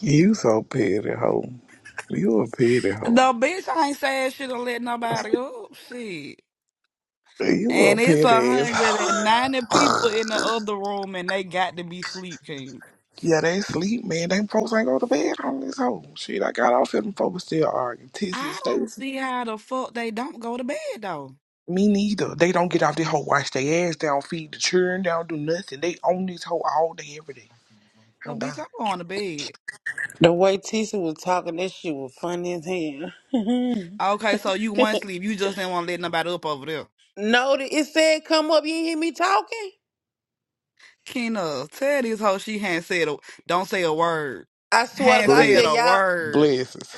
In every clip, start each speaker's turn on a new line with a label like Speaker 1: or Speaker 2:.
Speaker 1: You so petty, hoe. You a petty hoe.
Speaker 2: No, bitch, I ain't saying shit to let nobody up. Shit.
Speaker 1: You a
Speaker 2: And it's
Speaker 1: petty ass
Speaker 2: 190 people in the
Speaker 1: hoe.
Speaker 2: other room and they got to be sleep king.
Speaker 1: yeah, they sleep, man. They folks ain't go to bed on this hoe. Shit, I got off here, them folks still arguing. Tissy and
Speaker 2: I don't
Speaker 1: Stacy.
Speaker 2: see how the fuck they don't go to bed though.
Speaker 1: Me neither. They don't get off this hoe, wash their ass They don't feed the children, they don't do nothing. They own this hoe all day, every day.
Speaker 2: So
Speaker 1: I'm
Speaker 2: bitch,
Speaker 1: God.
Speaker 2: I'm going to bed.
Speaker 3: The way Tisha was talking, that shit was funny as hell.
Speaker 2: Okay, so you want sleep. You just didn't want to let nobody up over there.
Speaker 3: no, th- it said come up. You didn't hear me talking.
Speaker 2: Kena, tell this hoe she hadn't said a, don't say a word.
Speaker 3: I swear to
Speaker 2: Hadn't
Speaker 3: God, I
Speaker 2: said
Speaker 3: said
Speaker 2: a
Speaker 3: y'all.
Speaker 1: Blessings.
Speaker 2: word.
Speaker 1: Blessings.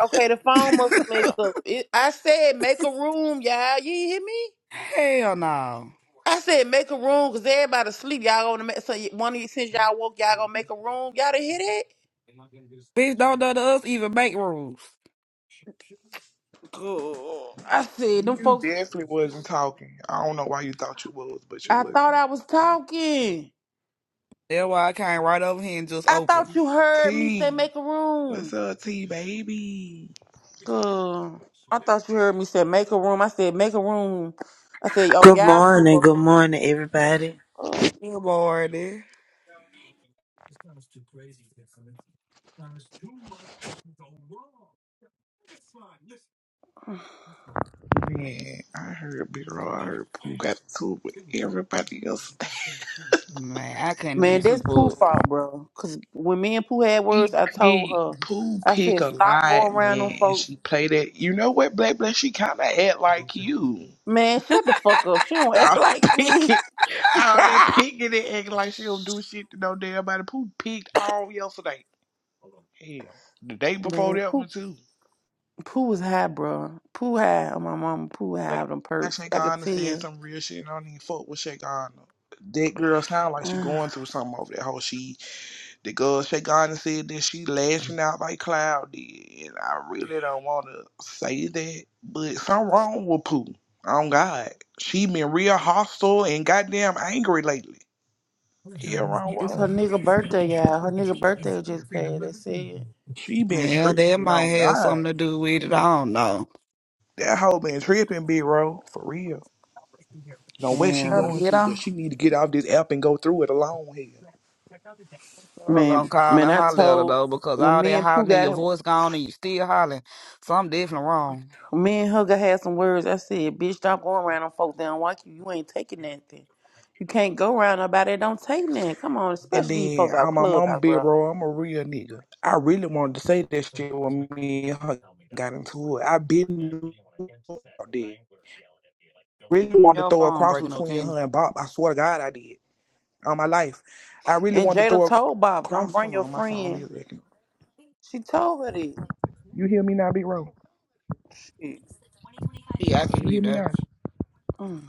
Speaker 3: Okay, the phone must have messed up. It, I said make a room, y'all. You didn't hear me.
Speaker 2: Hell no.
Speaker 3: I said make a room because everybody sleep. Y'all gonna make so y- one of you since y'all woke, y'all gonna make a room. Y'all didn't hear that?
Speaker 2: Bitch, don't let us even make rules.
Speaker 3: Girl, I said them
Speaker 1: You
Speaker 3: folks.
Speaker 1: definitely wasn't talking. I don't know why you thought you was, but you
Speaker 3: I
Speaker 1: wasn't.
Speaker 3: thought I was talking.
Speaker 2: That's why I came right over here and just
Speaker 3: I thought
Speaker 2: opened.
Speaker 3: you heard me say
Speaker 1: T.
Speaker 3: make a
Speaker 1: What's
Speaker 3: room.
Speaker 1: up, T, baby?
Speaker 3: Uh, I thought you heard me say make a room. I said make a room. I said, oh
Speaker 4: Good
Speaker 3: y'all too,
Speaker 4: morning,
Speaker 3: bro.
Speaker 4: good morning, everybody.
Speaker 2: Yeah, Boy, there,
Speaker 1: Man, I heard B Roy, I heard Pooh got to it with everybody else.
Speaker 2: Man, I couldn't even
Speaker 3: Man, that's
Speaker 2: keep
Speaker 3: Pooh
Speaker 2: up.
Speaker 3: fault, bro. Cause when me and Pooh had
Speaker 1: He
Speaker 3: words, I told
Speaker 1: picked
Speaker 3: her,
Speaker 1: Pooh
Speaker 3: I
Speaker 1: pick
Speaker 3: said
Speaker 1: a
Speaker 3: stop
Speaker 1: lot,
Speaker 3: going around them
Speaker 1: man, and
Speaker 3: folks.
Speaker 1: she played it. You know what, Black Black? She kind of act like you.
Speaker 3: Man, shut the fuck up. She don't act
Speaker 1: All
Speaker 3: like
Speaker 1: that
Speaker 3: me.
Speaker 1: picking, all that picking and acting like she don't do shit to no damn body. Pooh picked all yesterday. Hell, the day before
Speaker 3: Man,
Speaker 1: that
Speaker 3: Pooh
Speaker 1: one too.
Speaker 3: Pooh was high, bro. Pooh high on my mama. Pooh
Speaker 1: But
Speaker 3: high on them
Speaker 1: I
Speaker 3: perks.
Speaker 1: Shake
Speaker 3: I could
Speaker 1: Ghana
Speaker 3: tell
Speaker 1: said some real shit, and I don't even fuck with Shake Ghana. That girl sound like she going through something over that whole shit. The girl Shagana said that she lashing out like Cloud did, and I really don't want to say that, but something wrong with Pooh. On God, she been real hostile and goddamn angry lately. Hell wrong with
Speaker 3: It's
Speaker 1: her.
Speaker 3: her nigga birthday, y'all. Her nigga birthday just passed. That's it.
Speaker 1: She been
Speaker 2: Yeah, that
Speaker 1: tripping
Speaker 2: might
Speaker 1: on
Speaker 2: have something
Speaker 1: God.
Speaker 2: to do with it. I don't know.
Speaker 1: That hoe been tripping, big bro, for real. Know what she
Speaker 2: Gotta
Speaker 3: Damn.
Speaker 1: going
Speaker 2: get
Speaker 1: through, but
Speaker 2: on.
Speaker 1: she need to get off this app and go through it alone. here.
Speaker 2: I'm
Speaker 3: Man,
Speaker 2: gonna call
Speaker 3: man,
Speaker 2: and
Speaker 3: I
Speaker 2: holler at her
Speaker 3: told
Speaker 2: though, because
Speaker 3: when
Speaker 2: all
Speaker 3: me
Speaker 2: that
Speaker 3: and Pooh
Speaker 2: hollering and your
Speaker 3: got
Speaker 2: voice gone and you still hollering. Something definitely wrong.
Speaker 3: when me and Hugger had some words, I said, bitch, stop going around them folks that don't like you. You ain't taking nothing. You can't go around nobody that don't take nothing. Come on,
Speaker 1: And
Speaker 3: especially these
Speaker 1: then
Speaker 3: folks out
Speaker 1: on my mom
Speaker 3: clubhouse,
Speaker 1: big
Speaker 3: bro.
Speaker 1: bro, I'm a real nigga. I really wanted to say that shit when me and her got into it. I been knew about that. Really wanted to
Speaker 2: Your
Speaker 1: throw a
Speaker 2: phone
Speaker 1: cross
Speaker 2: breaking up,
Speaker 1: between
Speaker 2: Kena.
Speaker 1: her and Bob. I swear to God, I did. On my life, I really
Speaker 3: And
Speaker 1: wanted to throw
Speaker 3: Jada
Speaker 1: a cr-
Speaker 3: told Bob, don't
Speaker 1: cross.
Speaker 3: bring
Speaker 1: Hold
Speaker 3: your
Speaker 1: on, my phone
Speaker 3: friend.
Speaker 1: is acting.
Speaker 3: She told her that.
Speaker 1: You hear me now, big bro?
Speaker 3: Shit.
Speaker 2: Yeah, I can hear
Speaker 1: You
Speaker 2: you
Speaker 1: hear me
Speaker 2: there.
Speaker 1: now?
Speaker 3: Mm.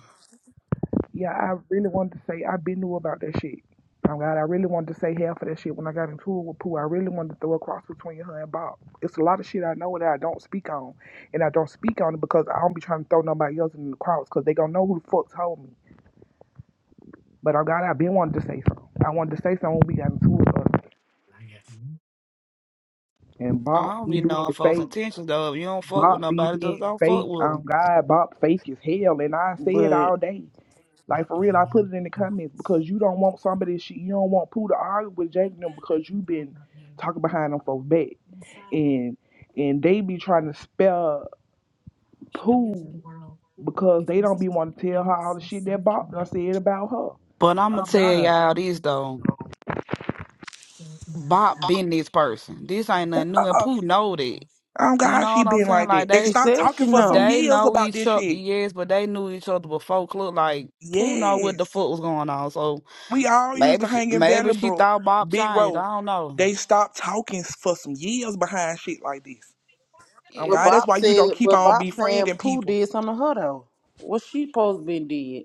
Speaker 1: Yeah, I really wanted to say I been knew about that shit. Oh God, I really wanted to say half of that shit when I got into it with Pooh. I really wanted to throw a cross between her and Bob. It's a lot of shit I know that I don't speak on, and I don't speak on it because I don't be trying to throw nobody else in the cross because they gonna know who the fuck told me. But oh God, I been wanting to say something. I wanted to say something when we got into it, but and
Speaker 2: I
Speaker 1: Bob
Speaker 2: don't
Speaker 1: be
Speaker 2: be
Speaker 1: being
Speaker 2: knowing folks'
Speaker 1: fake.
Speaker 2: intentions though. If you don't fuck with
Speaker 1: Bob be
Speaker 2: nobody, just
Speaker 1: being
Speaker 2: don't fuck
Speaker 1: fake.
Speaker 2: with
Speaker 1: Um,
Speaker 2: them.
Speaker 1: God, Bob fake as hell, and I say it
Speaker 3: But
Speaker 1: all day. Like for real, I put it in the comments because you don't want somebody she you don't want Pooh to argue with Jake and them because you been talking behind them folks back. And and they be trying to spell Pooh because they don't be want to tell her all the shit that Bob done said about her.
Speaker 2: But I'm
Speaker 1: Oh
Speaker 2: gonna tell
Speaker 1: God.
Speaker 2: y'all this though. Bob been this person. This ain't nothing new, and
Speaker 1: Uh-uh.
Speaker 2: Pooh know that.
Speaker 1: Oh
Speaker 2: You
Speaker 1: God,
Speaker 2: know
Speaker 1: she
Speaker 2: what I'm
Speaker 1: been
Speaker 2: saying?
Speaker 1: like
Speaker 2: Like
Speaker 1: that. They
Speaker 3: she
Speaker 2: they
Speaker 1: stopped
Speaker 3: said
Speaker 1: talking
Speaker 3: she
Speaker 1: for some
Speaker 3: know.
Speaker 2: they
Speaker 1: years
Speaker 2: know
Speaker 1: about
Speaker 2: each
Speaker 1: this
Speaker 2: other,
Speaker 1: shit.
Speaker 2: yes, but they knew each other before. Look like Pooh know what the
Speaker 1: Yes.
Speaker 2: fuck was going on. So
Speaker 1: We all used
Speaker 2: maybe
Speaker 1: to
Speaker 2: she,
Speaker 1: hang in
Speaker 2: maybe
Speaker 1: Valley
Speaker 2: she
Speaker 1: Brook,
Speaker 2: thought Bob
Speaker 1: Big
Speaker 2: changed. I
Speaker 1: Road.
Speaker 2: don't know.
Speaker 1: They stopped talking for some years behind shit like this. Oh
Speaker 3: But
Speaker 2: Yep.
Speaker 1: God, that's
Speaker 3: Bob
Speaker 1: why you don't
Speaker 3: said,
Speaker 1: keep
Speaker 3: but
Speaker 1: on
Speaker 3: Bob saying
Speaker 1: befriending
Speaker 3: Pooh
Speaker 1: people.
Speaker 3: did something to her though. What she supposed to been did?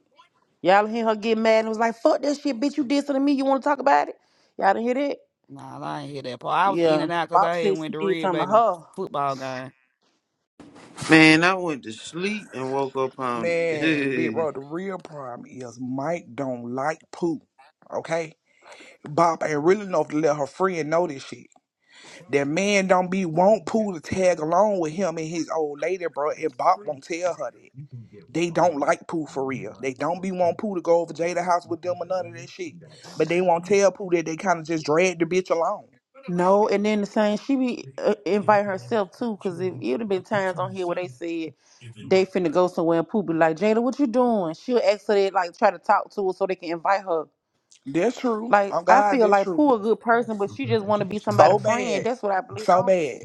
Speaker 3: Y'all hear her get mad and was like, fuck that shit, bitch, you did something to me. You want to talk about it? Y'all didn't hear that?
Speaker 2: Nah, I ain't hear that part. I was in
Speaker 3: Yeah.
Speaker 2: and out because
Speaker 3: Bob
Speaker 2: I had
Speaker 3: said she
Speaker 2: went to
Speaker 3: did
Speaker 2: Red
Speaker 3: something to
Speaker 2: Baby
Speaker 3: her.
Speaker 2: football game.
Speaker 4: Man, I went to sleep and woke up on
Speaker 1: Man, big
Speaker 4: it.
Speaker 1: bro, the real problem is Mike don't like poo. Okay? Bob ain't real enough to let her friend know this shit. That man don't be want poo to tag along with him and his old lady, bro, and Bob won't tell her that. They don't like Pooh for real. They don't be want Pooh to go over Jada house with them or none of that shit. But they won't tell Pooh that they kind of just drag the bitch along.
Speaker 3: No, and then the same, she be uh, invite herself too, because it, it would have been times on here where they said they finna go somewhere and Pooh be like, Jada, what you doing? She'll ask her that, like, try to talk to her so they can invite her.
Speaker 1: That's true.
Speaker 3: Like,
Speaker 1: Oh
Speaker 3: I
Speaker 1: God,
Speaker 3: feel
Speaker 1: that's
Speaker 3: like
Speaker 1: true.
Speaker 3: Pooh a good person, but she just want to be
Speaker 1: So
Speaker 3: somebody's friend.
Speaker 1: bad.
Speaker 3: That's what I believe. I
Speaker 1: So
Speaker 3: don't,
Speaker 1: bad.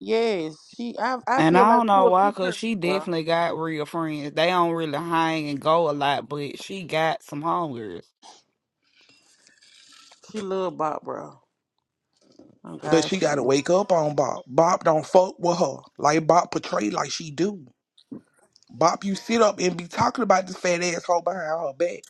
Speaker 3: yes, she, I, I
Speaker 2: And
Speaker 3: feel
Speaker 2: I
Speaker 3: like
Speaker 2: don't
Speaker 3: Pooh
Speaker 2: know
Speaker 3: a
Speaker 2: why,
Speaker 3: good
Speaker 2: cause
Speaker 3: person,
Speaker 2: she
Speaker 3: bro.
Speaker 2: definitely got real friends. They don't really hang and go a lot, but she got some homegirls.
Speaker 3: She love Bob, bro. Oh,
Speaker 1: But
Speaker 3: God,
Speaker 1: she
Speaker 3: she
Speaker 1: gotta
Speaker 3: do.
Speaker 1: wake up on Bob. Bob don't fuck with her. Like Bob portrayed like she do. Bob, you sit up and be talking about this fat asshole behind her back.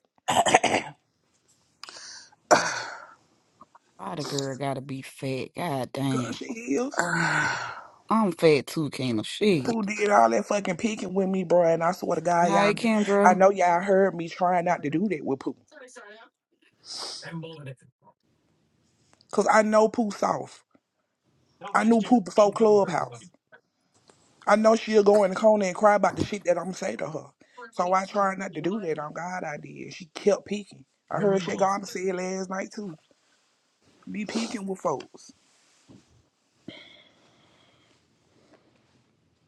Speaker 2: Why the girl gotta be fat? God
Speaker 1: Cause
Speaker 2: damn.
Speaker 1: she is.
Speaker 3: Ah.
Speaker 2: I'm fat too, Kendra.
Speaker 1: Pooh
Speaker 2: Shit.
Speaker 1: did all that fucking picking with me, bro. And I swear to God, y'all,
Speaker 2: Hey,
Speaker 1: I
Speaker 2: Kendra.
Speaker 1: know y'all heard me trying not to do that with Pooh. Cause I know Pooh soft. I knew Pooh before Clubhouse. I know she'll go in the corner and cry about the shit that I'm saying to her. So I try not to do that. On God, I did. She kept peeking. I heard Shay Garner say last night too. Be peeking with folks.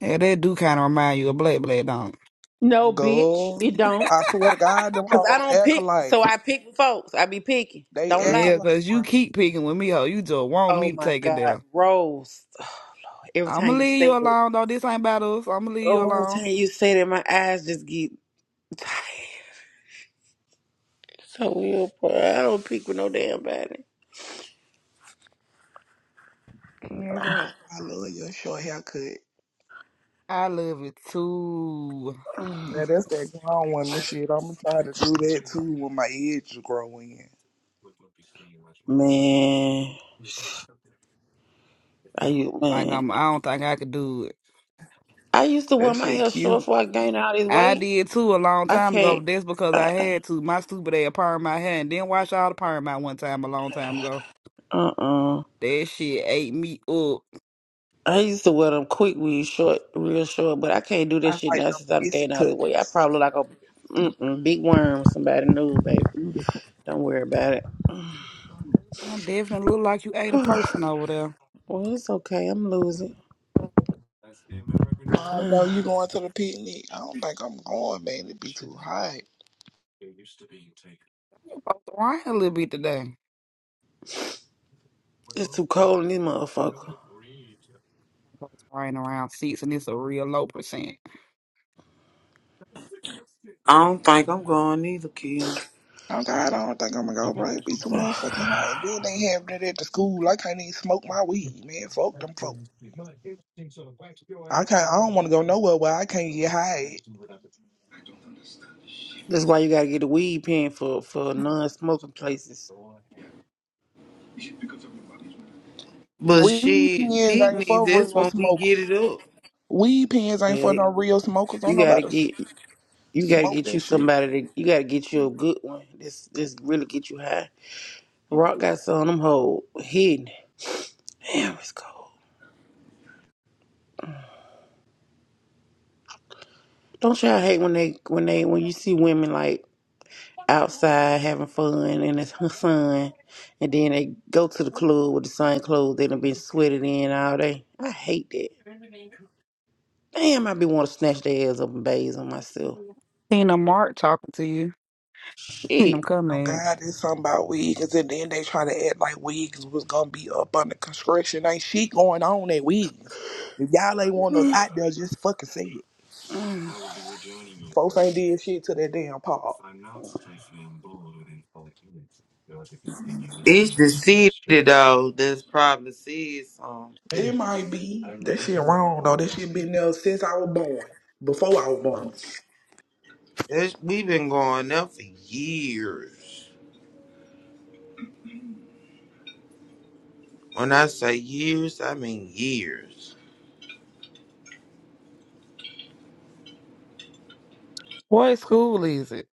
Speaker 2: Yeah, that do kind of remind you of Black Black, don't
Speaker 3: No, bitch,
Speaker 1: Go.
Speaker 3: it don't.
Speaker 1: I swear to God, them
Speaker 3: Cause I
Speaker 1: hoes
Speaker 3: don't pick,
Speaker 1: acolyte.
Speaker 3: so I pick folks. I be picking.
Speaker 1: They
Speaker 3: Don't
Speaker 2: it?
Speaker 3: lie.
Speaker 2: Yeah,
Speaker 1: acolyte,
Speaker 2: cause you
Speaker 1: bro.
Speaker 2: keep picking with me, ho. You just want
Speaker 3: Oh
Speaker 2: me to
Speaker 3: my
Speaker 2: take it down.
Speaker 3: God, Rose. Oh, Lord. Every
Speaker 2: I'm gonna
Speaker 3: time you
Speaker 2: leave
Speaker 3: say
Speaker 2: you
Speaker 3: that,
Speaker 2: alone though. This ain't battles. I'm gonna leave you
Speaker 3: oh, every time
Speaker 2: alone.
Speaker 3: you say that, my eyes just get tired. So weird, bro. I don't pick with no damn body.
Speaker 1: Can't drop. I love your short haircut.
Speaker 2: I love it too.
Speaker 1: Now that's that grown woman shit. I'ma try to do that too when my edges grow in.
Speaker 3: Man, I you
Speaker 2: Think
Speaker 3: man.
Speaker 2: I'm. I don't think I could do it.
Speaker 3: I used to wear
Speaker 1: That
Speaker 3: my
Speaker 1: shit
Speaker 3: hair short
Speaker 1: cute.
Speaker 3: before I gained all this
Speaker 2: I
Speaker 3: weight.
Speaker 2: did too a long
Speaker 3: I
Speaker 2: time ago,
Speaker 3: can't.
Speaker 2: but that's because
Speaker 3: Uh
Speaker 2: I had to. My stupid ass perm my hair and then wash all the perm out one time a long time ago.
Speaker 3: uh-uh.
Speaker 2: That shit ate me up.
Speaker 3: I used to wear them quick weave short, real short, but I can't do
Speaker 1: I
Speaker 3: that shit
Speaker 1: like
Speaker 3: now
Speaker 1: them
Speaker 3: since I'm
Speaker 1: pissy
Speaker 3: getting out of the way. I
Speaker 1: cuts.
Speaker 3: probably look like a mm-mm, big worm. with Somebody knew, baby. Don't worry about it.
Speaker 2: I definitely look like you ate a
Speaker 3: well,
Speaker 2: person over there.
Speaker 3: it's okay. I'm losing.
Speaker 1: Tomorrow though,
Speaker 3: Uh,
Speaker 1: you going to the picnic? I don't think I'm going, man. It'd be too hot.
Speaker 2: It's supposed to rain a little bit today. It's
Speaker 3: it's too cold in this motherfucker.
Speaker 2: supposed to rain around six, and it's a real low percent.
Speaker 4: I don't think I'm going either, Kim.
Speaker 1: Oh God, I don't think I'm gonna go, bro. It'd be too motherfucking hot. Then they having it at the school. I can't even smoke my weed, man. Fuck them folk. I can't. I don't want to go nowhere where I can't get high.
Speaker 3: That's why you gotta get a weed pen for for non-smoking places.
Speaker 4: But
Speaker 1: Weed
Speaker 4: shit,
Speaker 1: pens ain't
Speaker 4: picnic,
Speaker 1: for
Speaker 4: that's
Speaker 1: real
Speaker 4: when we get
Speaker 1: smokers.
Speaker 4: it up.
Speaker 1: Weed pens ain't for
Speaker 3: Well,
Speaker 1: no real smokers. Don't
Speaker 3: you gotta
Speaker 1: nobody s-
Speaker 3: get you gotta
Speaker 1: smoke
Speaker 3: get you
Speaker 1: that shit.
Speaker 3: somebody that you gotta get you a good one. This this really get you high. Rock got some of them hold hidden. Damn, it's cold. Don't y'all hate when they when they when you see women like outside having fun in the sun, and then they go to the club with the same clothes that have been sweated in all day? I hate that. Damn, I be want to snatch their ass up and bathe on myself.
Speaker 2: Seen a Mark talking to you in
Speaker 3: Shit,
Speaker 2: them
Speaker 1: Oh
Speaker 2: comments.
Speaker 1: God, it's something about weed. Cause at the end they try to act like wigs was gonna be up under construction. Ain't shit going on at wigs. If y'all ain't want those out there, just fucking say it.
Speaker 3: Mm.
Speaker 1: Folks ain't did shit to that damn park.
Speaker 4: It's the city, though, that's probably said something.
Speaker 1: It might be that shit wrong though. That shit been there since I was born. Before I was
Speaker 4: Um,
Speaker 1: born.
Speaker 4: That's, we been going there for years. When I say years, I mean years.
Speaker 2: What school is it?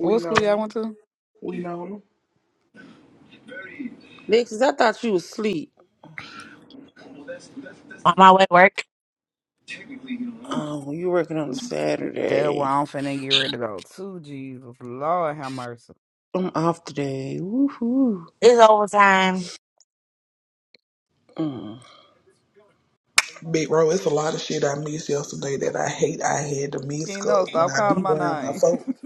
Speaker 1: We
Speaker 2: What school y'all
Speaker 1: know.
Speaker 2: went to?
Speaker 1: We know.
Speaker 3: Lexus, I thought you was asleep.
Speaker 5: on my way to work.
Speaker 3: Oh, you working on a
Speaker 2: That one
Speaker 3: Saturday?
Speaker 2: I'm finna get ready to go to. Jesus, Lord have mercy.
Speaker 3: I'm off today. Woohoo!
Speaker 5: It's overtime.
Speaker 3: Mm.
Speaker 1: Big bro, it's a lot of shit I missed yesterday that I hate I had to miss
Speaker 2: You
Speaker 1: 'cause
Speaker 2: know,
Speaker 1: when
Speaker 2: stop
Speaker 1: I
Speaker 2: calling
Speaker 1: be
Speaker 2: my
Speaker 1: around my
Speaker 2: name.
Speaker 1: folks,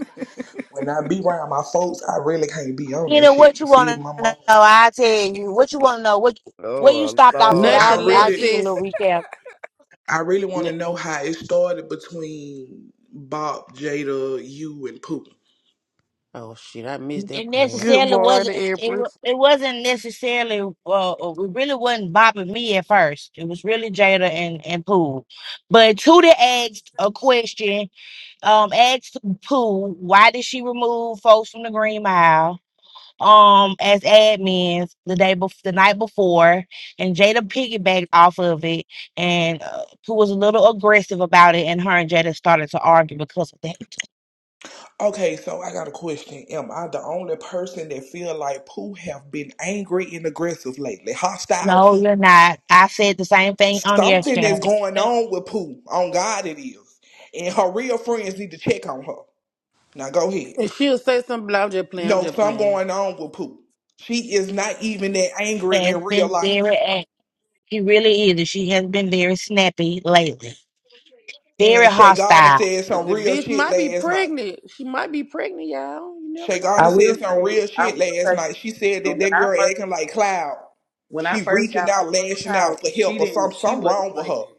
Speaker 1: when I be around my folks, I really can't be on
Speaker 5: You
Speaker 1: that
Speaker 5: know
Speaker 1: shit.
Speaker 5: what
Speaker 1: You
Speaker 5: you
Speaker 1: feel
Speaker 5: want
Speaker 1: my
Speaker 5: to know?
Speaker 1: mom?
Speaker 5: I tell you what you want to know. What where you
Speaker 2: oh,
Speaker 5: stopped off at?
Speaker 2: Lord
Speaker 1: I
Speaker 5: I
Speaker 3: Nothing,
Speaker 2: have
Speaker 5: I give
Speaker 2: mercy.
Speaker 1: really,
Speaker 5: you a
Speaker 3: Lexus.
Speaker 5: little recap.
Speaker 1: I really want
Speaker 3: N-
Speaker 1: to know how it started between Bob, Jada, you, and Pooh.
Speaker 3: oh shit, I missed
Speaker 5: It
Speaker 3: that part.
Speaker 2: Good
Speaker 5: necessarily wasn't.
Speaker 2: morning,
Speaker 5: It wa-
Speaker 2: Empress.
Speaker 5: it wasn't necessarily. well, Uh, it really wasn't bopping me at first. It was really Jada and and Pooh. But Tootie asked a question. Um, asked Pooh why did she remove folks from the Green Mile? um as admins the day before the night before and jada piggybacked off of it and uh, who was a little aggressive about it and her and jada started to argue because of that
Speaker 1: Okay, so I got a question. Am I the only person that feel like Pooh have been angry and aggressive lately, hostile
Speaker 5: no
Speaker 1: too?
Speaker 5: you're not i said the same thing on
Speaker 1: Something
Speaker 5: yesterday
Speaker 1: is going
Speaker 5: She
Speaker 1: on with Pooh. On God, it is, and her real friends need to check on her. Now go ahead.
Speaker 3: And she'll say something. but I'm just playing. I'm
Speaker 1: No,
Speaker 3: just
Speaker 1: something
Speaker 3: playing.
Speaker 1: going on with Pooh. She is not even that angry
Speaker 5: has
Speaker 1: in real
Speaker 5: been very
Speaker 1: life.
Speaker 5: act- she really is she has been very snappy lately very
Speaker 1: And Shagana
Speaker 5: hostile
Speaker 1: said
Speaker 3: The,
Speaker 1: some
Speaker 3: the
Speaker 1: real
Speaker 3: bitch
Speaker 1: shit
Speaker 3: might be
Speaker 1: last night.
Speaker 3: pregnant. She might be pregnant, y'all. You never
Speaker 6: I
Speaker 1: Shagana
Speaker 3: know.
Speaker 6: will
Speaker 1: said
Speaker 3: She,
Speaker 1: some
Speaker 6: say,
Speaker 1: real
Speaker 6: I
Speaker 1: shit
Speaker 6: will
Speaker 1: last
Speaker 6: say
Speaker 1: night.
Speaker 6: this,
Speaker 1: She said
Speaker 6: Shakina.
Speaker 1: that that
Speaker 6: When I
Speaker 1: girl
Speaker 6: first,
Speaker 1: acting like Cloud.
Speaker 6: when I
Speaker 1: She
Speaker 6: first
Speaker 1: reaching
Speaker 6: got on
Speaker 1: out, lashing
Speaker 6: Clubhouse,
Speaker 1: out for
Speaker 6: she
Speaker 1: help or
Speaker 6: didn't,
Speaker 1: something.
Speaker 6: she
Speaker 1: Something
Speaker 6: wasn't
Speaker 1: wrong with
Speaker 6: like
Speaker 1: her.
Speaker 6: that.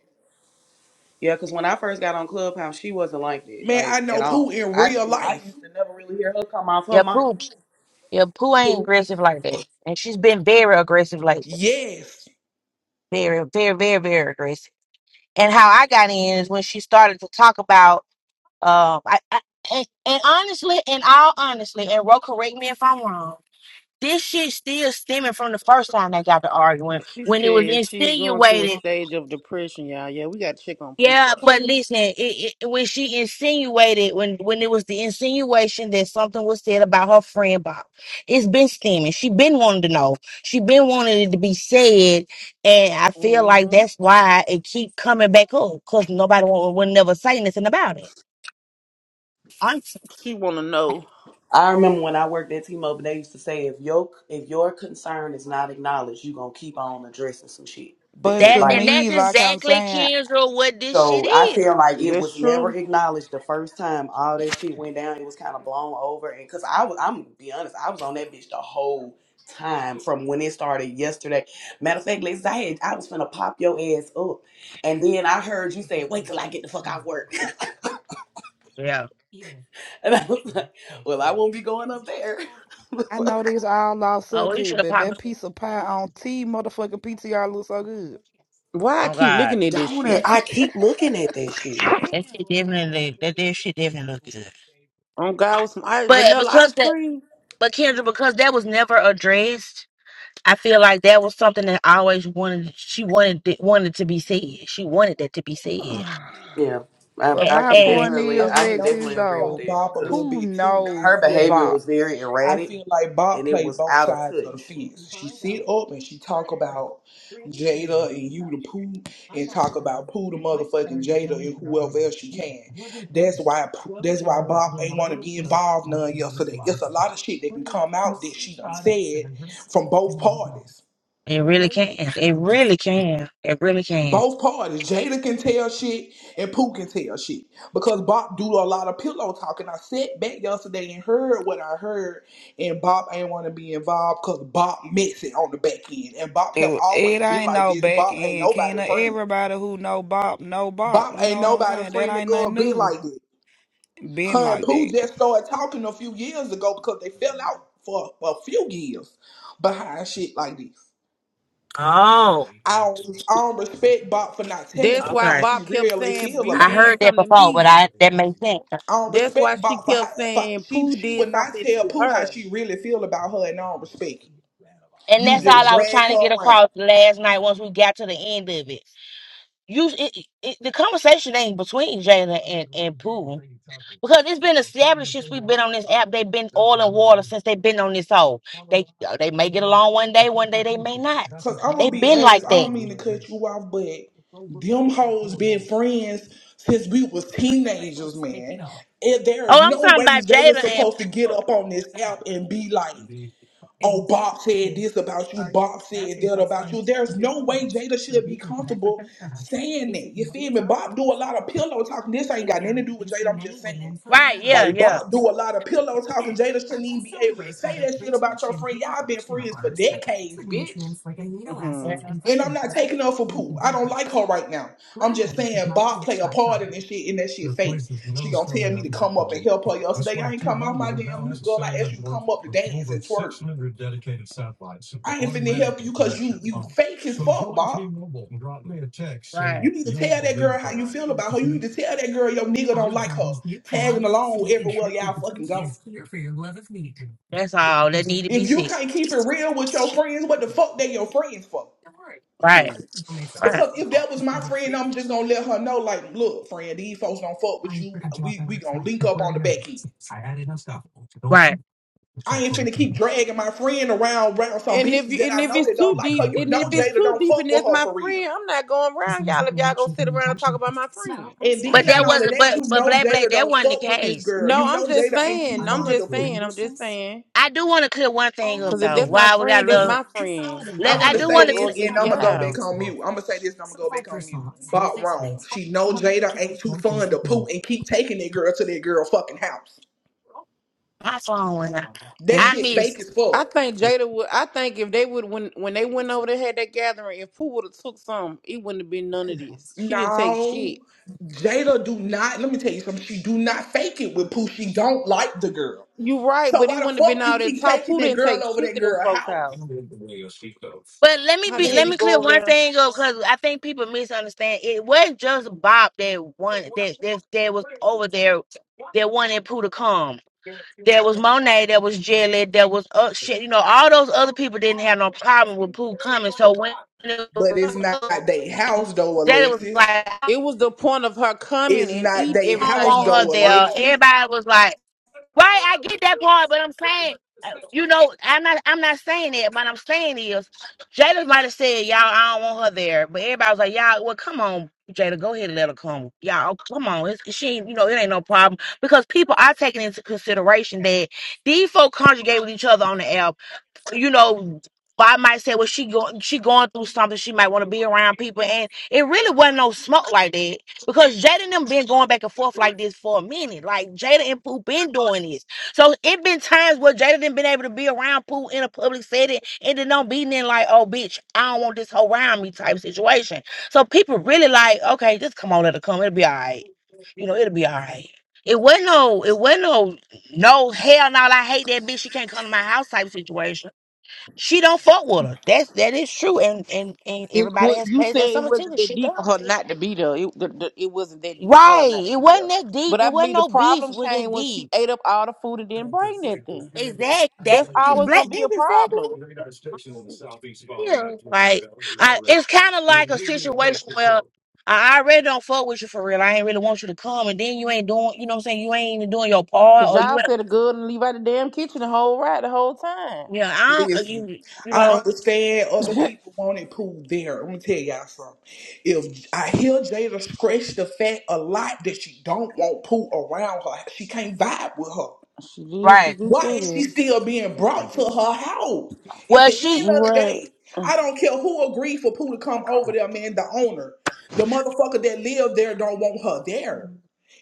Speaker 6: Yeah, because when I first got on Clubhouse, she wasn't like that,
Speaker 1: Man, I
Speaker 6: like at
Speaker 1: know Pooh
Speaker 6: all.
Speaker 1: in
Speaker 6: I
Speaker 1: real
Speaker 6: never, I
Speaker 1: life.
Speaker 6: used to never really hear her come off her
Speaker 5: your
Speaker 6: mic.
Speaker 5: poo your poo ain't aggressive like that and she's been very aggressive lately
Speaker 1: Yes.
Speaker 5: very very very very aggressive and how I got in is when she started to talk about um I, I and, and honestly and all honestly and Ro correct me if I'm wrong. This shit still stemming from the first time they got to arguing
Speaker 3: she
Speaker 5: when it was
Speaker 3: said she's going through a
Speaker 5: insinuated
Speaker 3: stage of depression, y'all. Yeah, we got to check on Pooh,
Speaker 5: yeah,
Speaker 3: bro.
Speaker 5: but listen, it, it, when she insinuated, when when it was the insinuation that something was said about her friend Bob, it's been steaming. She been wanting to know. She been wanting it to be said, and I feel like
Speaker 3: hmm
Speaker 5: that's why it keep coming back up because nobody will, will never say nothing about it. Honestly.
Speaker 3: She want to know.
Speaker 6: I remember when I worked at T-Mobile, they used to say, if your if your concern is not acknowledged, you gonna keep on addressing some shit. Th-
Speaker 2: But
Speaker 6: It,
Speaker 2: to
Speaker 5: That's
Speaker 6: like
Speaker 5: and
Speaker 2: me,
Speaker 5: that's
Speaker 2: like I'm
Speaker 5: exactly
Speaker 2: saying,
Speaker 5: Kendra what this shit
Speaker 6: So I
Speaker 5: is.
Speaker 6: feel like it
Speaker 3: That's
Speaker 6: was never
Speaker 3: true.
Speaker 6: acknowledged the first time all that shit went down. It was kind of blown over, and because I was, I'm gonna be honest, I was on that bitch the whole time from when it started yesterday. Matter of fact, Liz, I had, I was finna pop your ass up, and then I heard you say, "Wait till I get the fuck out work,"
Speaker 5: Yeah.
Speaker 6: and I was like, "Well, I won't be going up there."
Speaker 2: I know these all off
Speaker 5: Oh, you should
Speaker 2: subject,
Speaker 5: have
Speaker 2: but
Speaker 5: popped. my-
Speaker 2: that
Speaker 5: head.
Speaker 2: piece of pie on T motherfucking PTR looks so good.
Speaker 3: Why I
Speaker 5: Oh
Speaker 3: keep
Speaker 5: God,
Speaker 3: looking at this
Speaker 6: Don't
Speaker 3: shit,
Speaker 6: it?
Speaker 3: man?
Speaker 6: I keep looking at that shit.
Speaker 5: that shit definitely that that shit definitely look good.
Speaker 3: On God with some ice,
Speaker 5: But
Speaker 3: vanilla
Speaker 5: because
Speaker 3: ice
Speaker 5: that.
Speaker 3: cream.
Speaker 5: But Kendra, because that was never addressed, I feel like that was something that I always wanted. She wanted it, wanted to be said. She wanted that to be said,
Speaker 6: Yeah, I,
Speaker 2: But
Speaker 5: and,
Speaker 6: I
Speaker 2: my
Speaker 6: can
Speaker 5: and
Speaker 2: point
Speaker 1: and I,
Speaker 6: definitely,
Speaker 2: is,
Speaker 6: I
Speaker 1: and I'm
Speaker 6: can
Speaker 1: gonna
Speaker 2: Lexis
Speaker 6: definitely
Speaker 1: speak
Speaker 6: agree with
Speaker 1: on
Speaker 2: though,
Speaker 6: that
Speaker 1: Bob a little
Speaker 6: because
Speaker 2: who
Speaker 1: bit too. I
Speaker 2: know
Speaker 6: her
Speaker 1: feel
Speaker 6: behavior
Speaker 2: Bop?
Speaker 1: like
Speaker 6: was very
Speaker 1: I
Speaker 6: erratic
Speaker 1: feel like Bob
Speaker 6: and it
Speaker 1: played
Speaker 6: was
Speaker 1: both
Speaker 6: out of
Speaker 1: sides of the
Speaker 6: touch.
Speaker 1: fence. She sit up and she talk about Jada and you the poo and talk about poo the motherfucking Jada and whoever else she can. That's why that's why Bob ain't want to be involved none yesterday. It's a lot of shit that can come out that she done said from both parties.
Speaker 5: it really can. It really can. It really can.
Speaker 1: Both parties, Jada can tell shit and Pooh can tell shit because Bob do a lot of pillow talking. I sat back yesterday and heard what I heard, and Bob ain't want to be involved because Bob messing on the back end, and Bob have
Speaker 2: It,
Speaker 1: always
Speaker 2: it
Speaker 1: been
Speaker 2: ain't
Speaker 1: like
Speaker 2: no
Speaker 1: this.
Speaker 2: back
Speaker 1: Bob ain't
Speaker 2: end,
Speaker 1: nobody
Speaker 2: Kena.
Speaker 1: friend.
Speaker 2: Everybody who know Bop know Bop.
Speaker 1: Bob
Speaker 2: You
Speaker 1: ain't
Speaker 2: know what I'm
Speaker 1: nobody
Speaker 2: saying? That
Speaker 1: friend that
Speaker 2: ain't
Speaker 1: go
Speaker 2: nothing
Speaker 1: be
Speaker 2: new.
Speaker 1: like this.
Speaker 2: Been
Speaker 1: Her and
Speaker 2: like
Speaker 1: Pooh
Speaker 2: that.
Speaker 1: just started talking a few years ago because they fell out for a few years behind shit like this.
Speaker 5: Oh,
Speaker 1: I don't, I don't respect Bob for not telling
Speaker 3: That's
Speaker 1: Pooh
Speaker 3: why
Speaker 1: how
Speaker 5: okay.
Speaker 1: she
Speaker 3: Bob kept
Speaker 1: really
Speaker 3: saying
Speaker 1: feel
Speaker 3: you
Speaker 5: I
Speaker 1: about her.
Speaker 5: heard
Speaker 3: did
Speaker 5: that
Speaker 3: something to
Speaker 5: before, but
Speaker 3: me.
Speaker 5: I that makes sense.
Speaker 1: um
Speaker 3: That's why
Speaker 1: respect
Speaker 3: she
Speaker 1: bought for her
Speaker 3: kept
Speaker 1: for
Speaker 3: saying
Speaker 1: she
Speaker 3: Pooh
Speaker 1: she
Speaker 3: did
Speaker 1: would not
Speaker 3: something
Speaker 1: tell
Speaker 3: to
Speaker 1: Pooh how
Speaker 3: her.
Speaker 1: she really feel about her and I don't respect it.
Speaker 5: And
Speaker 1: You
Speaker 5: that's
Speaker 1: just
Speaker 5: all I was
Speaker 1: drag
Speaker 5: trying to
Speaker 1: her
Speaker 5: get
Speaker 1: around.
Speaker 5: across last night. Once we got to the end of it, you it, it, the conversation ain't between Jada and and Pooh. Because it's been established since we've been on this app. They've been oil and water since they've been on this hole. They uh, they may get along one day, one day they may not.
Speaker 1: Cause I'm gonna
Speaker 5: They've
Speaker 1: be
Speaker 5: been
Speaker 1: honest,
Speaker 5: like
Speaker 1: I
Speaker 5: that.
Speaker 1: don't mean to cut you off, but them hoes been friends since we was teenagers, man. And there
Speaker 5: Oh,
Speaker 1: is
Speaker 5: I'm
Speaker 1: no
Speaker 5: talking
Speaker 1: way
Speaker 5: about Jada
Speaker 1: Jada's
Speaker 5: and
Speaker 1: supposed to get
Speaker 5: people.
Speaker 1: up on this app and be like, oh, Bob said this about you, Bob said that about you. There's no way Jada should be comfortable saying that. You feel me? Bob do a lot of pillow talking. This ain't got nothing to do with Jada, I'm just saying.
Speaker 5: right, yeah,
Speaker 1: Like
Speaker 5: yeah,
Speaker 1: Bob do a lot of pillow talking. Jada shouldn't even be able to say that shit about your friend. Y'all been friends for decades, bitch.
Speaker 5: yeah,
Speaker 3: Mm-hmm.
Speaker 1: And I'm not taking her for poo. I don't like her right now. I'm just saying Bob play a part in this shit and that shit fake. She gonna tell me to come up and help her yesterday. I ain't come off my damn mute, girl. I asked you to come up to dance and twerk. I ain't finna help you cause you you fake as fuck, Bob.
Speaker 5: right.
Speaker 1: You need to tell that girl how you feel about her. You need to tell that girl your nigga don't like her. Tagging along everywhere y'all fucking go.
Speaker 5: That's all that need to be
Speaker 1: If you
Speaker 5: said.
Speaker 1: can't keep it real with your friends, what the fuck they your friends for?
Speaker 5: Right, right,
Speaker 1: Because if that was my friend, I'm just gonna let her know, like, look, friend, these folks don't fuck with you. We we gonna link up on the back end.
Speaker 5: right.
Speaker 1: I ain't finna keep dragging my friend around around some
Speaker 3: And if
Speaker 1: bitches
Speaker 3: you,
Speaker 1: that
Speaker 3: and
Speaker 1: I
Speaker 3: if
Speaker 1: know that
Speaker 3: it's
Speaker 1: don't
Speaker 3: too
Speaker 1: like her.
Speaker 3: deep,
Speaker 1: You
Speaker 3: and
Speaker 1: know
Speaker 3: if it's
Speaker 1: Jada
Speaker 3: too
Speaker 1: don't
Speaker 3: deep, and
Speaker 1: fuck with
Speaker 3: that's
Speaker 1: her
Speaker 3: my
Speaker 1: for real.
Speaker 3: friend, I'm not going around y'all. If y'all gonna sit around and talk about my friend,
Speaker 1: And then
Speaker 5: But
Speaker 1: not
Speaker 5: that
Speaker 1: only
Speaker 5: wasn't.
Speaker 1: that,
Speaker 5: But
Speaker 1: you
Speaker 5: but
Speaker 1: know
Speaker 5: black black
Speaker 1: Jada
Speaker 5: that
Speaker 1: don't
Speaker 5: wasn't the
Speaker 1: fuck with this
Speaker 5: case.
Speaker 1: girl.
Speaker 3: no,
Speaker 1: You know
Speaker 3: I'm just
Speaker 1: Jada ain't too
Speaker 3: saying. I'm
Speaker 1: fond of
Speaker 3: just
Speaker 1: Pooh.
Speaker 3: saying. I'm just saying.
Speaker 5: I do want to clear one thing up
Speaker 3: Cause if
Speaker 5: though.
Speaker 3: that's my
Speaker 5: Why would I
Speaker 3: friend, that's
Speaker 5: love?
Speaker 3: my friend,
Speaker 1: I
Speaker 5: Let,
Speaker 1: want
Speaker 5: I
Speaker 1: to
Speaker 3: and
Speaker 5: do
Speaker 3: we
Speaker 1: say
Speaker 5: want
Speaker 3: gonna
Speaker 5: to
Speaker 3: go
Speaker 5: clear
Speaker 1: this, and
Speaker 3: against
Speaker 1: I'm gonna go back
Speaker 3: y'all.
Speaker 1: on mute. I'm gonna say this, and I'm gonna go back on mute. Bought wrong. She know Jada ain't too fun to poop and keep taking that girl to that girl fucking house.
Speaker 5: my phone went out.
Speaker 1: That
Speaker 2: Hmm?
Speaker 5: I
Speaker 1: shit
Speaker 5: miss.
Speaker 1: fake as fuck.
Speaker 3: I think Jada would. I think if they would when when they went over there had that gathering, if Pooh would have took some, it wouldn't have been none of this. She didn't take
Speaker 1: No,
Speaker 3: shit.
Speaker 1: Jada do not. Let me tell you something. She do not fake it with poo. She don't like the girl.
Speaker 3: You right,
Speaker 1: So
Speaker 3: but it
Speaker 1: why the
Speaker 3: wouldn't have been
Speaker 1: fuck
Speaker 3: all
Speaker 1: you
Speaker 3: that
Speaker 1: keep
Speaker 3: talk.
Speaker 1: taking
Speaker 3: Pooh
Speaker 1: that
Speaker 3: didn't
Speaker 1: girl
Speaker 3: take
Speaker 1: over
Speaker 3: shit
Speaker 1: that
Speaker 3: to them
Speaker 1: girl
Speaker 3: folks'
Speaker 1: house?
Speaker 3: house.
Speaker 5: But let me
Speaker 3: How the
Speaker 5: be
Speaker 3: hell
Speaker 5: let
Speaker 3: you
Speaker 5: me
Speaker 3: go
Speaker 5: clear
Speaker 3: over
Speaker 5: one
Speaker 3: there?
Speaker 5: thing up because I think people misunderstand. It wasn't just Bob that one that that, that was over there that wanted Pooh to come. There was Monet, there was Jelly, there was uh, shit. You know, all those other people didn't have no problem with Pooh coming. So when it
Speaker 1: But
Speaker 5: was
Speaker 1: it's not they house though,
Speaker 5: Jelly was
Speaker 1: Alexis.
Speaker 5: like, I
Speaker 3: It was the point of her coming
Speaker 1: It's
Speaker 3: and
Speaker 1: not
Speaker 3: eating
Speaker 1: they
Speaker 5: don't
Speaker 1: house
Speaker 3: everything
Speaker 5: want
Speaker 3: and
Speaker 5: her
Speaker 3: then
Speaker 1: though,
Speaker 3: bring
Speaker 5: there.
Speaker 1: Alexis.
Speaker 3: shit.
Speaker 5: Everybody was like. Right, I get that part, but I'm saying, uh, you know, I'm not, I'm not saying that. What I'm saying is, Jada might have said, "Y'all, I don't want her there," but everybody was like, "Y'all, well, come on, Jada, go ahead and let her come. Y'all, oh, come on, it's, she, ain't- you know, it ain't no problem because people are taking into consideration that these folk conjugate with each other on the app you know, I might say, well, she going she going through something. She might want to be around people, and it really wasn't no smoke like that because Jada and them been going back and forth like this for a minute. Like Jada and Pooh been doing this, so it been times where Jada didn't been able to be around Pooh in a public setting, and then don't be then like, oh, bitch, I don't want this whole around me type situation. So people really like, okay, just come on, let her come. It'll be all right. You know, it'll be all right. It wasn't no, it wasn't no, no hell no. I hate that bitch. She can't come to my house type situation she don't fuck with her. That's that is true. And and and
Speaker 3: And
Speaker 5: everybody
Speaker 3: what
Speaker 5: has
Speaker 3: you
Speaker 5: paid
Speaker 3: said
Speaker 5: their
Speaker 3: it
Speaker 5: summer
Speaker 3: wasn't
Speaker 5: ticket.
Speaker 3: that
Speaker 5: She does.
Speaker 3: deep for her not to be there. It, the, the, it wasn't that deep for her
Speaker 5: Right.
Speaker 3: not to
Speaker 5: It
Speaker 3: be
Speaker 5: wasn't
Speaker 3: there.
Speaker 5: that deep.
Speaker 3: But I
Speaker 5: It wasn't
Speaker 3: believe the
Speaker 5: no beef
Speaker 3: problem
Speaker 5: with
Speaker 3: came
Speaker 5: it
Speaker 3: when she
Speaker 5: deep.
Speaker 3: ate up all the food and didn't bring nothing.
Speaker 5: Exact that
Speaker 3: That's always
Speaker 5: black
Speaker 3: gonna be
Speaker 5: that's
Speaker 3: a
Speaker 5: exactly
Speaker 3: problem.
Speaker 5: what it is. Like I it's kinda like a situation where I already don't fuck with you for real. I ain't really want you to come and then you ain't doing you know what I'm saying, you ain't even doing your part
Speaker 3: Cause
Speaker 5: or you
Speaker 3: y'all
Speaker 5: ain't
Speaker 3: said a good and leave out the damn kitchen the whole ride the whole time.
Speaker 5: yeah, I don't
Speaker 1: Listen,
Speaker 5: you you
Speaker 1: I
Speaker 5: know
Speaker 1: understand other
Speaker 3: she
Speaker 1: people want it pulled there. Let me tell y'all something. If I hear Jada scratch the fact a lot that she don't want Pooh around her, she can't vibe with her.
Speaker 3: did, she
Speaker 5: Right.
Speaker 3: did say
Speaker 1: Why is she
Speaker 3: that.
Speaker 1: still being brought to her house? At
Speaker 5: well,
Speaker 1: the end
Speaker 5: she
Speaker 1: of the
Speaker 3: Right.
Speaker 1: day, I don't care who agreed for Pooh to come over there, man. The owner, the motherfucker that lived there, don't want her there.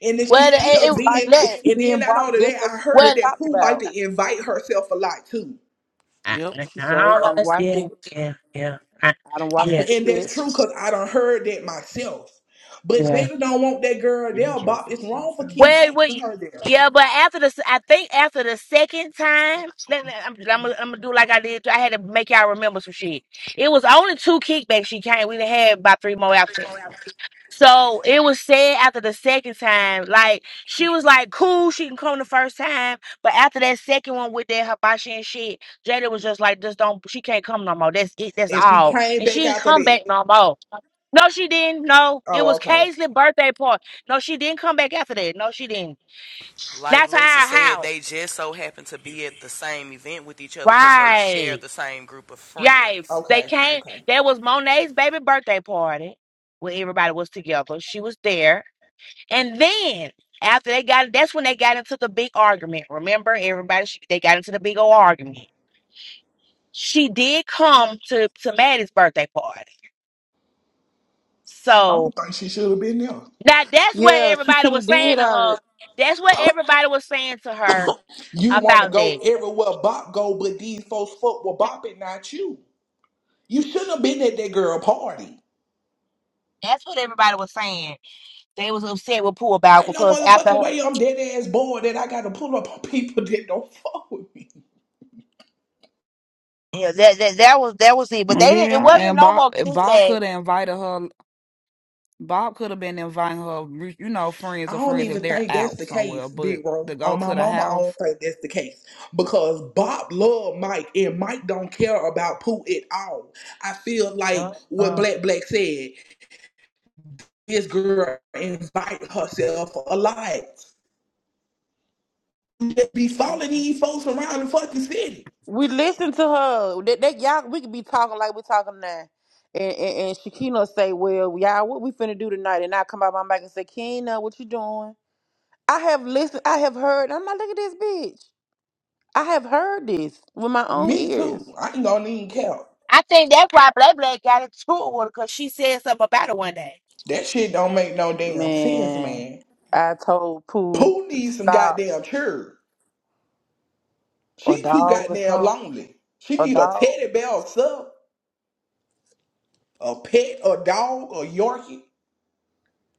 Speaker 1: And then she
Speaker 5: well, it,
Speaker 1: still
Speaker 5: it,
Speaker 3: It's like
Speaker 1: being,
Speaker 5: let-
Speaker 3: she
Speaker 1: and then
Speaker 3: being
Speaker 1: not
Speaker 3: brought
Speaker 1: only
Speaker 3: just
Speaker 1: that,
Speaker 3: so
Speaker 1: I
Speaker 3: she can
Speaker 1: heard
Speaker 5: well,
Speaker 3: get
Speaker 1: that
Speaker 3: talked
Speaker 1: Pooh like
Speaker 3: about.
Speaker 1: to invite herself a lot too.
Speaker 5: I,
Speaker 3: Yep.
Speaker 5: I,
Speaker 3: She showed I don't watch
Speaker 5: yeah,
Speaker 3: it.
Speaker 5: yeah, yeah, I,
Speaker 3: I don't watch
Speaker 5: yeah,
Speaker 3: her
Speaker 1: And
Speaker 3: do
Speaker 1: that's
Speaker 3: that.
Speaker 1: true because I done heard that myself. But
Speaker 5: yeah.
Speaker 1: Jada don't want that girl there, Bob. It's wrong for keep
Speaker 5: Well,
Speaker 1: taking
Speaker 5: wait,
Speaker 1: her there.
Speaker 5: yeah, but after the, s- I think after the second time, let me, I'm, I'm, gonna- I'm gonna do like I did. I had to make y'all remember some shit. It was only two kickbacks she came. We done had about three more after. So it was said after the second time, like she was like, cool, she can come the first time, but after that second one with that hibachi and shit, Jada was just like, just don't, she can't come no more. That's it, that's
Speaker 1: And she
Speaker 5: all,
Speaker 1: came
Speaker 5: and she
Speaker 1: back
Speaker 5: didn't
Speaker 1: after
Speaker 5: come
Speaker 1: that.
Speaker 5: back no more. No, she didn't. No, it
Speaker 1: Oh,
Speaker 5: was
Speaker 1: okay.
Speaker 5: Kaisley's birthday party. No, she didn't come back after that. No, she didn't.
Speaker 6: Like
Speaker 5: That's
Speaker 6: Lexi
Speaker 5: how.
Speaker 6: said,
Speaker 5: How?
Speaker 6: they just so happen to be at the same event with each other because they share
Speaker 5: Right.
Speaker 6: the same group of
Speaker 5: Yeah.
Speaker 6: friends.
Speaker 5: They
Speaker 1: Okay,
Speaker 5: came.
Speaker 1: okay.
Speaker 5: That was Monet's baby birthday party where everybody was together. She was there, and then after they got, that's when they got into the big argument. Remember, everybody, she, they got into the big old argument. She did come to to Maddie's birthday party.
Speaker 1: I
Speaker 5: So
Speaker 1: don't think she should have been there.
Speaker 5: now that's what
Speaker 3: Yeah, she
Speaker 5: everybody
Speaker 3: shouldn't
Speaker 5: was saying
Speaker 3: did
Speaker 5: to
Speaker 3: all
Speaker 5: her.
Speaker 3: it.
Speaker 5: That's what everybody was saying to her
Speaker 1: You want to
Speaker 5: about
Speaker 1: go
Speaker 5: that.
Speaker 1: everywhere Bop go, but these folks fuck with Bop and not you. You shouldn't have been at that girl party.
Speaker 5: That's what everybody was saying. They was upset with Pooh about
Speaker 1: Ain't no
Speaker 5: because
Speaker 1: motherfucking
Speaker 5: after
Speaker 1: way I'm dead ass bored that I got to pull up on people that don't fuck with me.
Speaker 5: yeah, that, that that was that was it. But they didn't. It
Speaker 2: Yeah,
Speaker 5: wasn't
Speaker 2: and
Speaker 5: no
Speaker 2: Bob
Speaker 5: more
Speaker 2: Bob
Speaker 5: kickback.
Speaker 2: could have invited her. Bob could have been inviting her, you know, friends
Speaker 1: I
Speaker 2: or
Speaker 1: don't
Speaker 2: friends if
Speaker 1: even
Speaker 2: they're
Speaker 1: think that's
Speaker 2: out
Speaker 1: the
Speaker 2: somewhere.
Speaker 1: case,
Speaker 2: But
Speaker 1: Big
Speaker 2: to
Speaker 1: Bro.
Speaker 2: go
Speaker 1: On my
Speaker 2: to the
Speaker 1: mama, I
Speaker 2: house.
Speaker 1: don't think that's the case because Bob love Mike and Mike don't care about Pooh at all. I feel like what
Speaker 5: Uh-uh.
Speaker 1: Black Black said. This girl invite herself a lot. Just Be following these folks around the fucking city.
Speaker 3: We listened to her. That, that y'all, we could be talking like we talking now. And, and and Shakina say, "Well, y'all, what we finna do tonight?" And I come out my mic and say, "Kina, what you doing?" I have listened. I have heard. I'm like, look at this bitch. I have heard this with my own
Speaker 1: Me
Speaker 3: ears.
Speaker 1: too. I ain't gonna even care.
Speaker 5: I think that's why Black Black got into it with her because she said something about it one day.
Speaker 1: That shit don't make no damn sense,
Speaker 3: Man,
Speaker 1: man.
Speaker 3: I told Pooh
Speaker 1: Pooh
Speaker 3: to
Speaker 1: needs some
Speaker 3: stop
Speaker 1: goddamn cheer.
Speaker 3: or
Speaker 1: She too
Speaker 3: dog or
Speaker 1: goddamn
Speaker 3: something.
Speaker 1: lonely. She
Speaker 3: A
Speaker 1: need a
Speaker 3: dog.
Speaker 1: teddy bear or something. a pet, a dog, a Yorkie.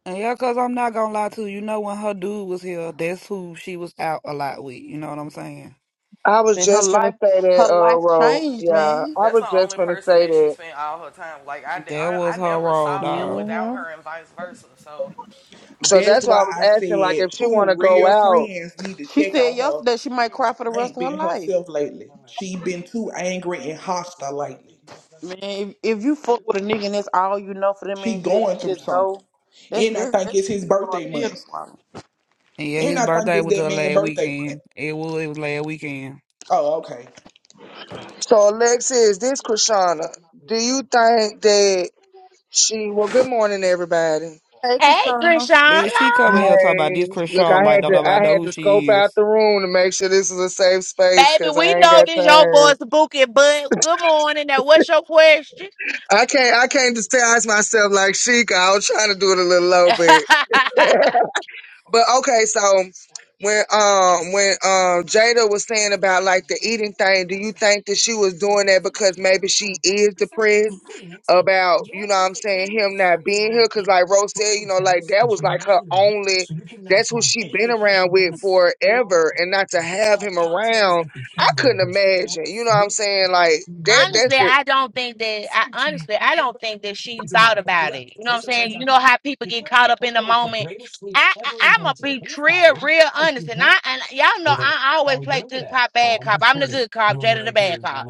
Speaker 2: And yeah, cause I'm not gonna lie to you. You know when her dude was here, that's who she was out a lot with. You know what I'm saying?
Speaker 7: I was
Speaker 3: And her
Speaker 7: just gonna
Speaker 3: life,
Speaker 7: say
Speaker 3: her
Speaker 7: that, uh,
Speaker 3: life
Speaker 7: Ro.
Speaker 3: changed,
Speaker 7: Yeah,
Speaker 3: man.
Speaker 7: I
Speaker 6: That's
Speaker 7: was
Speaker 6: the
Speaker 7: just
Speaker 6: only
Speaker 7: gonna
Speaker 6: person
Speaker 7: say
Speaker 6: that she
Speaker 7: that.
Speaker 6: spent all her time. Like I,
Speaker 2: That
Speaker 6: I, I
Speaker 2: was her
Speaker 6: never
Speaker 2: role,
Speaker 6: saw him
Speaker 2: dog.
Speaker 6: without
Speaker 3: Mm-hmm.
Speaker 6: her, and vice versa. So
Speaker 7: So
Speaker 1: That's
Speaker 7: that's why I
Speaker 1: why
Speaker 7: was
Speaker 1: I
Speaker 7: asking, like,
Speaker 1: said
Speaker 7: if she
Speaker 1: Pooh
Speaker 7: wanna go
Speaker 1: real
Speaker 7: out.
Speaker 1: friends need to
Speaker 3: She
Speaker 1: check
Speaker 3: said
Speaker 1: on her.
Speaker 3: yesterday she might cry for the rest
Speaker 1: Ain't
Speaker 3: of her
Speaker 1: been
Speaker 3: life.
Speaker 1: herself lately. She been too angry and hostile lately.
Speaker 3: Man, if, if you fuck with a nigga and that's all you know for them
Speaker 1: She
Speaker 3: many years, and
Speaker 1: going
Speaker 3: he
Speaker 1: through
Speaker 3: just
Speaker 1: something.
Speaker 3: go. That's
Speaker 1: And I
Speaker 3: that's
Speaker 1: think it's
Speaker 3: that's
Speaker 1: his
Speaker 3: just a hard
Speaker 1: birthday
Speaker 3: pill
Speaker 1: month.
Speaker 3: to swallow.
Speaker 2: And yeah,
Speaker 1: And
Speaker 2: his
Speaker 1: I think
Speaker 2: birthday
Speaker 1: it's
Speaker 2: was
Speaker 1: that
Speaker 2: just
Speaker 1: man's
Speaker 2: last
Speaker 1: birthday month.
Speaker 2: weekend. It was it was last weekend.
Speaker 1: Oh, okay.
Speaker 7: So Alexis, this Krishana, do you think that she? Well, good morning, everybody.
Speaker 3: Hey,
Speaker 5: Hey,
Speaker 3: Krishana.
Speaker 5: Krishana.
Speaker 2: Then she come in here talking about this
Speaker 7: Hey,
Speaker 2: Chris
Speaker 7: look,
Speaker 1: Good
Speaker 7: I
Speaker 2: Charlotte like
Speaker 7: had
Speaker 2: don't
Speaker 7: to,
Speaker 2: nobody
Speaker 7: I
Speaker 1: morning.
Speaker 2: know
Speaker 7: had
Speaker 2: who
Speaker 7: to scope
Speaker 2: she
Speaker 7: out
Speaker 2: is.
Speaker 7: the room to make sure this is a safe space
Speaker 5: Baby,
Speaker 7: because
Speaker 5: we
Speaker 7: I ain't
Speaker 5: know
Speaker 7: got
Speaker 5: this your
Speaker 7: time.
Speaker 5: boy's booking, but good morning. Now, what's your question?
Speaker 7: I can't, I can't disguise myself like Sheik. I was trying to do it a little low bit. But okay, so when um when um Jada was saying about like the eating thing, do you think that she was doing that because maybe she is depressed about you know what I'm saying him not being here? Because like Rose said, you know, like that was like her only. That's who she been around with forever, and not to have him around, I couldn't imagine. You know what I'm saying? Like that. That's
Speaker 5: Honestly,
Speaker 7: the
Speaker 5: I don't think that I honestly I don't think that she thought about it. You know what I'm saying? You know how people get caught up in the moment. I, I I'ma be real, real honest, and I and y'all know I always play good cop, bad cop. I'm the good cop, Jada the bad cop.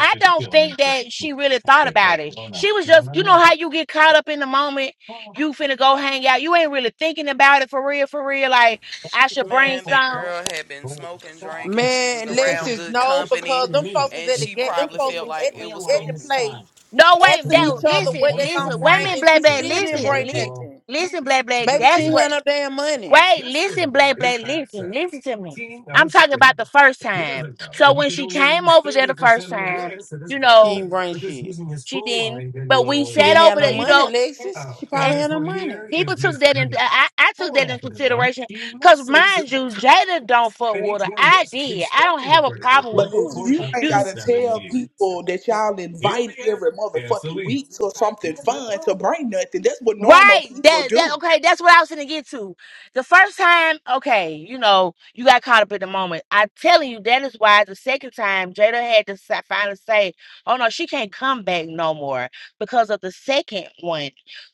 Speaker 5: I don't think that she really thought about it. She was just, you know how you get caught up in the moment. You finna go hang out. You ain't really thinking about it for real, for real. Like I should bring
Speaker 6: man, that
Speaker 5: some.
Speaker 6: girl had been smoking, drinking. She was
Speaker 3: Man,
Speaker 6: around
Speaker 3: Lexus,
Speaker 6: good
Speaker 3: no,
Speaker 6: company,
Speaker 3: because them folks was
Speaker 6: and
Speaker 3: at the
Speaker 6: she
Speaker 3: gate. Them
Speaker 6: probably
Speaker 3: folks
Speaker 6: felt
Speaker 3: was
Speaker 6: like
Speaker 3: at the
Speaker 6: it was
Speaker 3: at the
Speaker 6: cool.
Speaker 3: place
Speaker 5: No, wait,
Speaker 3: asking
Speaker 5: that
Speaker 3: each other
Speaker 5: listen,
Speaker 3: what they gonna
Speaker 5: listen, wait a
Speaker 3: bring,
Speaker 5: minute,
Speaker 3: and she
Speaker 5: black black,
Speaker 3: still didn't
Speaker 5: listen,
Speaker 3: bring
Speaker 5: listen,
Speaker 3: nothing.
Speaker 5: listen, black black.
Speaker 3: Maybe she
Speaker 5: That's
Speaker 3: ain't
Speaker 5: what
Speaker 3: had no damn money.
Speaker 5: wait, listen, black black, listen, listen to me. I'm talking about the first time. So when she came over there the first time, you
Speaker 3: She
Speaker 5: know,
Speaker 3: didn't bring shit.
Speaker 5: she didn't. But we
Speaker 3: She
Speaker 5: sat
Speaker 3: didn't have
Speaker 5: over
Speaker 3: no
Speaker 5: there, you
Speaker 3: money,
Speaker 5: know,
Speaker 3: Lexus. She
Speaker 5: and
Speaker 3: probably had no money.
Speaker 5: people took that in. I, I took that in consideration because mind you, Jada don't fuck with her. I did. I don't have a problem
Speaker 1: But
Speaker 5: with
Speaker 1: listen, you ain't
Speaker 5: Boo.
Speaker 1: gotta tell people that y'all invite every motherfucking week to something fun to bring nothing. That's what normal
Speaker 5: Right.
Speaker 1: people
Speaker 5: That that
Speaker 1: do.
Speaker 5: okay, that's what I was gonna get to. The first time, okay, you know, you got caught up in the moment. I telling you, that is why the second time Jada had to sa- finally say, Oh no, she can't come back no more because of the second one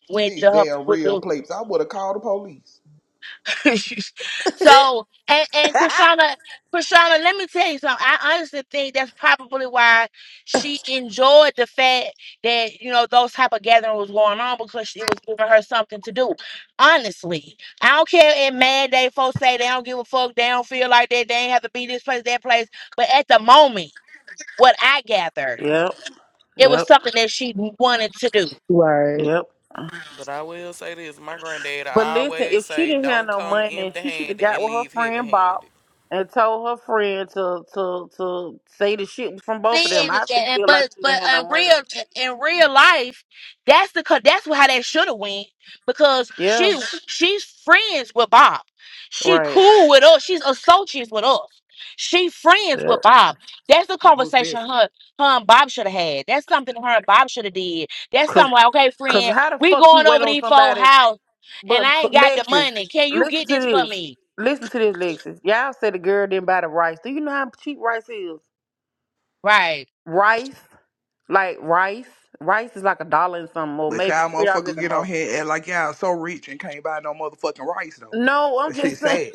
Speaker 5: with
Speaker 1: These
Speaker 5: the
Speaker 1: damn
Speaker 5: with
Speaker 1: real
Speaker 5: the
Speaker 1: plates. I would have called the police.
Speaker 5: so and and Krishana, Krishana, let me tell you something. I honestly think that's probably why she enjoyed the fact that you know those type of gatherings was going on because it was giving her something to do. Honestly, I don't care if mad day folks say they don't give a fuck, they don't feel like that, they ain't have to be this place, that place. But at the moment, what I gathered,
Speaker 3: yep,
Speaker 5: it was
Speaker 3: yep,
Speaker 5: something that she wanted to do.
Speaker 7: right.
Speaker 3: yep.
Speaker 6: But I will say this: my granddad
Speaker 3: But
Speaker 6: I
Speaker 3: listen,
Speaker 6: always
Speaker 3: if she
Speaker 6: say,
Speaker 3: didn't have
Speaker 6: "Don't
Speaker 3: no
Speaker 6: come
Speaker 3: money, she should have
Speaker 6: empty-handed
Speaker 3: got
Speaker 6: and
Speaker 3: with her
Speaker 6: leave
Speaker 3: friend
Speaker 6: heavy-handed."
Speaker 3: Bob and told her friend to to to say the shit was from both of them.
Speaker 5: and,
Speaker 3: I just
Speaker 5: and
Speaker 3: feel like
Speaker 5: but
Speaker 3: she
Speaker 5: but
Speaker 3: didn't have no
Speaker 5: in
Speaker 3: money.
Speaker 5: real in real life, that's the co- that's how that should have went because
Speaker 3: Yeah,
Speaker 5: she she's friends with Bob. She
Speaker 3: right.
Speaker 5: cool with us. She's associates with us. She friends
Speaker 3: Yeah.
Speaker 5: with Bob. That's the
Speaker 1: Most
Speaker 5: conversation
Speaker 1: definitely.
Speaker 5: her her and Bob should have had. That's something her and Bob should have did. That's
Speaker 3: Cause,
Speaker 5: something like, okay,
Speaker 3: cause
Speaker 5: friend,
Speaker 3: how the
Speaker 5: we
Speaker 3: fuck you
Speaker 5: going
Speaker 3: wait
Speaker 5: over
Speaker 3: on
Speaker 5: these four
Speaker 3: somebody?
Speaker 5: house and
Speaker 3: But,
Speaker 5: I
Speaker 3: but
Speaker 5: ain't got the
Speaker 3: Lexus,
Speaker 5: money. Can you
Speaker 3: listen
Speaker 5: get this for
Speaker 3: to this.
Speaker 5: me?
Speaker 3: Listen to this, Lexus. Y'all said the girl didn't buy the rice. Do you know how cheap rice is?
Speaker 5: Right.
Speaker 3: Rice, like rice, rice is like a dollar and something, or
Speaker 1: But
Speaker 3: maybe
Speaker 1: y'all
Speaker 3: three dollars at
Speaker 1: motherfuckers
Speaker 3: the
Speaker 1: get on
Speaker 3: most.
Speaker 1: here and act like y'all so rich and can't buy no motherfucking rice though.
Speaker 3: No, I'm
Speaker 1: That shit
Speaker 3: just saying,
Speaker 1: sad.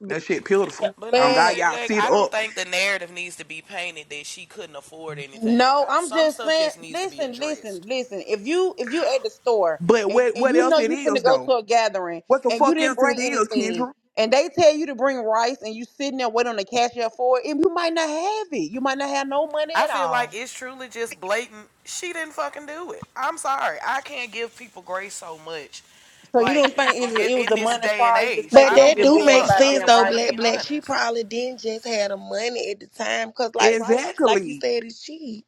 Speaker 1: That shit beautiful.
Speaker 6: But
Speaker 1: Um,
Speaker 6: nah,
Speaker 3: man.
Speaker 1: God,
Speaker 6: Black
Speaker 1: y'all
Speaker 6: Black,
Speaker 1: sit
Speaker 6: I don't
Speaker 1: up.
Speaker 6: think the narrative needs to be painted that she couldn't afford anything.
Speaker 3: No,
Speaker 6: I,
Speaker 3: I'm
Speaker 6: some
Speaker 3: just
Speaker 6: stuff
Speaker 3: saying.
Speaker 6: just needs to be
Speaker 3: Listen, listen,
Speaker 6: addressed.
Speaker 3: listen. If you if you at the store
Speaker 1: But
Speaker 3: and,
Speaker 1: what
Speaker 3: and
Speaker 1: what
Speaker 3: you
Speaker 1: else
Speaker 3: know
Speaker 1: it
Speaker 3: you
Speaker 1: is
Speaker 3: finna go
Speaker 1: though?
Speaker 3: to a gathering
Speaker 1: What the
Speaker 3: and you
Speaker 1: fuck
Speaker 3: didn't
Speaker 1: else
Speaker 3: bring
Speaker 1: it is,
Speaker 3: anything,
Speaker 1: Kendra?
Speaker 3: and they tell you to bring rice and you sitting there waiting on the cashier for it, and you might not have it. You might not have no money
Speaker 6: I
Speaker 3: at
Speaker 6: feel like
Speaker 3: all.
Speaker 6: it's truly just blatant. She didn't fucking do it. I'm sorry. I can't give people grace so much.
Speaker 3: So you
Speaker 6: Like,
Speaker 3: don't think it was,
Speaker 6: in,
Speaker 3: it was
Speaker 6: in
Speaker 3: a
Speaker 6: this
Speaker 3: money
Speaker 6: day and
Speaker 3: problem? You just
Speaker 6: age,
Speaker 3: think
Speaker 8: But
Speaker 6: I
Speaker 3: that she
Speaker 6: don't
Speaker 8: that
Speaker 6: give
Speaker 3: just
Speaker 8: do
Speaker 6: a
Speaker 3: didn't want to
Speaker 8: make
Speaker 6: fuck.
Speaker 3: buy
Speaker 6: I'm
Speaker 8: sense
Speaker 3: damn
Speaker 6: just
Speaker 8: though,
Speaker 6: gonna
Speaker 3: rice.
Speaker 8: Black
Speaker 6: be
Speaker 8: Black. She
Speaker 6: honest.
Speaker 8: probably didn't just have the money at the time, cause like right, like you
Speaker 1: Exactly.
Speaker 8: said, it's cheap.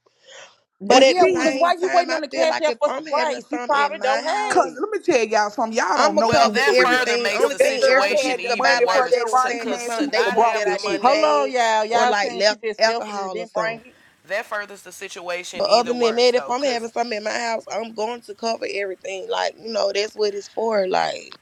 Speaker 3: What?
Speaker 8: But
Speaker 1: It's
Speaker 8: at
Speaker 3: Yeah,
Speaker 8: the
Speaker 3: because
Speaker 1: cheap.
Speaker 8: same
Speaker 3: why you
Speaker 8: time,
Speaker 3: waiting
Speaker 8: I
Speaker 3: on the
Speaker 8: feel like
Speaker 3: cashier
Speaker 8: if
Speaker 3: for some
Speaker 8: I'm having
Speaker 3: rice? You
Speaker 8: something in
Speaker 3: probably
Speaker 8: my
Speaker 3: don't have
Speaker 1: Cause
Speaker 8: house,
Speaker 3: it.
Speaker 1: let me tell y'all something. Y'all don't
Speaker 8: I'ma
Speaker 1: know
Speaker 6: Well,
Speaker 1: poo
Speaker 8: cover
Speaker 6: that
Speaker 1: for real.
Speaker 6: further
Speaker 8: everything.
Speaker 6: makes
Speaker 1: If
Speaker 8: Only
Speaker 6: the
Speaker 1: that
Speaker 8: thing
Speaker 1: girl
Speaker 8: extra
Speaker 6: situation
Speaker 1: had
Speaker 8: people
Speaker 1: the
Speaker 8: could buy,
Speaker 6: even
Speaker 1: money for
Speaker 8: like
Speaker 6: worse.
Speaker 1: that
Speaker 8: Jada was
Speaker 6: To,
Speaker 1: rice,
Speaker 8: saying, is
Speaker 6: cause
Speaker 1: man, she
Speaker 6: to
Speaker 8: something
Speaker 1: would
Speaker 8: they
Speaker 1: have
Speaker 6: not
Speaker 8: want
Speaker 1: brought
Speaker 8: that
Speaker 6: have the
Speaker 8: I
Speaker 1: this shit.
Speaker 8: didn't
Speaker 3: Hold
Speaker 6: money,
Speaker 3: on,
Speaker 8: name,
Speaker 3: y'all.
Speaker 8: or
Speaker 3: Y'all
Speaker 8: like
Speaker 3: saying she
Speaker 8: le-
Speaker 3: just selfish and
Speaker 8: alcohol or
Speaker 3: didn't bring
Speaker 8: something.
Speaker 3: it.
Speaker 6: that furthers the situation
Speaker 8: But
Speaker 6: either
Speaker 8: other than
Speaker 6: worse,
Speaker 8: that, if
Speaker 6: though.
Speaker 8: I'm
Speaker 6: Cause
Speaker 8: having something in my house, I'm going to cover everything. Like you know, that's what it's for. Like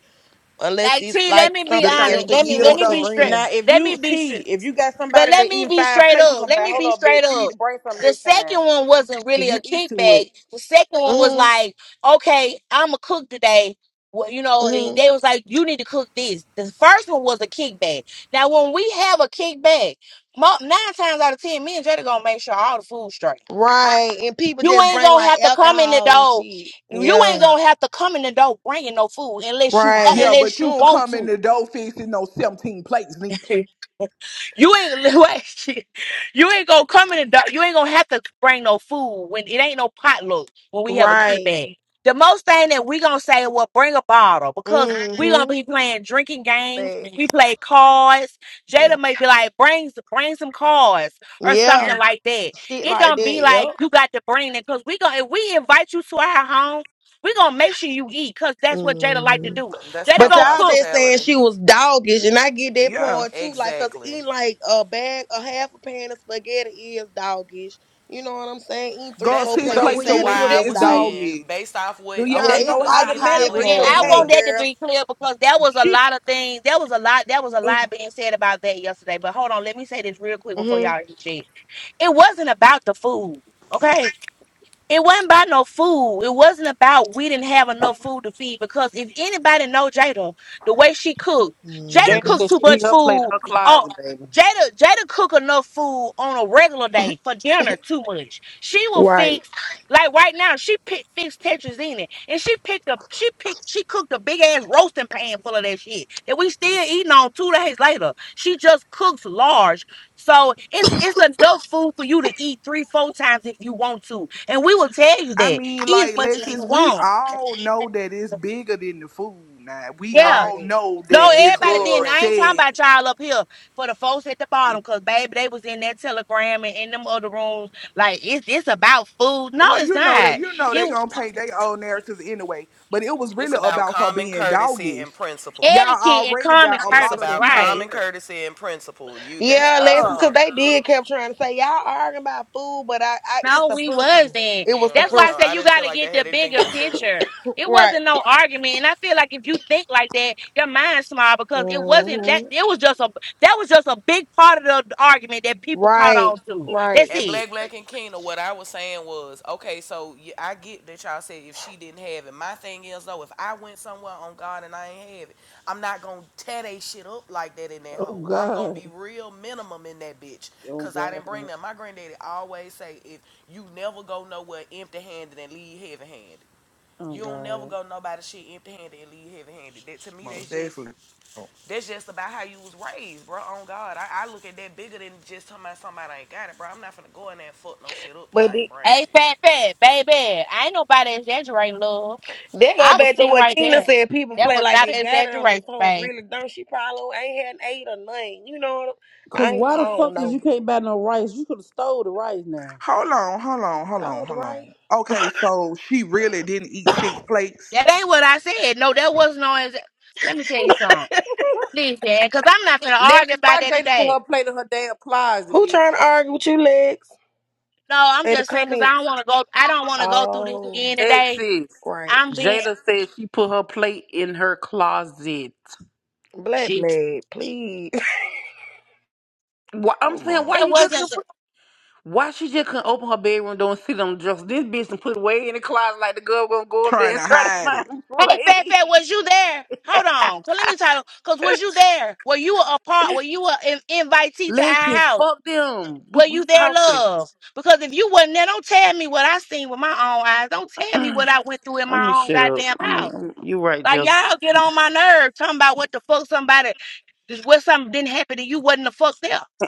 Speaker 8: unless
Speaker 5: Like,
Speaker 8: it's
Speaker 5: see, let
Speaker 8: like
Speaker 5: me be
Speaker 1: The
Speaker 8: something
Speaker 5: honest.
Speaker 1: thing
Speaker 8: extra
Speaker 5: Let
Speaker 8: you
Speaker 5: me let
Speaker 1: is
Speaker 8: want
Speaker 5: me
Speaker 8: to
Speaker 5: be
Speaker 1: though.
Speaker 5: straight.
Speaker 3: Now,
Speaker 8: bring.
Speaker 3: if
Speaker 5: Let me
Speaker 3: you
Speaker 5: be
Speaker 3: see,
Speaker 5: straight.
Speaker 3: if you got
Speaker 5: But
Speaker 3: somebody that
Speaker 5: let me
Speaker 3: eating
Speaker 5: be
Speaker 3: five
Speaker 5: straight
Speaker 3: plates, you
Speaker 5: up.
Speaker 3: gonna
Speaker 5: Let
Speaker 3: be like,
Speaker 5: me
Speaker 3: hold
Speaker 5: be
Speaker 3: up,
Speaker 5: straight
Speaker 3: bitch, you need
Speaker 5: up.
Speaker 3: to bring something
Speaker 5: The
Speaker 3: next time
Speaker 5: second one wasn't really
Speaker 3: because
Speaker 5: a
Speaker 3: you eat too much.
Speaker 5: kickback. The second one was
Speaker 8: Mhm.
Speaker 5: like, okay, I'm a cook today. Well, you know, and
Speaker 8: Mhm.
Speaker 5: they was like, you need to cook this. The first one was a kickback. Now, when we have a kickback, mo- nine times out of ten, me and Jada gonna make sure all the food's straight.
Speaker 8: Right. And people
Speaker 5: You
Speaker 8: just
Speaker 5: ain't
Speaker 8: bring
Speaker 5: gonna
Speaker 8: like
Speaker 5: have to come in the
Speaker 8: alcohol and
Speaker 5: door.
Speaker 8: shit.
Speaker 5: You ain't
Speaker 8: Yeah.
Speaker 5: gonna have to come in the door bringing no food unless you uh,
Speaker 8: Right.
Speaker 1: Yeah, but
Speaker 5: unless
Speaker 1: you
Speaker 5: you
Speaker 1: don't
Speaker 5: want
Speaker 1: come in the dough fixing no 17 plates neither.
Speaker 5: to. You ain't wait, shit. you ain't gonna come in the dark. You ain't gonna have to bring no food when it ain't no potluck when we have a kid
Speaker 8: Right.
Speaker 5: bag. The most thing that we gonna say, well, bring a bottle because we gonna
Speaker 8: Mm-hmm.
Speaker 5: be playing drinking games.
Speaker 8: But
Speaker 5: We play cards.
Speaker 8: yeah.
Speaker 5: Jada may be like, bring bring some cards or
Speaker 8: Yeah.
Speaker 5: something like that.
Speaker 8: Shit
Speaker 5: It
Speaker 8: like
Speaker 5: don't be
Speaker 8: that.
Speaker 5: like
Speaker 8: Yep.
Speaker 5: you got to bring it because we gonna if we invite you to our home, we gonna make sure you eat because that's what Jada like to
Speaker 8: hmm
Speaker 5: do.
Speaker 6: that's
Speaker 5: Jada
Speaker 8: But
Speaker 6: common
Speaker 5: gonna
Speaker 8: y'all
Speaker 5: cook.
Speaker 8: just saying
Speaker 6: hospitality.
Speaker 8: she was doggish, and I get that
Speaker 1: Yeah.
Speaker 8: part too. Like, cause
Speaker 6: Exactly.
Speaker 8: eating like a bag, a half a pan of spaghetti is doggish. You know what I'm saying? Eating three,
Speaker 1: Go
Speaker 6: That's
Speaker 8: four
Speaker 1: six
Speaker 6: but
Speaker 8: plates
Speaker 3: So
Speaker 8: of
Speaker 6: this
Speaker 1: plates
Speaker 3: when
Speaker 6: is
Speaker 1: of
Speaker 3: you
Speaker 8: salad
Speaker 3: do
Speaker 1: ribs
Speaker 6: why I
Speaker 8: is
Speaker 3: that,
Speaker 1: is
Speaker 6: was
Speaker 3: T,
Speaker 6: saying
Speaker 8: doggish.
Speaker 1: doggish.
Speaker 6: based off
Speaker 1: Do
Speaker 6: what
Speaker 8: Yeah,
Speaker 1: y'all
Speaker 3: they
Speaker 6: okay
Speaker 3: gonna
Speaker 8: it's
Speaker 1: know
Speaker 6: because
Speaker 8: I
Speaker 1: how
Speaker 6: Kena
Speaker 8: get
Speaker 1: high
Speaker 6: and
Speaker 8: that
Speaker 3: automatically
Speaker 6: Black
Speaker 5: And
Speaker 3: say,
Speaker 1: ribs
Speaker 8: part
Speaker 6: Black
Speaker 5: I
Speaker 3: hey,
Speaker 5: want
Speaker 1: is?
Speaker 8: though.
Speaker 5: that to
Speaker 3: girl,
Speaker 5: be clear because there was a
Speaker 3: she.
Speaker 5: lot of things. There was a lot. There was a
Speaker 3: Ooh.
Speaker 5: lot being said about that yesterday. But hold on, let me say this real quick before
Speaker 8: hmm
Speaker 5: y'all interject. It wasn't about the food, okay? It wasn't about no food. It wasn't about we didn't have enough food to feed. Because if anybody know Jada, the way she cooked, Jada
Speaker 3: Jada
Speaker 8: hmm
Speaker 5: cooks
Speaker 3: said
Speaker 5: too
Speaker 3: she
Speaker 5: much
Speaker 3: hit her plate in
Speaker 5: food.
Speaker 3: her
Speaker 5: Oh,
Speaker 3: closet, baby.
Speaker 5: Jada, Jada cook enough food on a regular day for dinner too much. She will
Speaker 8: Right.
Speaker 5: fix like right now. She picked fixed Tetris in it, and she picked up. She picked. She cooked a big ass roasting pan full of that shit that we
Speaker 8: Yeah,
Speaker 5: still eating on two days later. She just cooks large. So it's it's enough food for you to eat three, four times if you want to. And we will tell you
Speaker 1: I
Speaker 5: that.
Speaker 1: mean,
Speaker 5: Eat
Speaker 1: like,
Speaker 5: as much as you
Speaker 1: Lexus, we
Speaker 5: want.
Speaker 1: all know that it's bigger than the food now. We
Speaker 5: Yeah.
Speaker 1: all
Speaker 8: Right.
Speaker 1: know
Speaker 5: No,
Speaker 6: yeah
Speaker 1: that
Speaker 6: it's
Speaker 1: this
Speaker 5: everybody
Speaker 6: clearly
Speaker 1: girl
Speaker 5: didn't. I ain't talking
Speaker 6: principle.
Speaker 1: said,
Speaker 5: about y'all up here for the folks at the bottom, cause baby, they was in that telegram and in them other rooms. Like it's it's about food. No,
Speaker 1: well,
Speaker 5: it's
Speaker 1: you know that,
Speaker 5: not.
Speaker 1: you know they
Speaker 5: It
Speaker 1: gonna paint their own narratives anyway. But it was
Speaker 6: It's
Speaker 1: really
Speaker 6: about
Speaker 1: about her
Speaker 6: common
Speaker 1: being
Speaker 6: courtesy
Speaker 1: doggish.
Speaker 6: and principle.
Speaker 1: Y'all
Speaker 5: etiquette and
Speaker 1: already
Speaker 5: common
Speaker 1: got a
Speaker 6: It's
Speaker 1: lot of
Speaker 5: courtesy,
Speaker 6: about
Speaker 1: people
Speaker 5: right?
Speaker 6: common
Speaker 1: there.
Speaker 6: courtesy and principle. You that's
Speaker 8: Yeah, Alexis,
Speaker 1: Yeah.
Speaker 8: because
Speaker 6: principle.
Speaker 8: they did kept trying to say y'all arguing about food, but I, I it's
Speaker 5: No,
Speaker 8: the
Speaker 5: we
Speaker 8: principle.
Speaker 5: wasn't.
Speaker 8: It was the
Speaker 5: That's
Speaker 6: Yeah,
Speaker 5: why I
Speaker 6: no,
Speaker 5: said
Speaker 8: principle,
Speaker 6: I
Speaker 5: you
Speaker 6: didn't
Speaker 5: got
Speaker 6: feel
Speaker 5: to
Speaker 6: like
Speaker 5: get
Speaker 6: that
Speaker 5: the
Speaker 6: had anything to
Speaker 5: bigger
Speaker 6: do with food.
Speaker 5: picture. It
Speaker 8: right?
Speaker 5: wasn't no argument, and I feel like if you think like that, your mind's small because it wasn't that.
Speaker 8: hmm
Speaker 5: It was just a that was just a big part of the argument that people caught
Speaker 8: Right,
Speaker 5: on to. That's
Speaker 8: right.
Speaker 6: And
Speaker 5: it.
Speaker 6: Black Black and Kina, what I was saying was, okay, so yeah, I get that y'all said if she didn't have it. My thing is though, if I went somewhere on God and I ain't have it, I'm not gonna tear they shit up like that in that
Speaker 3: Oh
Speaker 6: hole. I'm gonna
Speaker 3: God.
Speaker 6: be real minimum in that bitch,
Speaker 3: Oh,
Speaker 6: cause I
Speaker 3: God.
Speaker 6: didn't bring that. My granddaddy always say, if you never go nowhere empty handed and leave heavy handed.
Speaker 3: Oh,
Speaker 6: You don't
Speaker 3: God.
Speaker 6: know about the shit empty handed and leave heavy handed. That to me,
Speaker 1: Most
Speaker 6: that's just
Speaker 1: definitely.
Speaker 6: that's just about how you was raised, bro. On God, I, I look at that bigger than just talking about somebody ain't got it, bro. I'm not finna go in there and fuck no shit up and
Speaker 8: But
Speaker 6: I ain't
Speaker 8: they,
Speaker 6: bring
Speaker 5: Hey,
Speaker 6: shit.
Speaker 5: fat, fat, baby. I ain't nobody exaggerating, love.
Speaker 8: they go
Speaker 5: I was
Speaker 8: back to
Speaker 5: sitting
Speaker 8: what
Speaker 5: right
Speaker 8: Keena
Speaker 5: there.
Speaker 8: said. People
Speaker 5: That
Speaker 8: play
Speaker 5: was
Speaker 8: like
Speaker 5: not
Speaker 8: they
Speaker 5: an
Speaker 8: got it on their
Speaker 5: exaggeration,
Speaker 8: toe and
Speaker 5: babe.
Speaker 8: really don't. She probably ain't had eight or nothing. You know what? I
Speaker 3: Cause
Speaker 8: ain't,
Speaker 3: why
Speaker 8: I
Speaker 3: the
Speaker 8: don't
Speaker 3: fuck is
Speaker 8: know.
Speaker 3: you can't buy no rice? You could have stole the rice now.
Speaker 1: Hold on, hold on, hold
Speaker 8: Oh,
Speaker 1: on, hold
Speaker 8: right.
Speaker 1: on. Okay, so she really didn't eat six plates.
Speaker 5: That ain't what I said. No, that was no. Exa- Let me tell you something. Listen, because I'm not gonna argue
Speaker 3: Lexus,
Speaker 5: about
Speaker 3: why
Speaker 5: that
Speaker 3: Jada
Speaker 5: today.
Speaker 3: put her plate in her damn closet,
Speaker 8: Who
Speaker 3: bitch?
Speaker 8: trying to argue with you, Lex?
Speaker 5: No, I'm
Speaker 8: In the
Speaker 5: just saying because I
Speaker 8: comments.
Speaker 5: don't want to go. I don't want to go through this
Speaker 8: Oh,
Speaker 5: again
Speaker 3: Next
Speaker 5: today.
Speaker 3: sis.
Speaker 8: right.
Speaker 5: I'm being
Speaker 3: Jada said she put her plate in her closet.
Speaker 8: Black,
Speaker 5: shit.
Speaker 8: black, please.
Speaker 3: Why, I'm
Speaker 1: Hold
Speaker 3: saying, why
Speaker 5: That
Speaker 1: on,
Speaker 3: you just
Speaker 1: man.
Speaker 5: wasn't.
Speaker 3: couldn't
Speaker 5: the-
Speaker 3: put, why she just couldn't open her bedroom door and sit on the dresser? This bitch and put it way in the closet like the girl gonna go up there
Speaker 1: Trying to
Speaker 3: and try to
Speaker 1: hide
Speaker 3: find
Speaker 1: it.
Speaker 3: a
Speaker 5: Hey, Fat Fat,
Speaker 3: plate.
Speaker 5: was you there? Hold on. Cause let me tell you. Cause was you there? Were you a part? Were you a an invitee to our
Speaker 3: Lexus,
Speaker 5: house?
Speaker 3: fuck them.
Speaker 5: Were
Speaker 3: We,
Speaker 5: you
Speaker 3: we
Speaker 5: there,
Speaker 3: talking.
Speaker 5: love? Because if you wasn't there, don't tell me what I seen with my own eyes. Don't tell me what I went through in
Speaker 3: Let me
Speaker 5: my own
Speaker 3: shut up.
Speaker 5: goddamn
Speaker 3: I'm,
Speaker 5: house.
Speaker 3: I'm, you right,
Speaker 5: Like
Speaker 3: Joseph.
Speaker 5: y'all get on my nerves talking about what the fuck somebody what something didn't happen and you wasn't the fuck there.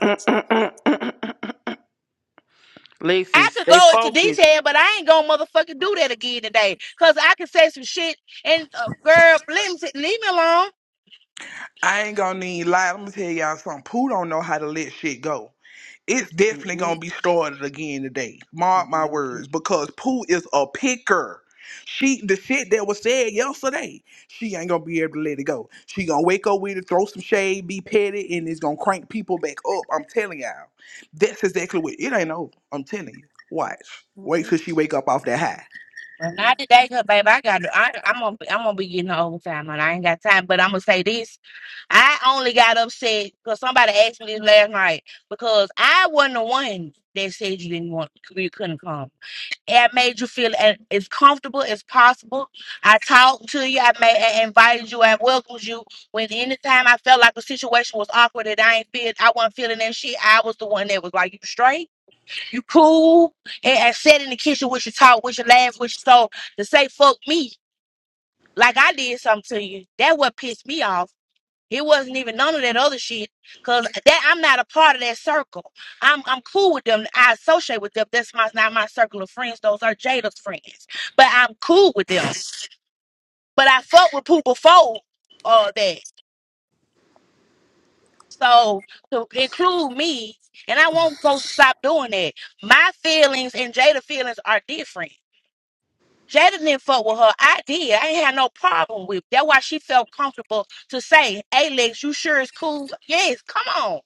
Speaker 5: I
Speaker 3: Lexus,
Speaker 5: could
Speaker 3: stay
Speaker 5: go into
Speaker 3: focused.
Speaker 5: detail, but I ain't gonna motherfucking do that again today. Cause I can say some shit and uh, girl, let me sit- leave me alone.
Speaker 1: I ain't gonna need lie. I'm gonna tell y'all something. Pooh don't know how to let shit go. It's definitely gonna be
Speaker 3: Mm-mm.
Speaker 1: started again today. Mark my words, because Pooh is a picker. She the shit that was said yesterday, she ain't gonna be able to let it go. She gonna wake up with it, throw some shade, be petty, and it's gonna crank people back up. I'm telling y'all, that's exactly what it ain't over. I'm telling you. Watch, wait till she wake up off that high.
Speaker 5: Well, not today, cause baby, I got I, I'm gonna be- I'm gonna be getting overtime, and I ain't got time. But I'm gonna say this: I only got upset because somebody asked me this last night because I wasn't the one that said you didn't want you couldn't come. it made you feel a- as comfortable as possible. I talked to you, I made and invited you and welcomed you. When anytime I felt like the situation was awkward and I ain't feel I wasn't feeling that shit, I was the one that was like, You straight, you cool, and, and sat in the kitchen with your talk, with your laugh, with your soul to say fuck me. Like I did something to you. That what pissed me off. It wasn't even none of that other shit. Cause that I'm not a part of that circle. I'm I'm cool with them. I associate with them. That's my not my circle of friends. Those are Jada's friends. But I'm cool with them. But I fucked with people before all that. So to include me, and I won't go stop doing that. My feelings and Jada feelings are different. Jada didn't fuck with her. I did. I ain't had no problem with. That's why she felt comfortable to say, "Alex, you sure it's cool?" Yes, come on.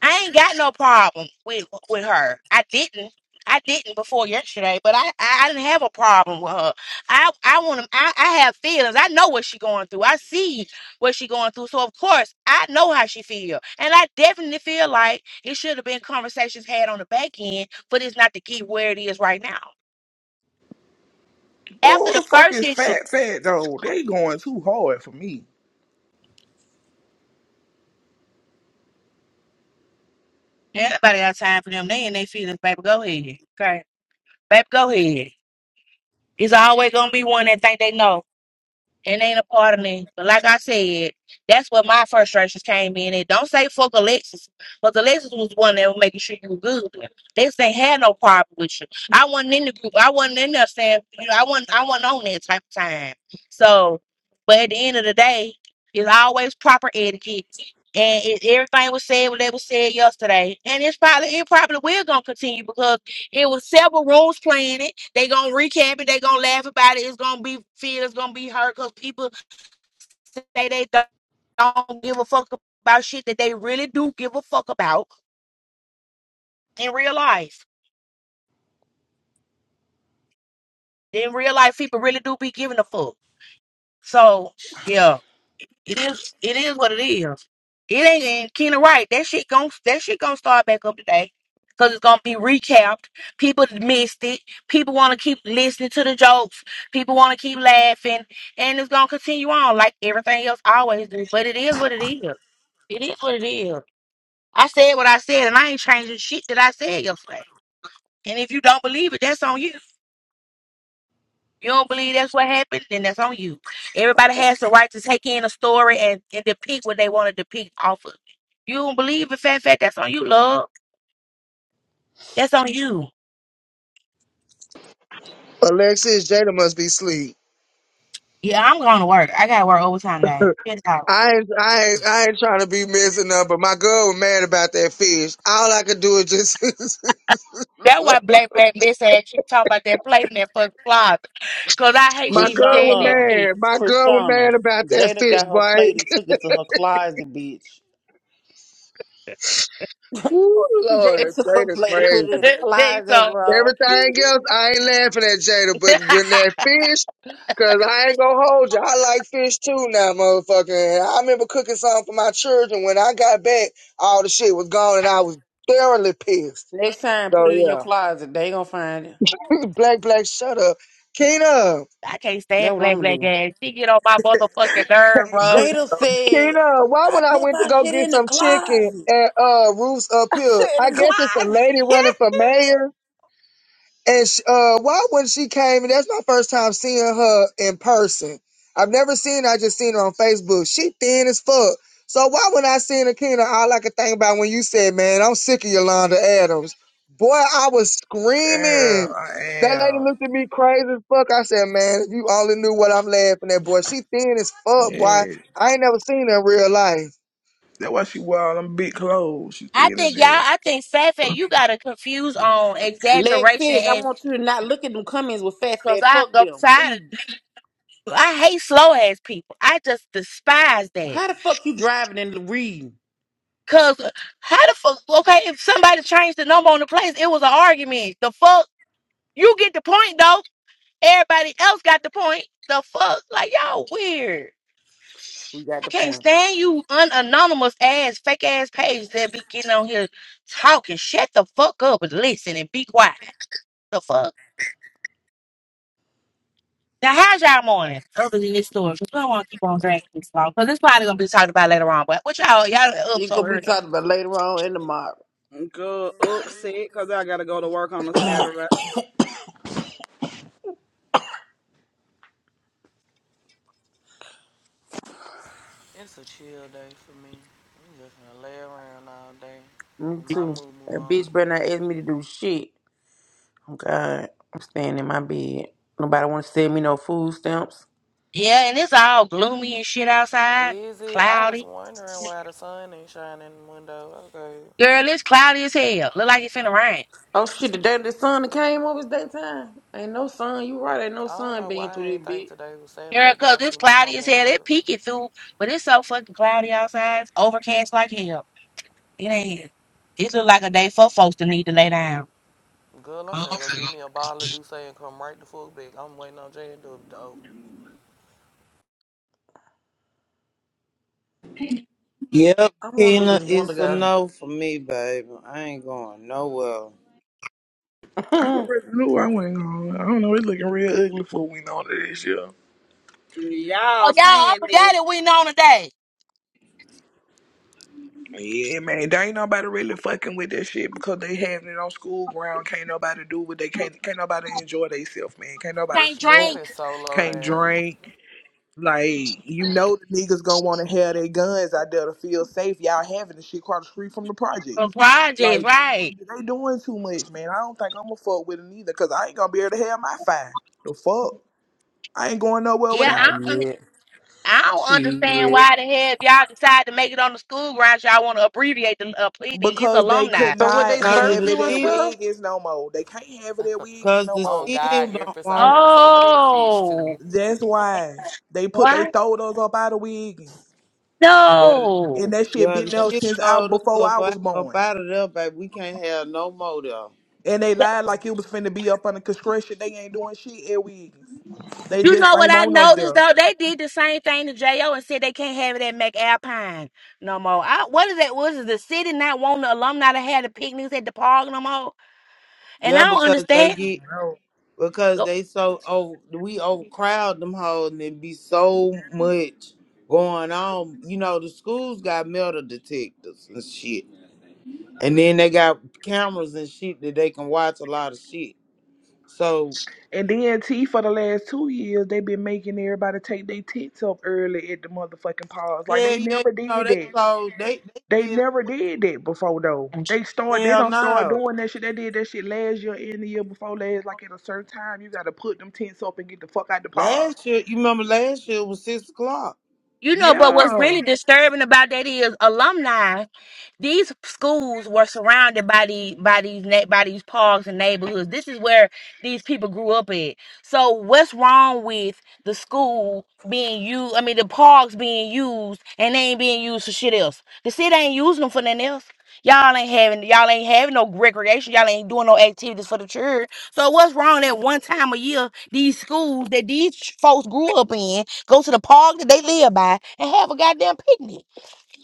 Speaker 5: I ain't got no problem with with her. I didn't. I didn't before yesterday, but I, I, I didn't have a problem with her. I I want to. I, I have feelings. I know what she going through. I see what she going through. So of course I know how she feel, and I definitely feel like it should have been conversations had on the back end, but it's not to get where it is right now. After
Speaker 1: Oh, the
Speaker 5: the
Speaker 1: fuck
Speaker 5: first
Speaker 1: is
Speaker 5: issue,
Speaker 1: fat fat though? They going too hard for me.
Speaker 5: everybody got time for them. They and they feelings, baby. Go ahead, okay, baby. Go ahead. It's always gonna be one that think they know. It ain't a pardoning. But like I said, that's where my frustrations came in. it. don't say fuck Alexis, but Alexis was one that was making sure you were good. They ain't had no problem with you. I wasn't in the group. I wasn't in there saying, you know, I wasn't, I wasn't on that type of time. So, but at the end of the day, it's always proper etiquette. And it, everything was said what they was said yesterday. And it's probably, it probably will going to continue because. It was several rooms playing it. They gonna recap it. They gonna laugh about it. It's gonna be feel. It's gonna be hurt because people say they don't don't give a fuck about shit that they really do give a fuck about in real life. In real life, people really do be giving a fuck. So yeah. It is. It is what it is. It ain't in Keena right. That shit gon' that shit gonna start back up today. Cause it's gonna be recapped. People missed it. People want to keep listening to the jokes. People want to keep laughing, and it's gonna continue on like everything else always do. But it is what it is. It is what it is. I said what I said, and I ain't changing shit that I said yesterday. And if you don't believe it, that's on you. You don't believe that's what happened, then that's on you. Everybody has the right to take in a story and, and depict what they want to depict off of. it. You don't believe in fat fat, that's on you, love. That's on you.
Speaker 7: Alexis Jada must be asleep.
Speaker 5: Yeah, I'm going to work. I gotta work overtime day. That's all.
Speaker 7: I ain't, I ain't, I ain't trying to be messing up, but my girl was mad about that fish. All I could do is just,
Speaker 5: That's why Black Black Miss had keep talking about that plate in that fucking closet. Cause I hate
Speaker 7: my
Speaker 5: she even
Speaker 7: girl
Speaker 5: said
Speaker 7: was
Speaker 5: that
Speaker 3: Krishana,
Speaker 5: shit.
Speaker 7: mad. My girl was
Speaker 3: Krishana,
Speaker 7: mad about that
Speaker 3: Jada
Speaker 7: fish,
Speaker 3: got her
Speaker 7: boy.
Speaker 3: plate and took it to her closet, bitch.
Speaker 7: Ooh,
Speaker 3: Jada
Speaker 7: Lord,
Speaker 3: took her
Speaker 7: Jada
Speaker 3: plate and put it in
Speaker 7: crazy.
Speaker 3: the
Speaker 5: See,
Speaker 3: closet,
Speaker 5: so
Speaker 3: bro.
Speaker 7: Everything else, I ain't laughing at Jada, but when that fish, cause I ain't gonna hold you. I like fish too now, motherfucker. I remember cooking something for my children. When I got back, all the shit was gone and I was thoroughly pissed.
Speaker 3: Next time, put
Speaker 7: So
Speaker 3: it in your
Speaker 7: yeah,
Speaker 3: closet. They gonna find it.
Speaker 7: black, black, shut up. Kena.
Speaker 5: I can't
Speaker 3: That's
Speaker 5: stand
Speaker 3: what
Speaker 5: Black
Speaker 3: I'm gonna
Speaker 5: Black
Speaker 3: do.
Speaker 5: ass. She get on my motherfucking nerve,
Speaker 1: Hey,
Speaker 5: bro.
Speaker 1: Chris.
Speaker 3: Jada said,
Speaker 7: Tina, why
Speaker 3: "I
Speaker 7: when I
Speaker 3: put
Speaker 7: went to
Speaker 3: my
Speaker 7: go
Speaker 3: shit
Speaker 7: get
Speaker 3: in the
Speaker 7: some chicken
Speaker 3: closet."
Speaker 7: at uh Roof's Up
Speaker 3: I
Speaker 7: Hill,
Speaker 3: said,
Speaker 7: I
Speaker 3: in "The
Speaker 7: guess it's a
Speaker 3: closet."
Speaker 7: lady running for mayor. And sh uh, why when she came, and that's my first time seeing her in person. I've never seen her, I just seen her on Facebook. She thin as fuck. So why when I seen Akina, all I could think about when you said, man, I'm sick of Yolanda Adams. Boy, I was
Speaker 1: Girl,
Speaker 7: screaming.
Speaker 1: I
Speaker 7: That lady
Speaker 1: am.
Speaker 7: looked at me crazy as fuck. I said, man, if you only knew what I'm laughing at, boy. She thin as fuck, boy.
Speaker 1: Yeah.
Speaker 7: I ain't never seen her in real life.
Speaker 1: That's why she wore all them big clothes. She
Speaker 5: I
Speaker 1: thinking of
Speaker 5: think y'all.
Speaker 1: that.
Speaker 5: I think Fat Fat, you gotta confuse on
Speaker 3: Lex
Speaker 5: exaggeration
Speaker 3: says, "I
Speaker 5: and
Speaker 3: want you to not look at them comments with fat
Speaker 5: because
Speaker 3: fat.
Speaker 5: I
Speaker 3: Fuck
Speaker 5: I'm
Speaker 3: them,
Speaker 5: tired.
Speaker 3: please."
Speaker 5: Of, I hate slow ass people. I just despise that.
Speaker 3: How the fuck you driving and reading?
Speaker 5: Cause uh, how the fuck? Okay, if somebody changed the number on the place, it was an argument. The fuck? You get the point though. Everybody else got the point. The fuck? Like y'all weird.
Speaker 3: We got
Speaker 5: I
Speaker 3: the
Speaker 5: can't
Speaker 3: point.
Speaker 5: stand you unanonymous ass fake ass page that be getting on here talking. Shut the fuck up and listen and be quiet. The fuck? Now, how's y'all morning? Other than this story, because we don't want to keep on dragging this long, because it's probably gonna be talked about later on. But what y'all y'all up
Speaker 3: You
Speaker 5: so
Speaker 3: gonna be
Speaker 5: early?
Speaker 3: talking about later on in the mod.
Speaker 2: Good. upset because I gotta go to work on a Saturday.
Speaker 6: It's a chill day for me. I'm just gonna lay around all day
Speaker 3: Me
Speaker 6: with my
Speaker 3: too.
Speaker 6: moo moo
Speaker 3: That
Speaker 6: on.
Speaker 3: bitch better not ask me to do shit. Oh God, I'm staying in my bed. Nobody want to send me no food stamps.
Speaker 5: Yeah, and it's all gloomy and shit outside,
Speaker 6: Easy. I was
Speaker 5: cloudy.
Speaker 6: wondering why the sun ain't shining in the window. Okay.
Speaker 5: Girl, it's cloudy as hell. Look like it's finna rain.
Speaker 3: Oh shit, the day the sun that came up is daytime. Ain't no sun. You right, ain't no
Speaker 6: I don't
Speaker 3: sun
Speaker 6: know
Speaker 3: being
Speaker 6: why I
Speaker 3: through this
Speaker 6: ain't think
Speaker 3: bitch.
Speaker 6: today was Saturday,
Speaker 5: Girl,
Speaker 6: but
Speaker 5: cause
Speaker 6: I
Speaker 5: it's
Speaker 6: see my
Speaker 5: cloudy as
Speaker 6: mama at
Speaker 5: hell. It
Speaker 6: work.
Speaker 5: peeking through, but it's so fucking cloudy outside. It's overcast like hell. It ain't. It look like a day for folks to need to lay down.
Speaker 6: Girl, I'm
Speaker 5: Oh,
Speaker 6: finna go
Speaker 5: okay.
Speaker 6: get me a bottle of Douce and come right the fuck back. I'm waiting on J and W to do it. though.
Speaker 4: Yep,
Speaker 3: I want to do
Speaker 4: Keena,
Speaker 3: this wonder
Speaker 4: it's a no for me, baby. I ain't going nowhere.
Speaker 1: I
Speaker 3: girl.
Speaker 1: already knew I wasn't going. I don't know. It's looking real ugly for we know that this year.
Speaker 5: Oh,
Speaker 2: Y'all
Speaker 5: y'all, I
Speaker 2: saying that
Speaker 5: forgot it. We on today.
Speaker 1: Yeah, man. There ain't nobody really fucking with that shit because they having it on school ground. Can't nobody do what they can't. Can't nobody enjoy themselves, man. Can't nobody
Speaker 5: Can't
Speaker 1: smoke.
Speaker 6: That
Speaker 5: drink
Speaker 6: is so low
Speaker 1: Can't
Speaker 6: down.
Speaker 1: drink. Like you know, the niggas gonna want to have their guns out there to feel safe. Y'all having the shit across the street from the
Speaker 5: from
Speaker 1: projects. Like
Speaker 5: projects,
Speaker 1: they,
Speaker 5: right?
Speaker 1: they, they doing too much, man. I don't think I'm gonna fuck with it either because I ain't gonna be able to have my fire. The fuck. I ain't going nowhere without it.
Speaker 5: Yeah,
Speaker 3: shit,
Speaker 5: I don't understand
Speaker 3: shit.
Speaker 5: why the hell if y'all decide to make it on the school grounds, y'all want to abbreviate the uh, pleading. It's
Speaker 1: Because they
Speaker 5: alumni.
Speaker 1: could
Speaker 3: So what
Speaker 1: not
Speaker 3: they
Speaker 4: Cause of
Speaker 3: search
Speaker 1: have
Speaker 4: the
Speaker 1: it
Speaker 3: you and
Speaker 1: at
Speaker 4: city
Speaker 3: stuff?
Speaker 1: Wiggins no more. They can't have it at Wiggins
Speaker 4: Cause
Speaker 1: no
Speaker 4: the
Speaker 6: On
Speaker 1: more.
Speaker 4: city
Speaker 6: God,
Speaker 4: don't
Speaker 6: Empress, I
Speaker 4: want
Speaker 6: want some of that fish
Speaker 5: Oh,
Speaker 6: too.
Speaker 1: That's why they put they
Speaker 5: why?
Speaker 1: throwed us up out of Wiggins.
Speaker 4: yeah, the-
Speaker 1: And
Speaker 5: No.
Speaker 1: that shit
Speaker 4: yeah,
Speaker 1: been
Speaker 4: the
Speaker 1: there
Speaker 4: city
Speaker 1: since I
Speaker 4: told us
Speaker 1: before
Speaker 4: up,
Speaker 1: I
Speaker 4: out-
Speaker 1: was
Speaker 4: up
Speaker 1: born.
Speaker 4: out of there, baby. We can't have no more there.
Speaker 1: And they lied like it was finna be up under construction. They ain't doing shit at Wiggins. They
Speaker 5: You
Speaker 1: just
Speaker 5: know what
Speaker 1: ain't
Speaker 5: I
Speaker 1: want us
Speaker 5: noticed
Speaker 1: there.
Speaker 5: though? They did the same thing to Jo and said they can't have it at McAlpine no more. I, what is that? Was it the city not wanting the alumni to have the picnics at the park no more? And I
Speaker 4: Yeah,
Speaker 5: don't
Speaker 4: because they
Speaker 5: understand.
Speaker 4: get
Speaker 1: No.
Speaker 4: because
Speaker 5: Oh,
Speaker 4: they so over we overcrowd them hoes and it be so much going on. You know, the schools got metal detectors and shit. And then they got cameras and shit that they can watch a lot of shit. So
Speaker 1: And then T for the last two years, they been making everybody take their tits up early at the motherfucking pause. Like
Speaker 4: hell yeah,
Speaker 1: they
Speaker 4: you
Speaker 1: never
Speaker 4: know,
Speaker 1: did
Speaker 4: they
Speaker 1: that.
Speaker 4: closed they they
Speaker 1: They
Speaker 4: did
Speaker 1: never did that before though. They start they
Speaker 4: hell
Speaker 1: don't start
Speaker 4: no.
Speaker 1: doing that shit. They did that shit last year and the year before last. Like at a certain time, you gotta put them tents up and get the fuck out the pod.
Speaker 4: Last year, you remember last year was six o'clock.
Speaker 5: You know, but what's
Speaker 1: Yeah,
Speaker 5: really disturbing about that is alumni. these schools were surrounded by the by these na- by these parks and neighborhoods. This is where these people grew up at. So what's wrong with the school being used? I mean, the parks being used and they ain't being used for shit else. The city ain't using them for nothing else. Y'all ain't having y'all ain't having no recreation. Y'all ain't doing no activities for the children. So what's wrong that one time a year these schools that these ch- folks grew up in go to the park that they live by and have a goddamn picnic?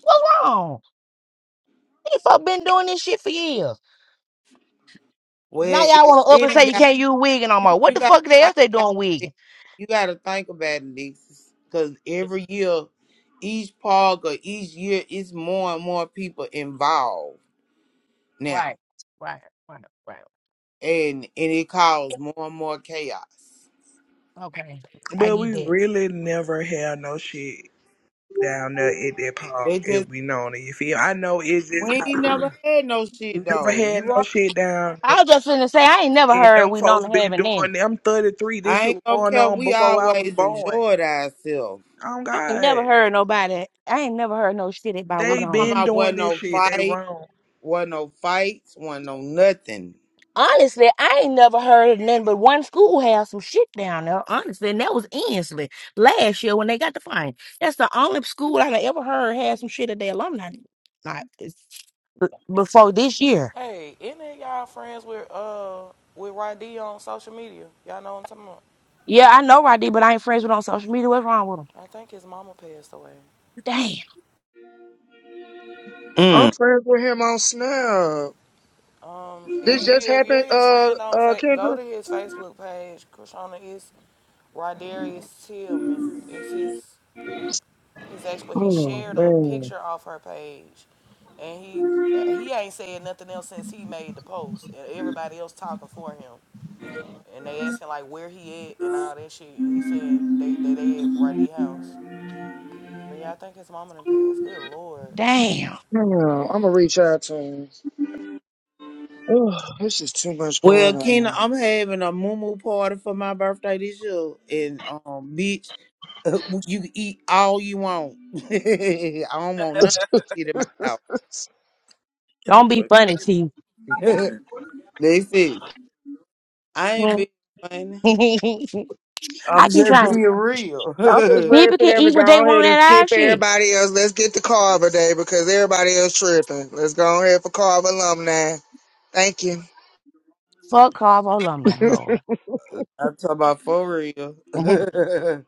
Speaker 5: What's wrong? These folk been doing this shit for years.
Speaker 4: Well,
Speaker 5: Now
Speaker 4: it,
Speaker 5: y'all want to up
Speaker 4: it
Speaker 5: and say
Speaker 4: ain't
Speaker 5: you
Speaker 4: got
Speaker 5: can't use wigging no
Speaker 4: you.
Speaker 5: more. What
Speaker 4: You
Speaker 5: the
Speaker 4: got
Speaker 5: fuck they
Speaker 4: to
Speaker 5: else
Speaker 4: think
Speaker 5: they
Speaker 4: about
Speaker 5: doing
Speaker 4: it.
Speaker 5: wigging?
Speaker 4: You got to think about it, because every year, each park or each year, it's more and more people involved
Speaker 5: Right,
Speaker 4: now,
Speaker 5: right, right, right.
Speaker 4: and and it causes more and more chaos.
Speaker 5: Okay, I
Speaker 1: but
Speaker 5: get
Speaker 1: we
Speaker 5: that.
Speaker 1: really never had no shit down there at that park.
Speaker 4: They
Speaker 1: If
Speaker 4: just
Speaker 1: we known it, you feel? I know it's just
Speaker 4: we
Speaker 1: how
Speaker 4: ain't never had no
Speaker 1: we
Speaker 4: shit
Speaker 1: never
Speaker 4: though.
Speaker 1: had
Speaker 4: You
Speaker 1: no
Speaker 4: right?
Speaker 1: shit down there,
Speaker 5: I was
Speaker 1: bro.
Speaker 5: just finna say I ain't never
Speaker 1: And
Speaker 5: heard
Speaker 1: them
Speaker 5: we
Speaker 1: folks
Speaker 5: don't have
Speaker 1: been
Speaker 5: an
Speaker 1: doing.
Speaker 5: end.
Speaker 1: I'm 33. This
Speaker 4: I
Speaker 1: shit
Speaker 4: ain't
Speaker 1: was
Speaker 4: gonna
Speaker 1: going
Speaker 4: care.
Speaker 1: on
Speaker 4: We
Speaker 1: before I was
Speaker 4: always
Speaker 1: born.
Speaker 4: enjoyed ourselves.
Speaker 1: Oh
Speaker 5: I ain't
Speaker 1: God,
Speaker 5: never heard nobody. I ain't never heard no shit about we
Speaker 4: I'm
Speaker 1: they
Speaker 4: talking
Speaker 5: don't.
Speaker 1: been
Speaker 4: about
Speaker 1: doing
Speaker 4: wasn't
Speaker 1: this
Speaker 4: no
Speaker 1: shit. They
Speaker 4: fight,
Speaker 1: wrong.
Speaker 4: wasn't no fights, wasn't no nothing.
Speaker 5: Honestly, I ain't never heard of nothing but one school had some shit down there. Honestly, and that was Ensley last year when they got the fine. That's the only school I done ever heard had some shit at their alumni. Like it's- b- before this year.
Speaker 6: Any of y'all friends with uh with Roddy on social media? Y'all know what I'm talking about.
Speaker 5: Yeah, I know Roddy, but I ain't friends with him on social media. What's wrong with him?
Speaker 6: I think his mama passed away.
Speaker 5: Damn.
Speaker 7: I'm friends with him on Snap.
Speaker 6: Um, if
Speaker 7: This
Speaker 5: Dang.
Speaker 6: you
Speaker 7: just
Speaker 6: if
Speaker 7: happened,
Speaker 6: you're his
Speaker 7: uh,
Speaker 6: friend on
Speaker 7: uh,
Speaker 6: fa- go
Speaker 7: Kendra?
Speaker 6: to his Facebook page. Krishana is Rodarius Tillman. It's his his ex, but he
Speaker 7: Oh,
Speaker 6: shared a
Speaker 7: man.
Speaker 6: picture off her page, and he he ain't said nothing else since he made the post, and everybody else talking for him, and they asking like where he at and all that shit. And he said they they, they at Roddy house. But yeah, I think his mama done passed. Good lord.
Speaker 5: Damn.
Speaker 7: I'm gonna reach out to him. Oh, this is too much
Speaker 4: Well,
Speaker 7: going
Speaker 4: Keena,
Speaker 7: on.
Speaker 4: I'm having a moo party for my birthday this year, and um, bitch, you can eat all you want. I don't want nothing in my house.
Speaker 7: I'm
Speaker 1: I'm
Speaker 5: Don't be funny,
Speaker 1: fucking.
Speaker 5: T.
Speaker 1: Okay.
Speaker 4: That's it. I ain't being funny.
Speaker 5: I
Speaker 4: I'm
Speaker 5: keep
Speaker 4: just
Speaker 5: trying.
Speaker 4: being real.
Speaker 7: just ready
Speaker 5: People
Speaker 7: for
Speaker 5: can
Speaker 7: them to
Speaker 5: eat what they
Speaker 7: go ahead
Speaker 5: want
Speaker 7: and
Speaker 5: at our
Speaker 7: skip
Speaker 5: shit.
Speaker 7: everybody else. Let's get to Carver Day because everybody else tripping. Let's go ahead for Carver alumni. Thank you.
Speaker 5: Fuck Carvo alumni, Lord.
Speaker 4: I'm talking about for real.
Speaker 5: Y'all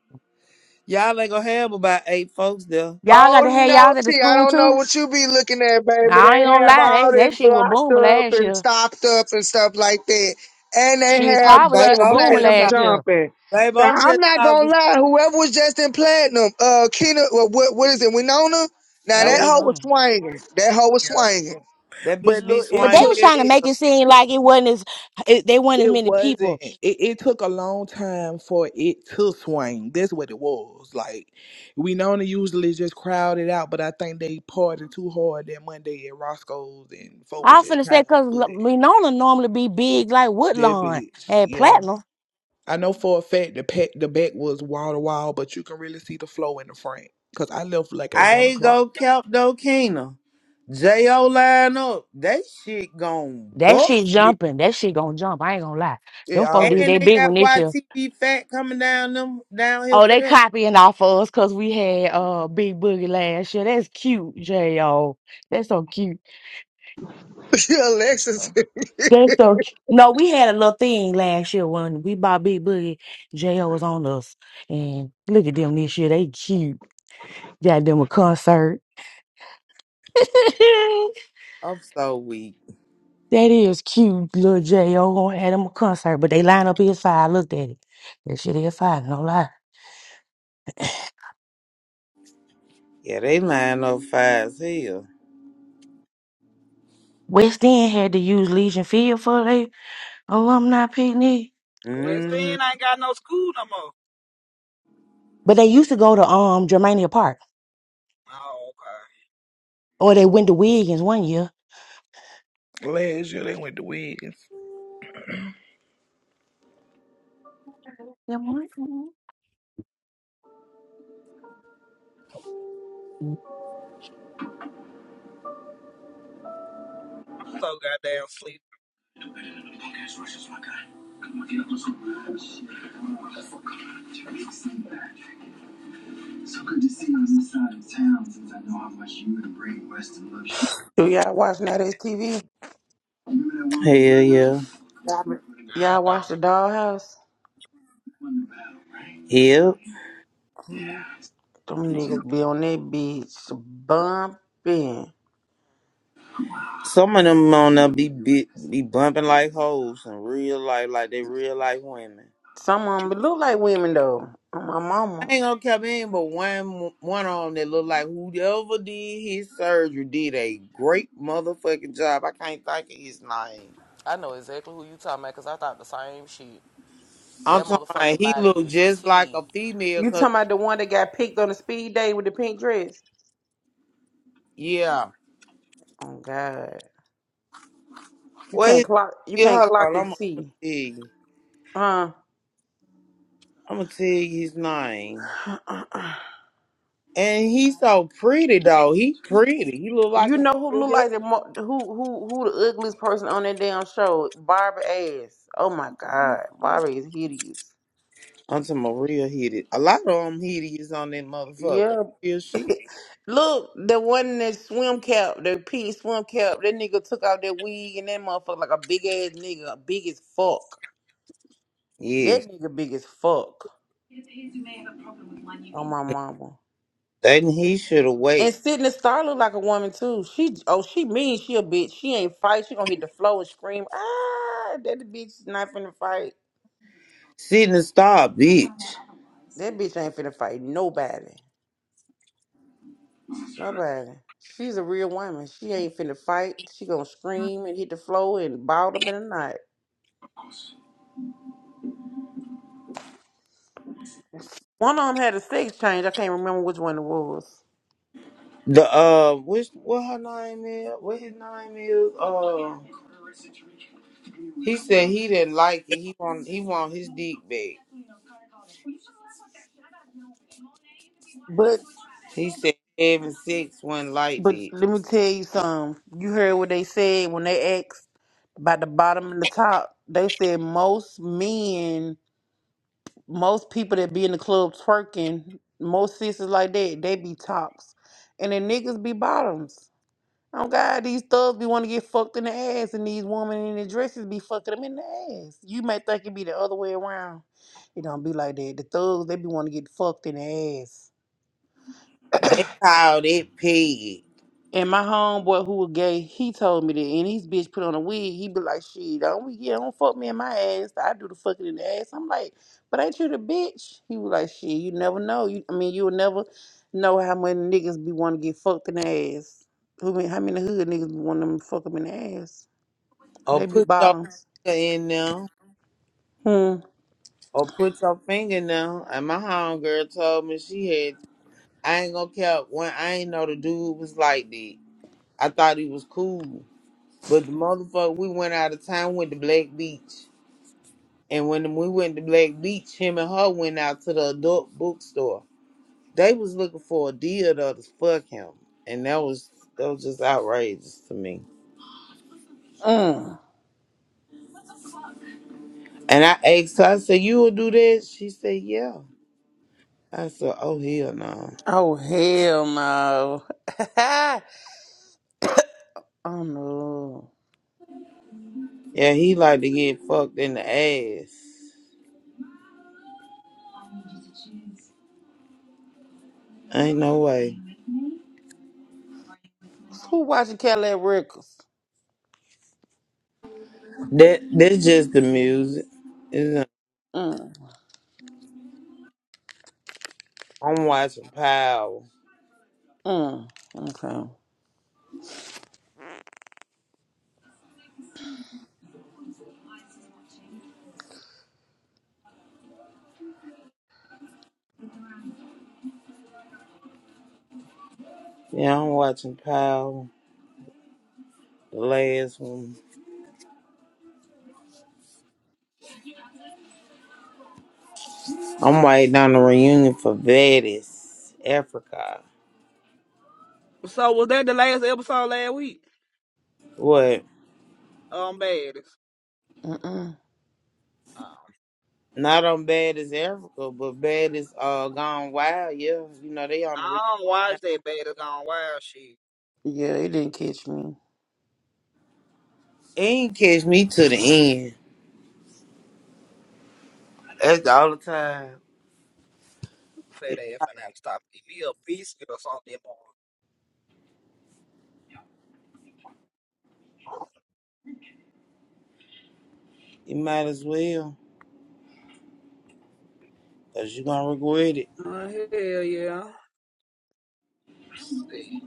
Speaker 4: Y'all ain't gonna have about eight folks there.
Speaker 5: got
Speaker 7: Oh
Speaker 5: to have
Speaker 7: no,
Speaker 5: y'all at the
Speaker 7: T, I
Speaker 5: school
Speaker 7: don't know
Speaker 5: too.
Speaker 7: what you be looking at,
Speaker 5: And
Speaker 7: baby.
Speaker 5: I
Speaker 7: They
Speaker 5: ain't gonna
Speaker 7: have
Speaker 5: lie,
Speaker 7: all
Speaker 5: that,
Speaker 7: this
Speaker 5: that shit was
Speaker 7: blocked
Speaker 5: booming
Speaker 7: up
Speaker 5: last
Speaker 7: and
Speaker 5: year.
Speaker 7: stopped up and stuff like that. And they
Speaker 5: Shit,
Speaker 4: Uh,
Speaker 7: have
Speaker 5: Carver
Speaker 4: babe,
Speaker 5: shit was
Speaker 7: plat-
Speaker 4: I'm
Speaker 5: booming
Speaker 4: just
Speaker 7: platinum
Speaker 4: talking.
Speaker 5: last year.
Speaker 7: jumping.
Speaker 4: Babe,
Speaker 7: Now
Speaker 4: I'm
Speaker 7: I'm
Speaker 4: just
Speaker 7: not
Speaker 4: talking.
Speaker 7: gonna lie, whoever was just in platinum, uh Kena well, what what is it, Winona? Now
Speaker 5: Yo,
Speaker 7: that
Speaker 4: Yeah,
Speaker 5: we
Speaker 7: hoe was
Speaker 5: on.
Speaker 7: swinging. That hoe was
Speaker 1: Yeah.
Speaker 7: swinging.
Speaker 4: that
Speaker 1: But
Speaker 4: bitch be
Speaker 1: look, it
Speaker 5: But they
Speaker 4: swinging
Speaker 1: took
Speaker 5: was trying to
Speaker 1: it.
Speaker 4: everywhere.
Speaker 5: make it seem like it wasn't as it, they weren't as
Speaker 1: It
Speaker 5: many people.
Speaker 1: wasn't. It, it took a long time for it to swing. That's what it was. Like we normally usually just crowd it out, but I think they partied too hard that Monday at Roscoe's, and folk was
Speaker 5: I
Speaker 1: just
Speaker 5: finna
Speaker 1: tired.
Speaker 5: say, cause
Speaker 1: But
Speaker 5: L- normally be big like
Speaker 1: that
Speaker 5: Woodlawn
Speaker 1: bitch,
Speaker 5: and
Speaker 1: yeah.
Speaker 5: Platinum.
Speaker 1: I know for a fact the pack, the back was wall to wall, but you can really see the flow in the front. Cause I left like at
Speaker 4: I
Speaker 1: one
Speaker 4: ain't
Speaker 1: o'clock.
Speaker 4: go Kelp no Kena. J.O. line up. That shit gon'
Speaker 5: That
Speaker 4: buff
Speaker 5: shit
Speaker 4: it.
Speaker 5: jumping. That shit gonna jump. I ain't gonna lie.
Speaker 1: It
Speaker 5: Them folks did
Speaker 1: always
Speaker 4: And
Speaker 5: they
Speaker 4: they
Speaker 5: big one
Speaker 4: got
Speaker 5: this year.
Speaker 4: YTV Fat coming down them down here
Speaker 5: Oh,
Speaker 4: for
Speaker 5: they
Speaker 4: them.
Speaker 5: copying off of us cause we had uh Big Boogie last year. That's cute, J.O. That's so cute.
Speaker 1: do
Speaker 7: Alexis
Speaker 1: that,
Speaker 5: That's so cute. No, we had a little thing last year when we bought Big Boogie. J.O. was on us. And look at them this year. They cute. Got them a concert.
Speaker 4: I'm so weak.
Speaker 5: That is cute, little J.O. gonna have them a concert, but they line up is fire. I Looked at it. That shit is fire, no lie.
Speaker 4: Yeah, they line up fast here.
Speaker 5: West End had to use Legion Field for their alumni picnic.
Speaker 2: West
Speaker 4: Mm,
Speaker 2: End ain't got no school no more.
Speaker 5: But they used to go to um Germania Park.
Speaker 2: Oh, okay.
Speaker 5: Or they went to Wiggins one year.
Speaker 1: yeah. last year they went to Wiggins.
Speaker 5: Them right.
Speaker 2: So goddamn sleep.
Speaker 3: Do y'all watch now this TV?
Speaker 4: hell yeah.
Speaker 3: Y'all be-
Speaker 2: I
Speaker 3: y'all watch the
Speaker 2: don't.
Speaker 3: Dollhouse?
Speaker 4: Yep.
Speaker 3: Mhm. Them niggas be on that bitch bumping.
Speaker 4: Some of them on there be, be be bumping like hoes in real life, like they real life women.
Speaker 3: Some of them look like women though. On my mama.
Speaker 4: I ain't gonna come in, but one one of them that look like whoever did his surgery did a great motherfucking job. I can't think of his name.
Speaker 6: I know exactly who you talking about because I thought the same shit.
Speaker 4: I'm
Speaker 6: That
Speaker 4: talking about
Speaker 6: motherfucker
Speaker 4: he
Speaker 6: body
Speaker 4: looked
Speaker 6: is
Speaker 4: just like
Speaker 6: T.
Speaker 4: a female,
Speaker 3: You
Speaker 4: cause
Speaker 3: talking about the one that got picked on the speed day with the pink dress?
Speaker 4: yeah.
Speaker 3: Oh God. You
Speaker 4: Well,
Speaker 3: can't
Speaker 4: his,
Speaker 3: clock you
Speaker 4: yeah,
Speaker 3: can't
Speaker 4: hold
Speaker 3: clock
Speaker 4: on, I'm,
Speaker 3: and
Speaker 4: I'm gonna
Speaker 3: see.
Speaker 4: tell you.
Speaker 3: Uh,
Speaker 4: I'm gonna tell you his name.
Speaker 3: uh, uh.
Speaker 4: And he's so pretty though. He pretty. He look like
Speaker 3: you
Speaker 4: a
Speaker 3: know who
Speaker 4: real
Speaker 3: look
Speaker 4: girl.
Speaker 3: like the mo- who who who the ugliest person on that damn show? Barbie ass. Oh my god, Barbie is hideous.
Speaker 4: I'm talking about real hideous. A lot of them hideous on that motherfucker.
Speaker 3: Yeah,
Speaker 4: Real shit.
Speaker 3: look, the one in that swim cap, the pink swim cap. That nigga took out that wig and that motherfucker like a big ass nigga, big as fuck.
Speaker 4: Yes.
Speaker 3: That nigga big as fuck. Oh my mama.
Speaker 4: then he should have waited.
Speaker 3: And Sydney Star look like a woman too. She oh she mean she a bitch. She ain't fight. She gonna hit the floor and scream. Ah, that bitch is not finna fight.
Speaker 4: Sitting in Star bitch.
Speaker 3: That bitch ain't finna fight nobody. Nobody. She's a real woman. She ain't finna fight. She gonna scream and hit the floor and balled up in the night. One of them had a sex change. I can't remember which one it was.
Speaker 4: The uh, which what her name is? What his name is? Uh, he said he didn't like it. He want he want his dick back.
Speaker 3: But
Speaker 4: He said Evan Six wasn't like
Speaker 3: but
Speaker 4: that.
Speaker 3: let me tell you something. You heard what they said when they asked about the bottom and the top. They said most men most people that be in the club twerking, most sisters like that, they be tops. And the niggas be bottoms. Oh God, these thugs be want to get fucked in the ass, and these women in the dresses be fucking them in the ass. You may think it be the other way around. It don't be like that. The thugs, they be want to get fucked in the ass.
Speaker 4: They called it pig.
Speaker 3: And my homeboy who was gay, he told me that, and his bitch put on a wig. He be like, "Shit, don't yeah, don't fuck me in my ass. I do the fucking in the ass." I'm like, "But ain't you the bitch?" He was like, "Shit, you never know. You, I mean, you'll never know how many niggas be want to get fucked in the ass. Who mean, how many hood niggas be want them to fuck them in the ass?
Speaker 4: Or
Speaker 3: They be
Speaker 4: put your
Speaker 3: bottoms.
Speaker 4: finger in them.
Speaker 3: Hmm.
Speaker 4: Or put your finger in them. And my homegirl told me she had. I ain't gonna care when I ain't know the dude was like that. I thought he was cool, but the motherfucker we went out of town went to Black Beach. And when we went to Black Beach, him and her went out to the adult bookstore. They was looking for a deal to fuck him, and that was that was just outrageous to me.
Speaker 3: Mm.
Speaker 4: And I asked her, I said, "You will do that?" She said, "Yeah." I said, "Oh hell no."
Speaker 3: Oh hell no. oh no.
Speaker 4: Yeah, he like to get fucked in the ass. Ain't no way.
Speaker 3: Who watching Cadillac Records?
Speaker 4: That that's just the music. It's-
Speaker 3: Mm.
Speaker 4: I'm watching Power.
Speaker 3: Mm. Okay.
Speaker 4: Yeah, I'm watching Power. The last one. I'm waiting on a reunion for Baddest Africa.
Speaker 2: So was that the last episode last week?
Speaker 4: What?
Speaker 2: Um, bad.
Speaker 3: Mm-mm.
Speaker 2: Um,
Speaker 4: Not on Baddest Africa, but Baddest uh Gone Wild. Yeah, you know they on the reunion.
Speaker 2: I don't
Speaker 4: now.
Speaker 2: watch that beta gone wild shit.
Speaker 3: Yeah, they didn't catch me.
Speaker 4: ain't catch me to the end. That's the only time.
Speaker 2: Fat
Speaker 4: It,
Speaker 2: ass and I not stop eating me a biscuit or something more.
Speaker 4: it might as well, cause you gonna regret it.
Speaker 2: Uh, hell yeah. See.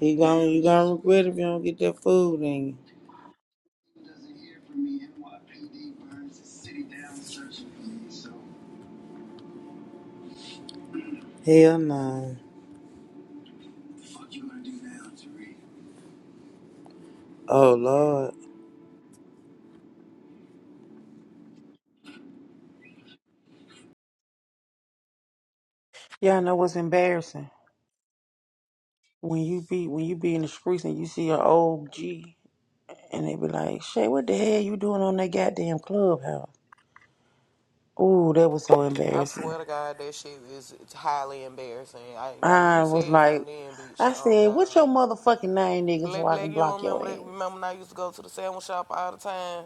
Speaker 4: He gonna you gonna regret if you don't get that food in you. Hell no. Oh Lord.
Speaker 3: Yeah, I know what's embarrassing. When you be when you be in the streets and you see an old G and they be like, Shay, what the hell you doing on that goddamn clubhouse? Ooh, that was so
Speaker 6: I
Speaker 3: embarrassing.
Speaker 6: swear to God, that shit is highly embarrassing. I, now you
Speaker 3: I was
Speaker 6: said
Speaker 3: like,
Speaker 6: something then, bitch.
Speaker 3: I
Speaker 6: Oh
Speaker 3: said,
Speaker 6: God,
Speaker 3: what's your motherfucking name, nigga, so
Speaker 6: Black
Speaker 3: I
Speaker 6: Black,
Speaker 3: can
Speaker 6: you don't
Speaker 3: block your
Speaker 6: remember that? Remember
Speaker 3: ass?
Speaker 6: when I used to go to the sandwich shop all the time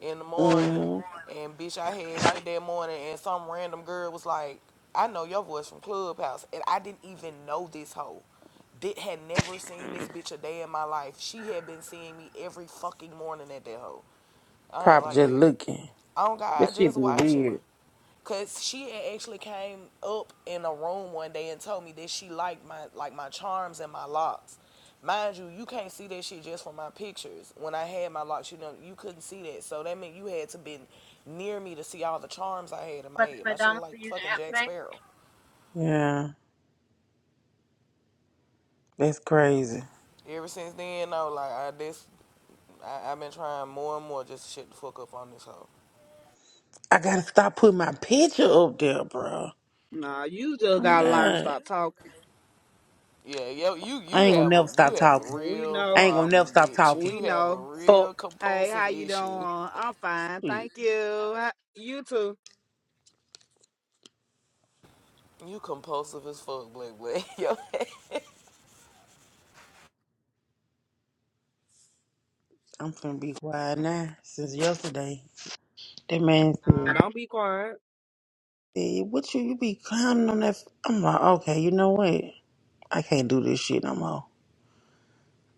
Speaker 6: in the morning,
Speaker 3: Mm-hmm.
Speaker 6: and bitch, I had went that morning, and some random girl was like, "I know your voice from Clubhouse," and I didn't even know this hoe. Did had never seen this bitch a day in my life. She had been seeing me every fucking morning at that hoe. I ain't
Speaker 3: Probably
Speaker 6: like
Speaker 3: just
Speaker 6: that.
Speaker 3: looking.
Speaker 6: Oh
Speaker 3: That
Speaker 6: God,
Speaker 3: shit
Speaker 6: just
Speaker 3: be
Speaker 6: watching.
Speaker 3: weird.
Speaker 6: Cause she had actually came up in a room one day and told me that she liked my like my charms and my locks. Mind you, you can't see that shit just from my pictures. When I had my locks, you know, you couldn't see that. So that meant you had to been near me to see all the charms I had in my
Speaker 2: Whether it's
Speaker 6: head. My shit look
Speaker 2: McDonald's for
Speaker 6: like
Speaker 2: using
Speaker 6: fucking
Speaker 2: app
Speaker 6: Jack
Speaker 2: today.
Speaker 6: Sparrow.
Speaker 3: Yeah, that's crazy.
Speaker 6: Ever since then, no, like I, this I, I've been trying more and more just to shut the fuck up on this hoe.
Speaker 3: I gotta stop putting my picture up there, bro.
Speaker 2: Nah, you just
Speaker 3: Oh,
Speaker 2: gotta learn to
Speaker 3: God.
Speaker 2: stop talking.
Speaker 6: Yeah, yo, you
Speaker 3: I
Speaker 6: you
Speaker 3: ain't gonna
Speaker 6: have a
Speaker 3: never
Speaker 6: you
Speaker 3: stop
Speaker 6: have
Speaker 3: talking.
Speaker 6: a
Speaker 2: We
Speaker 6: real
Speaker 3: I
Speaker 2: know.
Speaker 3: ain't gonna never
Speaker 6: problem,
Speaker 3: stop
Speaker 6: bitch.
Speaker 3: talking.
Speaker 2: We
Speaker 6: You have a
Speaker 2: know.
Speaker 6: real
Speaker 3: Fuck.
Speaker 2: Hey,
Speaker 6: compulsive
Speaker 2: how you doing?
Speaker 6: issue.
Speaker 2: I'm fine,
Speaker 3: Shit,
Speaker 2: thank you. How- You too.
Speaker 6: You compulsive as fuck, black Blake. Yo,
Speaker 3: I'm gonna be quiet now since yesterday. That man
Speaker 2: Nah,
Speaker 3: said,
Speaker 2: don't be quiet.
Speaker 3: hey, what you, you be clowning on that? f-" I'm like, okay, you know what? I can't do this shit no more.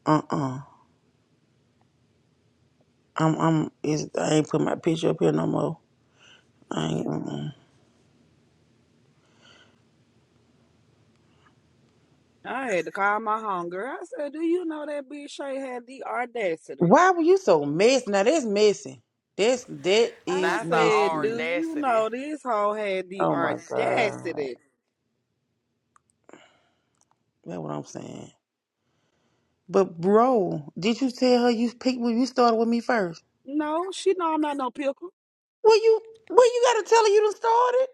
Speaker 3: Uh-uh. I'm, I'm, it's, I ain't put my picture up here no more. I ain't, uh-uh.
Speaker 2: I had to call my hunger. I said, "Do you know that bitch Shay had the audacity?"
Speaker 3: Why were you so messy? Now that's messy. That's, that
Speaker 2: I
Speaker 3: is
Speaker 6: not the
Speaker 2: said, do
Speaker 3: messy.
Speaker 2: you
Speaker 6: audacity.
Speaker 2: know this hoe had the
Speaker 3: Oh my God.
Speaker 2: audacity?
Speaker 3: That's what I'm saying. But bro, did you tell her you picked, well, you started with me first?
Speaker 2: No, she know I'm not no pickle.
Speaker 3: Well, you well, you gotta tell her you done started.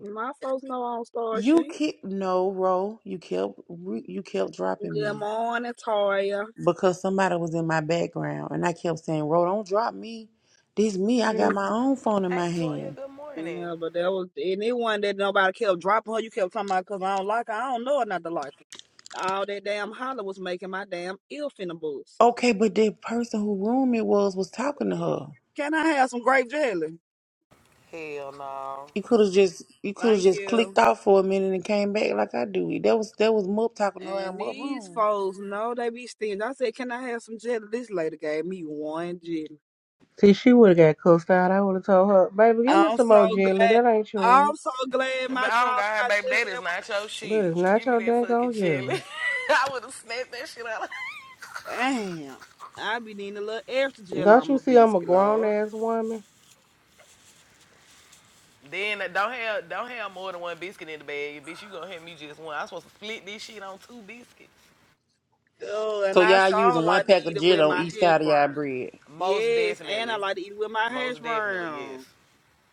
Speaker 2: My folks know I don't start
Speaker 3: You
Speaker 2: shit.
Speaker 3: keep no, Ro. You kept you kept dropping
Speaker 2: Good
Speaker 3: me
Speaker 2: morning, Toya.
Speaker 3: because somebody was in my background, and I kept saying, "Ro, don't drop me. This me. I got my own phone in
Speaker 6: Hey,
Speaker 3: my
Speaker 6: Toya,
Speaker 3: hand."
Speaker 6: good morning.
Speaker 2: Yeah, but that was and it wasn't that nobody kept dropping her. You kept talking about because I don't like her. I don't know her not to like her. All that damn holler was making my damn ill finna the
Speaker 3: Okay, but the person who room it was was talking to her.
Speaker 2: Can I have some grape jelly?
Speaker 6: Hell no.
Speaker 3: You could have just you could have
Speaker 2: Thank
Speaker 3: just clicked
Speaker 2: you.
Speaker 3: off for a minute and came back like I do. That was that was Mup talking to her
Speaker 2: And
Speaker 3: in Mup
Speaker 2: these
Speaker 3: room.
Speaker 2: folks know they be stingy. I said, can I have some jelly? This lady gave me one jelly.
Speaker 9: See, she would have got cussed out. I would have told her, baby, give me
Speaker 2: I'm
Speaker 9: some
Speaker 2: so
Speaker 9: more jelly.
Speaker 2: glad.
Speaker 9: That ain't yours.
Speaker 2: I'm so glad my
Speaker 6: But I don't
Speaker 2: job
Speaker 6: got her,
Speaker 2: not
Speaker 6: baby.
Speaker 2: there.
Speaker 6: That is
Speaker 2: That was-
Speaker 6: not your
Speaker 9: That
Speaker 6: shit.
Speaker 9: is not
Speaker 6: Give me
Speaker 9: your
Speaker 6: that
Speaker 9: dang
Speaker 6: fucking
Speaker 9: on jelly.
Speaker 6: jelly. I would have snapped that shit out.
Speaker 2: Damn. I be needing a little extra gel
Speaker 9: Don't
Speaker 2: on
Speaker 9: you
Speaker 2: my
Speaker 9: see I'm a
Speaker 2: biscuit,
Speaker 9: grown
Speaker 2: Lord.
Speaker 9: ass woman?
Speaker 6: Then uh, don't have don't have more than one biscuit in the bag, bitch. You gonna have me just one. I'm supposed to split this shit on two biscuits.
Speaker 2: Oh,
Speaker 3: So
Speaker 2: and I
Speaker 3: y'all
Speaker 2: sure
Speaker 3: using one
Speaker 2: like to
Speaker 3: pack
Speaker 2: eat
Speaker 3: of
Speaker 2: it
Speaker 3: gin
Speaker 2: with my
Speaker 3: on each
Speaker 2: hash
Speaker 3: side of y'all
Speaker 2: brown.
Speaker 3: bread.
Speaker 6: Most
Speaker 2: Yes, and I
Speaker 6: definitely.
Speaker 2: like to eat it with my hash
Speaker 6: Most definitely, yes.
Speaker 2: brown.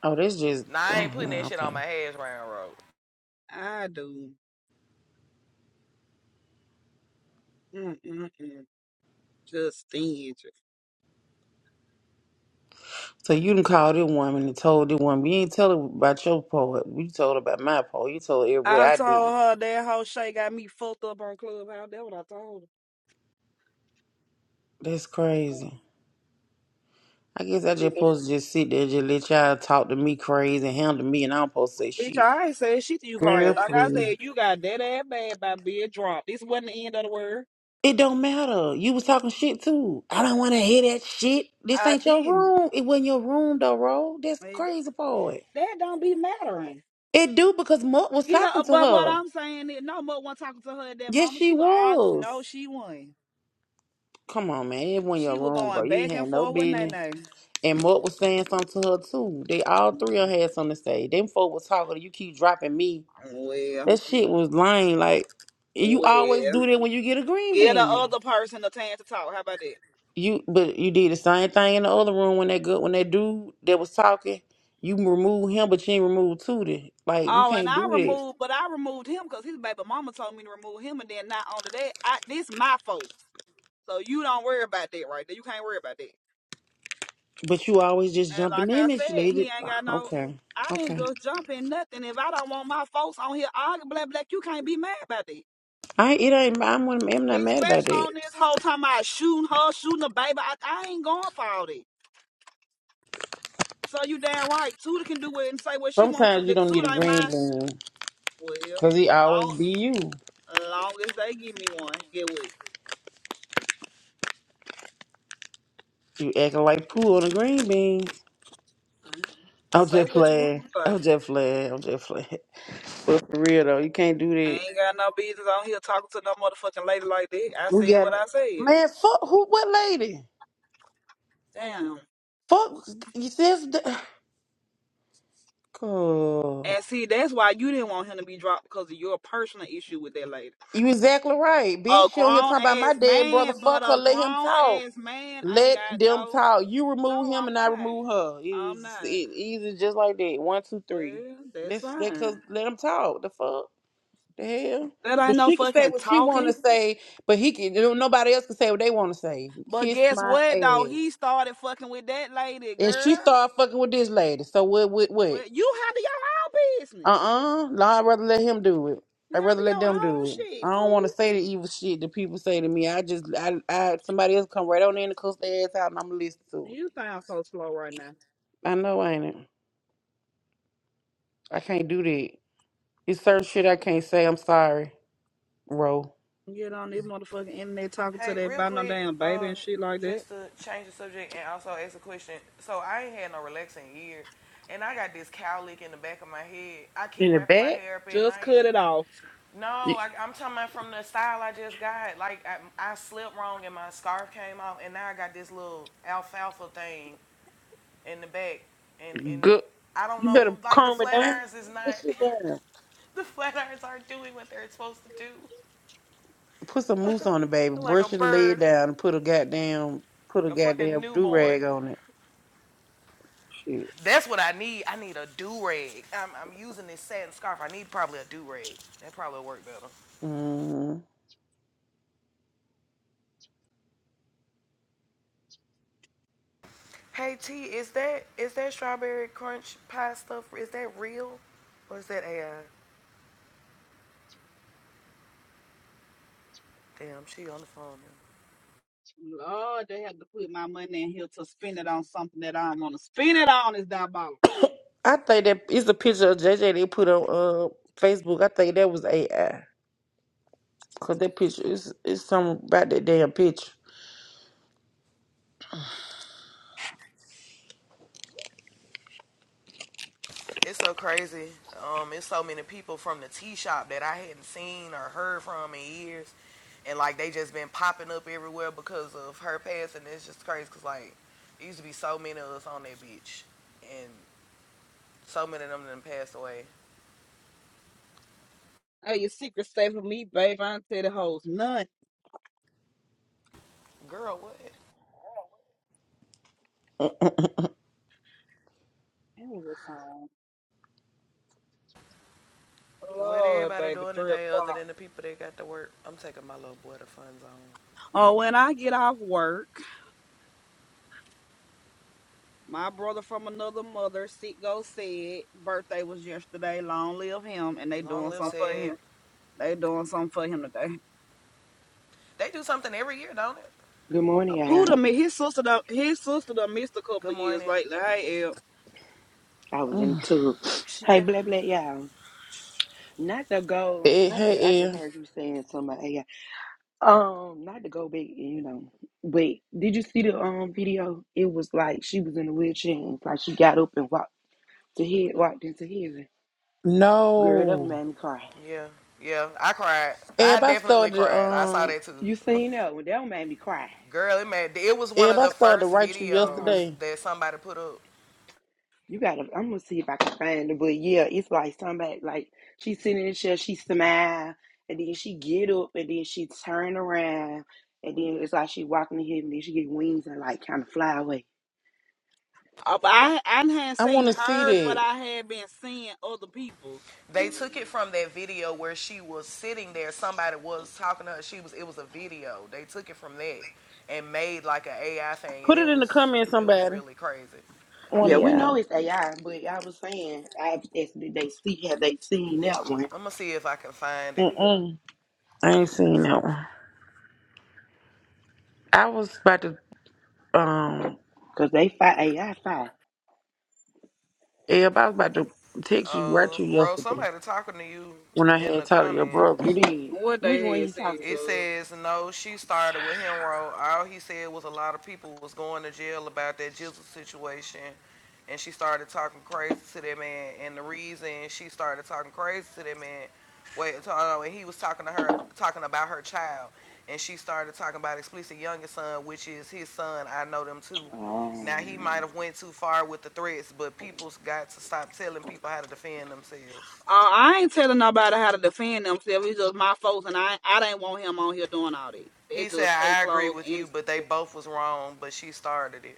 Speaker 3: Oh, that's just
Speaker 6: Now I ain't
Speaker 3: oh
Speaker 6: putting that
Speaker 3: no,
Speaker 6: shit on
Speaker 3: okay.
Speaker 6: my hash brown road.
Speaker 2: I do. Mm-mm-mm. Just stingy.
Speaker 3: So you done called this woman and told this woman, you ain't tell her about your poet. You told her about my poet. You told her what
Speaker 2: I
Speaker 3: I
Speaker 2: told
Speaker 3: did.
Speaker 2: her that whole shit got me fucked up on Clubhouse. That's what I told her.
Speaker 3: That's crazy. I guess I just supposed to just sit there and just let y'all talk to me crazy and handle me and I'm supposed to say
Speaker 2: Bitch,
Speaker 3: shit.
Speaker 2: I ain't said shit to you, Carl.
Speaker 3: Girl,
Speaker 2: Like I
Speaker 3: please.
Speaker 2: said, you got that ass bad by being dropped. This wasn't the end of the world.
Speaker 3: It don't matter. You was talking shit too. I don't want to hear that shit. This
Speaker 2: I
Speaker 3: ain't your
Speaker 2: didn't.
Speaker 3: room. It wasn't your room though, Ro. That's
Speaker 2: Man,
Speaker 3: crazy part. It
Speaker 2: That don't be mattering.
Speaker 3: It do because Mutt was
Speaker 2: You know,
Speaker 3: talking to
Speaker 2: but what
Speaker 3: her.
Speaker 2: I'm saying is, no more one talking to her at that
Speaker 3: Yes,
Speaker 2: moment.
Speaker 3: she
Speaker 2: She was all no,
Speaker 3: was.
Speaker 2: she won't.
Speaker 3: Come on, man. It wasn't your
Speaker 2: She was
Speaker 3: room, bro.
Speaker 2: going
Speaker 3: You ain't
Speaker 2: back
Speaker 3: had
Speaker 2: and
Speaker 3: no
Speaker 2: forth with
Speaker 3: business.
Speaker 2: Nene.
Speaker 3: And Mark was saying something to her too. They all three of them had something to say. Them folk was talking. You keep dropping me.
Speaker 2: Well,
Speaker 3: That shit was lame. Like you always
Speaker 2: well,
Speaker 3: do that when you get a green
Speaker 2: get the
Speaker 3: bean.
Speaker 2: other person a chance to talk. How about that?
Speaker 3: You but you did the same thing in the other room when that good when that dude that was talking. You remove him, but you ain't remove Tootie. Like we
Speaker 2: Oh, and
Speaker 3: can't
Speaker 2: I
Speaker 3: do that.
Speaker 2: removed, but I removed him because his baby mama told me to remove him, and then not only that, I this my fault. So you don't worry about that right there. You can't worry about that.
Speaker 3: But you always just
Speaker 2: And like
Speaker 3: jumping
Speaker 2: I
Speaker 3: in at you
Speaker 2: said, he
Speaker 3: lady.
Speaker 2: ain't
Speaker 3: Ah,
Speaker 2: got no.
Speaker 3: Okay,
Speaker 2: I didn't
Speaker 3: okay.
Speaker 2: just jump in nothing. If I don't want my folks on here arguing, black, black, you can't be mad about that.
Speaker 3: I it ain't. I'm I'm not mad about
Speaker 2: Especially
Speaker 3: that.
Speaker 2: on this whole time about shooting her, shooting the baby. I, I ain't going for all that. So you damn right. Tuda can do it and say what she wants to.
Speaker 3: Sometimes you
Speaker 2: The
Speaker 3: don't need a
Speaker 2: Tuda ain't
Speaker 3: green
Speaker 2: mine.
Speaker 3: bean
Speaker 2: Well,
Speaker 3: because he always
Speaker 2: long,
Speaker 3: be you.
Speaker 2: long as they give me one, get what?
Speaker 3: You acting like poo on the green beans. I'm
Speaker 2: Say
Speaker 3: just
Speaker 2: what you want.
Speaker 3: playing.
Speaker 2: but
Speaker 3: I'm just playing. I'm just playing. But for real though, you can't do
Speaker 2: I
Speaker 3: that.
Speaker 2: ain't got no business on here talking to no motherfucking lady like that. I
Speaker 3: We
Speaker 2: said
Speaker 3: gotta,
Speaker 2: what I said.
Speaker 3: man. Fuck who? What lady?
Speaker 2: Damn.
Speaker 3: Fuck you. Says the, God.
Speaker 2: And see, that's why you didn't want him to be dropped because of your personal issue with that lady.
Speaker 3: you exactly right,
Speaker 2: A
Speaker 3: bitch. She not hear
Speaker 2: grown
Speaker 3: talking about
Speaker 2: ass
Speaker 3: my dead brother.
Speaker 2: man, but
Speaker 3: Fuck her.
Speaker 2: a
Speaker 3: Let him
Speaker 2: grown
Speaker 3: talk.
Speaker 2: ass man ain't
Speaker 3: Let
Speaker 2: got
Speaker 3: them
Speaker 2: no.
Speaker 3: talk. You
Speaker 2: No,
Speaker 3: remove him
Speaker 2: I'm
Speaker 3: and I
Speaker 2: not.
Speaker 3: remove her.
Speaker 2: I'm
Speaker 3: It's it,
Speaker 2: not.
Speaker 3: easy, just like that. One, two, three.
Speaker 2: Well, that's
Speaker 3: That's that cause
Speaker 2: fine.
Speaker 3: let them talk. The fuck. The hell?
Speaker 2: That
Speaker 3: But
Speaker 2: ain't no
Speaker 3: she can say
Speaker 2: fucking
Speaker 3: what she wanna
Speaker 2: talking.
Speaker 3: say, but he can no, nobody else can say what they wanna say.
Speaker 2: But
Speaker 3: Kiss
Speaker 2: guess
Speaker 3: my
Speaker 2: what, though?
Speaker 3: ass.
Speaker 2: He started fucking with that lady,
Speaker 3: And she
Speaker 2: girl.
Speaker 3: started fucking with this lady. So what what what?
Speaker 2: Well, you handle your own
Speaker 3: Uh
Speaker 2: business.
Speaker 3: uh I'd rather let him do it.
Speaker 2: You
Speaker 3: I'd rather let
Speaker 2: handle your
Speaker 3: them
Speaker 2: own
Speaker 3: do it.
Speaker 2: shit,
Speaker 3: I don't wanna
Speaker 2: fool.
Speaker 3: say the evil shit that people say to me. I just I I somebody else come right on in and cuss their ass out and I'm gonna listen to
Speaker 2: You sound so slow right now.
Speaker 3: it. I know ain't it. I can't do that. It's certain shit I can't say. I'm sorry, Ro.
Speaker 2: Get on this motherfucking internet talking to
Speaker 6: Hey,
Speaker 2: that
Speaker 6: real
Speaker 2: about no
Speaker 6: quick,
Speaker 2: damn baby
Speaker 6: uh,
Speaker 2: and shit like that.
Speaker 6: just to change the subject and also ask a question. So I ain't had no relaxing in years, and I got this cowlick in the back of my head. I
Speaker 3: In
Speaker 6: keep
Speaker 3: the
Speaker 6: wrapping my
Speaker 3: back?
Speaker 6: hair up at
Speaker 2: Just
Speaker 6: night.
Speaker 2: cut it off.
Speaker 6: No,
Speaker 3: You-
Speaker 6: I, I'm talking about from the style I just got. Like I, I slept wrong and my scarf came off, and now I got this little alfalfa thing in the back, and and
Speaker 3: Good.
Speaker 6: I don't
Speaker 3: You
Speaker 6: know.
Speaker 3: better
Speaker 6: Like the
Speaker 3: calm it
Speaker 6: flat
Speaker 3: down.
Speaker 6: irons is
Speaker 3: Brush that
Speaker 6: not.
Speaker 3: shit down.
Speaker 6: The flat irons aren't doing what they're supposed to do.
Speaker 3: put some mousse on it, baby.
Speaker 6: They're like a
Speaker 3: Brush it, lay it
Speaker 6: bird,
Speaker 3: down, and put a goddamn put a
Speaker 6: like a fucking
Speaker 3: goddamn do
Speaker 6: newborn.
Speaker 3: rag on it. Shit.
Speaker 6: That's what I need. I need a do rag. I'm, I'm using this satin scarf. I need probably a do rag. That probably will work better.
Speaker 3: Mm.
Speaker 6: Hey T, is that is that strawberry crunch pie stuff? Is that real, or is that AI? Damn, she on the phone.
Speaker 2: Lord, they have to put my money in here to spend it on something that I don't want to spend it on. Is diabolical.
Speaker 3: I think that it's a picture of JJ they put on uh Facebook. I think that was AI. Cause that picture is it's something about that damn picture.
Speaker 6: It's so crazy. Um, it's so many people from the tea shop that I hadn't seen or heard from in years, and like they just been popping up everywhere because of her passing. It's just crazy because like there used to be so many of us on that beach, and so many of them done passed away.
Speaker 2: Hey, your secret stay for me, babe. I don't tell the hoes nothing.
Speaker 6: Girl, what?
Speaker 2: That was a song.
Speaker 6: What
Speaker 2: Lord,
Speaker 6: everybody
Speaker 2: baby,
Speaker 6: doing
Speaker 2: three
Speaker 6: today other
Speaker 2: o'clock.
Speaker 6: than the people that got to work? I'm taking my little boy to fun zone.
Speaker 2: Oh, when I get off work, my brother from another mother, Sitgo, said, birthday was yesterday. Long live him, and they
Speaker 6: Long
Speaker 2: doing
Speaker 6: live
Speaker 2: something for
Speaker 6: said.
Speaker 2: him. They doing something for him today.
Speaker 6: They do something every year, don't it?
Speaker 10: Good morning,
Speaker 2: Puda,
Speaker 10: y'all.
Speaker 2: me, his sister, done, his sister done missed a couple
Speaker 6: Good
Speaker 2: of years
Speaker 6: morning.
Speaker 2: lately. Hey,
Speaker 10: I was in
Speaker 3: Mm.
Speaker 10: too.
Speaker 2: El.
Speaker 10: Hey, blah blah, y'all. Not to go.
Speaker 3: Hey,
Speaker 10: Not to. I
Speaker 3: hey,
Speaker 10: just
Speaker 3: Em.
Speaker 10: heard you saying somebody. about Um, not to go back. You know, but did you see the um video? It was like she was in a wheelchair. And it's like she got up and walked to head walked into heaven. Girl, that one
Speaker 3: No.
Speaker 10: made me cry.
Speaker 6: Yeah, yeah. I cried. I
Speaker 3: Eb, I
Speaker 6: definitely
Speaker 3: started
Speaker 6: cried. I saw
Speaker 3: um
Speaker 6: that too.
Speaker 10: You seen that one? That one made me cry.
Speaker 6: Girl, it made it was one
Speaker 3: Eb,
Speaker 6: of
Speaker 3: I
Speaker 6: the
Speaker 3: started to
Speaker 6: first
Speaker 3: write you
Speaker 10: Uh huh.
Speaker 6: videos
Speaker 3: yesterday.
Speaker 6: that somebody put up.
Speaker 10: You gotta. I'm gonna see if I can find it. But yeah, it's like somebody like she sitting in the chair, she smile, and then she get up, and then she turn around, and then it's like she walking in heaven, and then she get wings and like kind of fly away.
Speaker 2: Uh, but I I hadn't
Speaker 3: I
Speaker 2: seen
Speaker 3: wanna see
Speaker 2: hers, but
Speaker 3: that.
Speaker 2: I had been seeing other people's.
Speaker 6: They took it from that video where she was sitting there. Somebody was talking to her. She was. It was a video. They took it from that and made like an AI thing, and
Speaker 3: Put
Speaker 6: it
Speaker 3: it in the
Speaker 6: was
Speaker 3: comments,
Speaker 6: it was
Speaker 3: somebody.
Speaker 6: really crazy.
Speaker 3: One
Speaker 10: Yeah,
Speaker 3: of
Speaker 10: we know
Speaker 3: y'all.
Speaker 10: it's AI, but I was saying, I was asking did they see have they seen that one?
Speaker 6: I'm gonna see if I can find it.
Speaker 3: Mm-mm. I ain't seen that one. I was about to um
Speaker 10: Cause they fight AI fight.
Speaker 3: Eb, I was about to text you right
Speaker 6: Oh,
Speaker 3: to you
Speaker 6: uh, Rose,
Speaker 3: yesterday
Speaker 6: somebody talking to you
Speaker 3: when I
Speaker 6: in
Speaker 3: had
Speaker 6: the
Speaker 3: talked to your
Speaker 6: comments.
Speaker 3: brother.
Speaker 10: You did.
Speaker 2: What
Speaker 10: Which
Speaker 2: they
Speaker 10: one
Speaker 2: had
Speaker 10: you
Speaker 2: said
Speaker 10: talk
Speaker 6: It
Speaker 10: to?
Speaker 2: was,
Speaker 6: says no. She started with Henro. All he said was a lot of people was going to jail about that jizzle situation, and she started talking crazy to that man. And the reason she started talking crazy to that man, wait, uh, and he was talking to her, talking about her child, and she started talking about explicit youngest son, which is his son. I know them too. Now he might
Speaker 10: Um,
Speaker 6: have went too far with the threats, but people's got to stop telling people how to defend themselves.
Speaker 2: uh, I ain't telling nobody how to defend themselves. It's just my folks, and I I didn't want him on here doing all that.
Speaker 6: He
Speaker 2: It's
Speaker 6: said,
Speaker 2: just case
Speaker 6: I agree
Speaker 2: closed.
Speaker 6: with you,
Speaker 2: And
Speaker 6: but they both was wrong, but she started it.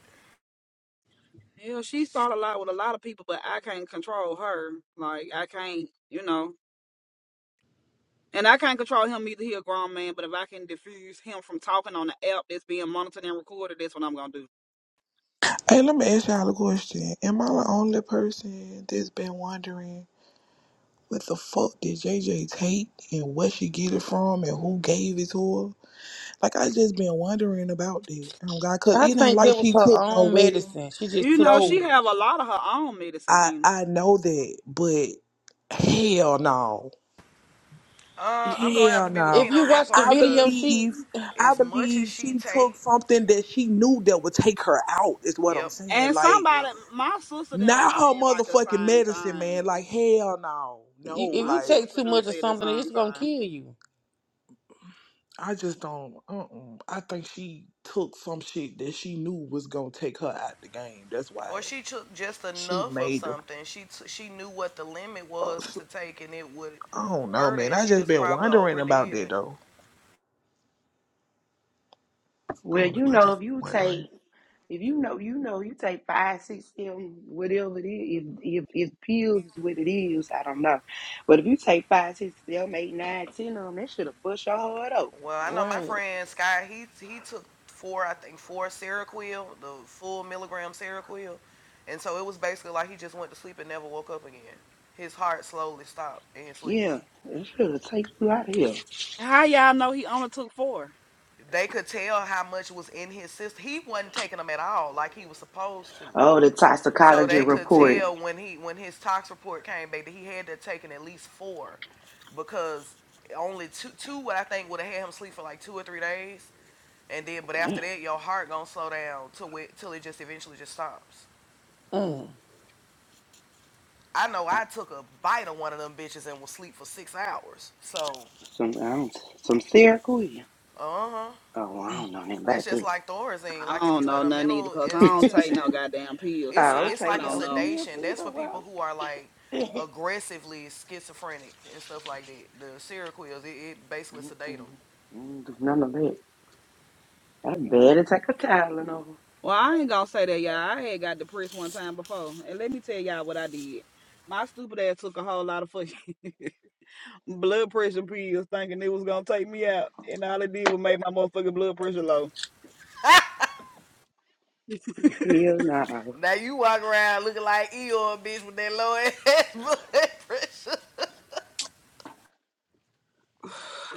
Speaker 2: yeah, she started a lot with a lot of people, but I can't control her. Like I can't, you know, and I can't control him either. He a grown man, but if I can diffuse him from talking on the app that's being monitored and recorded, that's what I'm gonna do.
Speaker 1: Hey, let me ask y'all a question. Am I the only person that's been wondering what the fuck did J J take and where she get it from and who gave it to her? Like I just been wondering about that. Um, God, cause
Speaker 3: I
Speaker 1: it ain't
Speaker 3: think
Speaker 1: like
Speaker 3: that was
Speaker 1: she
Speaker 3: her
Speaker 1: took no
Speaker 3: own
Speaker 1: regular.
Speaker 3: medicine. She just
Speaker 2: You
Speaker 3: took
Speaker 2: know,
Speaker 3: too
Speaker 2: she
Speaker 1: No,
Speaker 2: have a
Speaker 3: much.
Speaker 2: lot of her own medicine,
Speaker 1: I
Speaker 2: Kena.
Speaker 1: I know that, but hell no,
Speaker 6: Uh, I'm gonna have
Speaker 1: hell
Speaker 6: to be with
Speaker 1: no.
Speaker 3: If
Speaker 6: Keen
Speaker 3: you
Speaker 6: on that
Speaker 3: watch the
Speaker 1: I
Speaker 6: part because
Speaker 3: video, she
Speaker 1: believe I
Speaker 6: as much as
Speaker 1: believe
Speaker 6: she
Speaker 1: she took
Speaker 6: take,
Speaker 1: something that she knew that would take her out. Is what I'm
Speaker 6: yep,
Speaker 1: saying.
Speaker 2: And
Speaker 1: Like
Speaker 2: somebody,
Speaker 6: yep,
Speaker 2: my sister them
Speaker 1: Not
Speaker 2: was
Speaker 1: her
Speaker 2: saying like the
Speaker 1: motherfucking
Speaker 2: same
Speaker 1: medicine,
Speaker 2: thing.
Speaker 1: man. Like hell no, no.
Speaker 3: you- if
Speaker 2: My
Speaker 3: you
Speaker 1: Like
Speaker 3: take
Speaker 2: sister
Speaker 3: too
Speaker 2: them
Speaker 3: much of
Speaker 2: said the
Speaker 3: something,
Speaker 2: same
Speaker 3: it's gonna
Speaker 2: thing.
Speaker 3: kill you.
Speaker 1: I just don't. Uh-uh. I think she took some shit that she knew was gonna take her out the game. That's why
Speaker 6: or she took just
Speaker 1: she
Speaker 6: enough of
Speaker 1: made the.
Speaker 6: something. She t- she knew what the limit was
Speaker 1: fuss.
Speaker 6: to take, and it would
Speaker 1: I don't know,
Speaker 6: hurt her,
Speaker 1: man.
Speaker 6: and
Speaker 1: I
Speaker 6: she
Speaker 1: just
Speaker 6: just
Speaker 1: been
Speaker 6: probably
Speaker 1: wondering about
Speaker 6: overdid
Speaker 1: that
Speaker 6: it.
Speaker 1: though. I
Speaker 10: well,
Speaker 1: don't know.
Speaker 10: you
Speaker 1: I
Speaker 10: know,
Speaker 1: just
Speaker 10: if you
Speaker 1: wondering.
Speaker 10: take If you know, you know, you take five, six, seven, whatever it is. If if if pills is what it is, I don't know. But if you take five, six, seven, eight, nine, ten of them, that should have bust your heart open.
Speaker 6: Well, I know my
Speaker 3: Right.
Speaker 6: friend Sky. He he took four, I think four Seroquel, the full milligram Seroquel, and so it was basically like he just went to sleep and never woke up again. His heart slowly stopped in his sleep.
Speaker 10: Yeah, it should have taken you out of here.
Speaker 2: How y'all know he only took four?
Speaker 6: they could tell how much was in his system. He wasn't taking them at all like he was supposed to.
Speaker 10: Oh, the
Speaker 6: So
Speaker 10: toxicology
Speaker 6: they could
Speaker 10: report.
Speaker 6: tell when he when his tox report came back that he had to have taken at least four because only two two what I think would have had him sleep for like two or three days and then but
Speaker 10: Damn,
Speaker 6: after that your heart gonna slow down till it till it just eventually just stops.
Speaker 3: Mm.
Speaker 6: I know
Speaker 10: I-
Speaker 6: I took a bite of one of them bitches and was sleep for six hours. So
Speaker 10: some I don't, some serical. here.
Speaker 6: uh huh.
Speaker 10: Oh, I don't know nothing
Speaker 6: That's
Speaker 10: about
Speaker 6: just
Speaker 10: that.
Speaker 6: like Thorazine.
Speaker 2: I
Speaker 6: Like if
Speaker 2: don't
Speaker 6: you in
Speaker 2: know
Speaker 6: a
Speaker 2: nothing either
Speaker 6: mental
Speaker 2: because I don't take no
Speaker 6: institution
Speaker 2: goddamn pills,
Speaker 10: I
Speaker 2: so
Speaker 6: It's
Speaker 2: I,
Speaker 10: don't
Speaker 6: it's
Speaker 2: I
Speaker 10: take
Speaker 6: like a
Speaker 2: don't
Speaker 10: no
Speaker 2: know.
Speaker 10: pills
Speaker 6: sedation.
Speaker 10: either,
Speaker 6: That's for people
Speaker 10: bro.
Speaker 6: who are like aggressively schizophrenic and stuff like that. The serial killers, it, it basically sedate
Speaker 10: Mm-mm.
Speaker 6: them.
Speaker 10: Mm, do None of that. I better take a Tylenol.
Speaker 2: Well, I ain't gonna say that, y'all. I had got depressed one time before, and let me tell y'all what I did. My stupid ass took a whole lot of fucking blood pressure pills, thinking it was gonna take me out, and all it did was make my motherfucking blood pressure low.
Speaker 10: Hell no.
Speaker 6: Now you walk around looking like Eeyore, bitch, with that low ass blood pressure.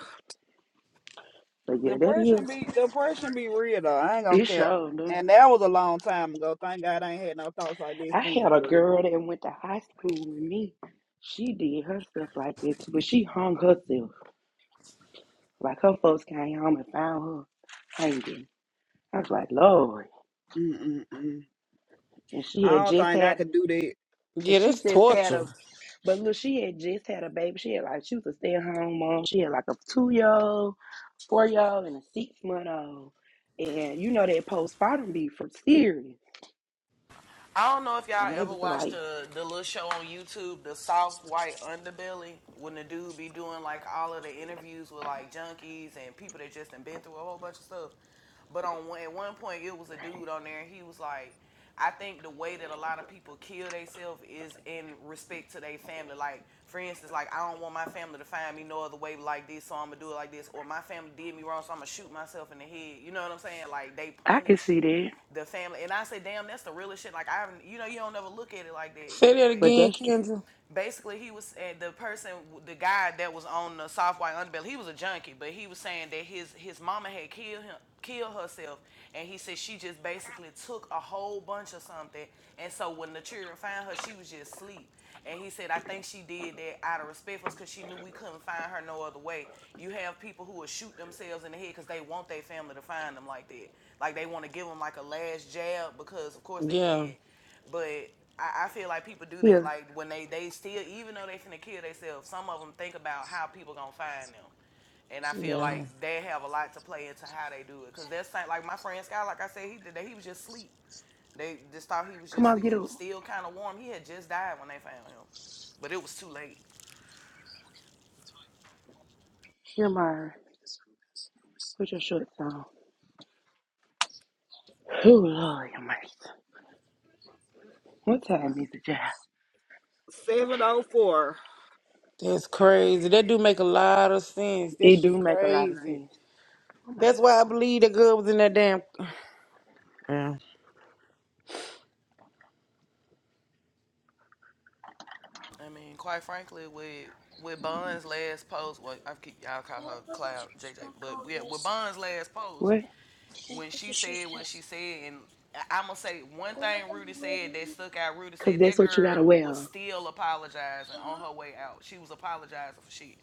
Speaker 10: But yeah, that
Speaker 2: Depression
Speaker 10: is.
Speaker 2: be depression be real though. I ain't gonna
Speaker 10: It
Speaker 2: care.
Speaker 10: sure do.
Speaker 2: And that was a long time ago. Thank God I ain't had no thoughts like this
Speaker 10: I
Speaker 2: since.
Speaker 10: had a
Speaker 2: But it,
Speaker 10: girl that went to high school with me. She did her stuff like that too, but she hung herself. Like her folks came home and found her hanging. I was like, Lord.
Speaker 2: Mm-mm-mm.
Speaker 10: And she
Speaker 2: I
Speaker 10: had
Speaker 2: don't
Speaker 10: just
Speaker 2: think I
Speaker 10: had
Speaker 2: could do that.
Speaker 10: and
Speaker 3: Yeah,
Speaker 10: she
Speaker 3: that's
Speaker 10: just had
Speaker 3: torture.
Speaker 10: a but look, she had just had a baby. She had like she was a stay at home mom. She had like a two year old, four year old, and a six month old. And you know that postpartum be from serious.
Speaker 6: I don't know if y'all
Speaker 10: And they
Speaker 6: ever
Speaker 10: was
Speaker 6: watched
Speaker 10: like,
Speaker 6: the the little show on YouTube, the soft white underbelly, when the dude be doing like all of the interviews with like junkies and people that just been through a whole bunch of stuff. But on one, at one point, it was a dude on there, and he was like, "I think the way that a lot of people kill themselves is in respect to their family. Like, for instance, like I don't want my family to find me no other way like this, so I'm gonna do it like this. Or my family did me wrong, so I'm gonna shoot myself in the head. You know what I'm saying? Like they
Speaker 10: I can
Speaker 6: punish
Speaker 10: see that.
Speaker 6: the family, and I say, damn, that's the realest shit. Like I, haven't, you know, you don't never look at it like that. You
Speaker 3: Say
Speaker 6: know,
Speaker 3: that
Speaker 6: but
Speaker 10: But
Speaker 3: again,
Speaker 10: that's tr-
Speaker 3: Kendra.
Speaker 6: basically he was and the person the guy that was on the soft white underbelly he was a junkie but he was saying that his his mama had killed him killed herself and he said she just basically took a whole bunch of something and so when the children found her she was just asleep and he said i think she did that out of respect for us because she knew we couldn't find her no other way you have people who will shoot themselves in the head because they want their family to find them like that like they want to give them like a last jab because of course they
Speaker 3: Yeah,
Speaker 6: did but I, I feel like people do that.
Speaker 10: here,
Speaker 6: Like when they they still, even though they finna kill themselves, some of them think about how people gonna find them. And I feel like
Speaker 3: yeah.
Speaker 6: they have a lot to play into how they do it. Cause that's like, like my friend Sky, like I said, he did that. He was just asleep. They just thought he was
Speaker 10: come
Speaker 6: just
Speaker 10: on,
Speaker 6: asleep.
Speaker 10: get
Speaker 6: He was
Speaker 10: up.
Speaker 6: still kind of warm. He had just died when they found him, but it was too late.
Speaker 10: Your mind. Put your shorts on. Oh, Lord, your mind. What time is it, child?
Speaker 2: Seven oh four.
Speaker 3: That's crazy. That do make a lot of sense. That
Speaker 10: It do
Speaker 3: shit
Speaker 10: make a lot of
Speaker 3: crazy.
Speaker 10: sense. Oh, my
Speaker 3: That's
Speaker 10: God.
Speaker 3: why I believe the girl was in that damn. Yeah.
Speaker 6: I mean, quite frankly, with with Bond's last post, well, I keep y'all call her Cloud JJ, but yeah, with Bond's last post,
Speaker 10: What?
Speaker 6: when she said what she said, and I'm gonna say one thing Rudy said that stuck out. Rudy
Speaker 10: Because
Speaker 6: said that
Speaker 10: that's what you got
Speaker 6: girl
Speaker 10: to wear
Speaker 6: was
Speaker 10: on.
Speaker 6: still apologizing on her way out. She was apologizing for shit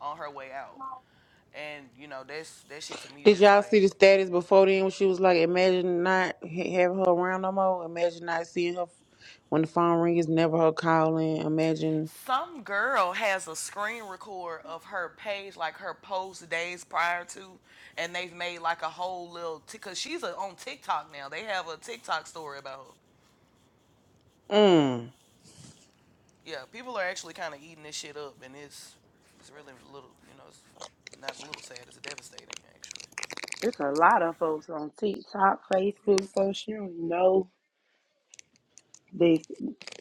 Speaker 6: on her way out, and you know that's that shit to me
Speaker 3: Did
Speaker 6: just
Speaker 3: y'all
Speaker 6: like
Speaker 3: see the status before then when she was like, imagine not ha- having her around no more? Imagine not seeing her f- when the phone rings. never her calling. Imagine,
Speaker 6: some girl has a screen record of her page, like her post days prior to, and they've made like a whole little because she's a, on TikTok now. They have a TikTok story about her.
Speaker 3: mm.
Speaker 6: Yeah, people are actually kind of eating this shit up, and it's it's really a little, you know, it's not a little sad. It's devastating, actually.
Speaker 10: There's a lot of folks on TikTok, Facebook, folks you don't know that's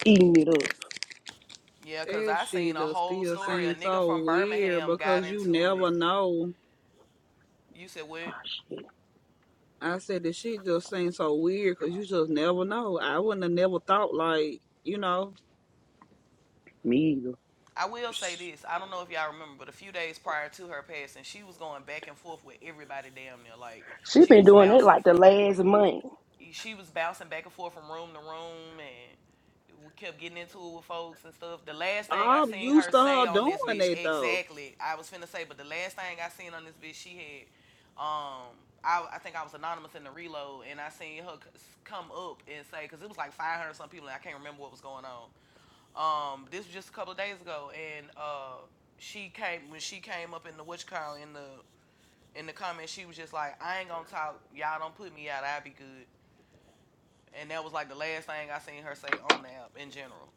Speaker 10: eating it up.
Speaker 6: Yeah, cause
Speaker 2: That
Speaker 6: I seen
Speaker 2: shit
Speaker 6: a
Speaker 2: just
Speaker 6: whole
Speaker 2: still
Speaker 6: story. A
Speaker 2: seems
Speaker 6: nigga
Speaker 2: so
Speaker 6: from
Speaker 2: weird
Speaker 6: Birmingham got
Speaker 2: because you
Speaker 6: into it.
Speaker 2: never know.
Speaker 6: You said what?
Speaker 10: Oh, shit.
Speaker 2: I said that shit just seems so weird because you just never know. I wouldn't have never thought like you know.
Speaker 10: Me either.
Speaker 6: I will say
Speaker 2: sh-
Speaker 6: this. I don't know if y'all remember, but a few days prior to her passing, she was going back and forth with everybody damn near. Like
Speaker 10: She
Speaker 6: she
Speaker 10: been
Speaker 6: was
Speaker 10: doing it
Speaker 6: bouncing
Speaker 10: like the
Speaker 6: from
Speaker 10: last month.
Speaker 6: she was bouncing back and forth from room to room and we kept getting into it with folks and stuff. The last thing I
Speaker 2: I'm
Speaker 6: seen her
Speaker 2: used to
Speaker 6: say
Speaker 2: her
Speaker 6: on
Speaker 2: doing
Speaker 6: this bitch,
Speaker 2: that though.
Speaker 6: exactly, I was finna say, but the last thing I seen on this bitch, she had, um, I, I think I was anonymous in the reload and I seen her come up and say, because it was like 500 some people and I can't remember what was going on. Um, this was just a couple of days ago and, uh, she came, when she came up in the, what you call, in the, in the comments, she was just like, I ain't gonna talk, y'all don't put me out, I'll be good and that was like the last thing I seen her say on the app in general.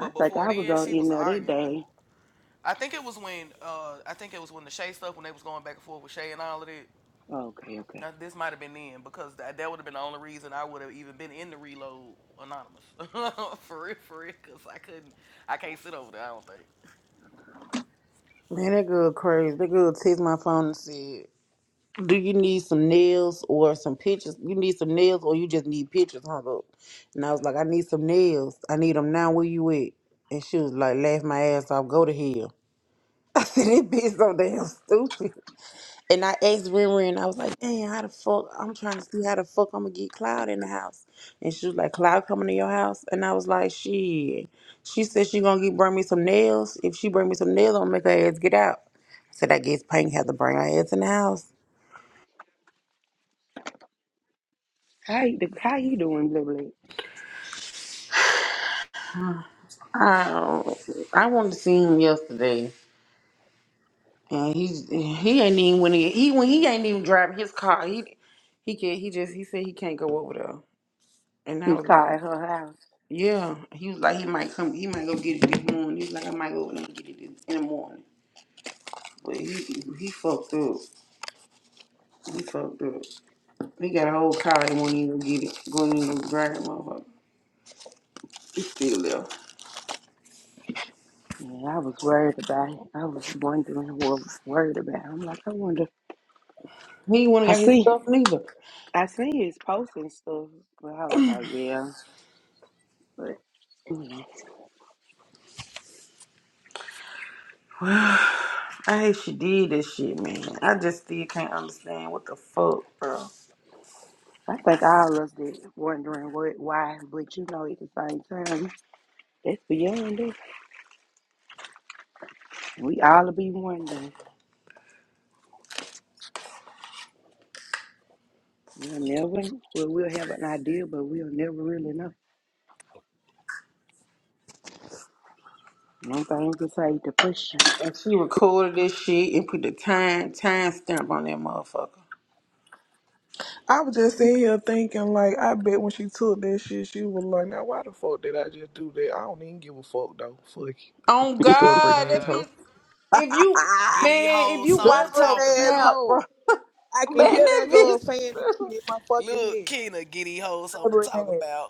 Speaker 10: I think
Speaker 6: before
Speaker 10: I was
Speaker 6: then,
Speaker 10: on
Speaker 6: she was
Speaker 10: in there that
Speaker 6: arguing.
Speaker 10: day.
Speaker 6: I think it was when uh, I think it was when the Shay stuff when they was going back and forth with Shay and all of that.
Speaker 10: Okay,
Speaker 6: Now,
Speaker 10: okay.
Speaker 6: this might have been then because that, that would have been the only reason I would have even been in the reload anonymous for real, for real. Cause I couldn't, I can't sit over there. I don't think.
Speaker 3: Man, that girl crazy. That girl text my phone and said, do you need some nails or some pictures? You need some nails or you just need pictures hung up? And I was like, I need some nails. I need them now. Where you at? And she was like, laugh my ass off. Go to hell. I said, this bitch so damn stupid. And I asked Riri, and I was like, "Damn, how the fuck? I'm trying to see how the fuck I'm gonna get Cloud in the house." And she was like, "Cloud coming to your house?" And I was like, "Shit." She said she gonna get bring me some nails. If she bring me some nails, I'm gonna make her ass get out. I said, "I guess Pink had to bring her ass in the house."
Speaker 10: How you, how you doing, Blibly?
Speaker 3: I don't, I wanted to see him yesterday, and he he ain't even when he he when he ain't even driving his car. He he can he just he said he can't go over there, and I
Speaker 10: He's
Speaker 3: was
Speaker 10: caught
Speaker 3: like.
Speaker 10: at her house.
Speaker 3: Yeah, he was like he might come, he might go get it this morning. He was like I might go over there and get it this, in the morning. But he he fucked up. He fucked up. He got a whole car. He won't even go get it. Going in the grab, it, motherfucker. He still there.
Speaker 10: Yeah, I was worried about it. I was wondering what worried about. I'm like, I wonder.
Speaker 3: He ain't want to
Speaker 10: I
Speaker 3: got his
Speaker 10: see,
Speaker 3: stuff neither.
Speaker 10: I see it's posting stuff, but I was like, yeah, but you know,
Speaker 3: I hate she did that shit, man. I just still can't understand what the fuck, bro.
Speaker 10: I think all of us did wondering what, why, but you know, at the same time, that's beyond us. We all be wondering. We'll never, well, we'll have an idea, but we'll never really know. One thing can say depression.
Speaker 3: And she recorded this shit and put the time time stamp on that motherfucker.
Speaker 1: I was just sitting here thinking, like, I bet when she took that shit, she was like, "Now why the fuck did I just do that? I don't even give a fuck though. Fuck you,
Speaker 3: Oh
Speaker 6: Oh
Speaker 1: stubborn
Speaker 3: God,
Speaker 1: ass
Speaker 3: that
Speaker 6: God,
Speaker 1: hoe,
Speaker 3: bitch! If you
Speaker 6: get these
Speaker 3: man, if
Speaker 6: hoes
Speaker 3: you watch
Speaker 6: something to
Speaker 1: stubborn
Speaker 3: her
Speaker 6: talk
Speaker 1: ass
Speaker 6: about.
Speaker 3: snap, bro.
Speaker 1: hoe." I can
Speaker 3: Man,
Speaker 1: hear
Speaker 3: that
Speaker 1: that girl saying that shit in my fucking
Speaker 6: Look,
Speaker 1: head.
Speaker 6: Kena, get these hoes something
Speaker 1: Stubborn
Speaker 6: to talk
Speaker 1: ass.
Speaker 6: about.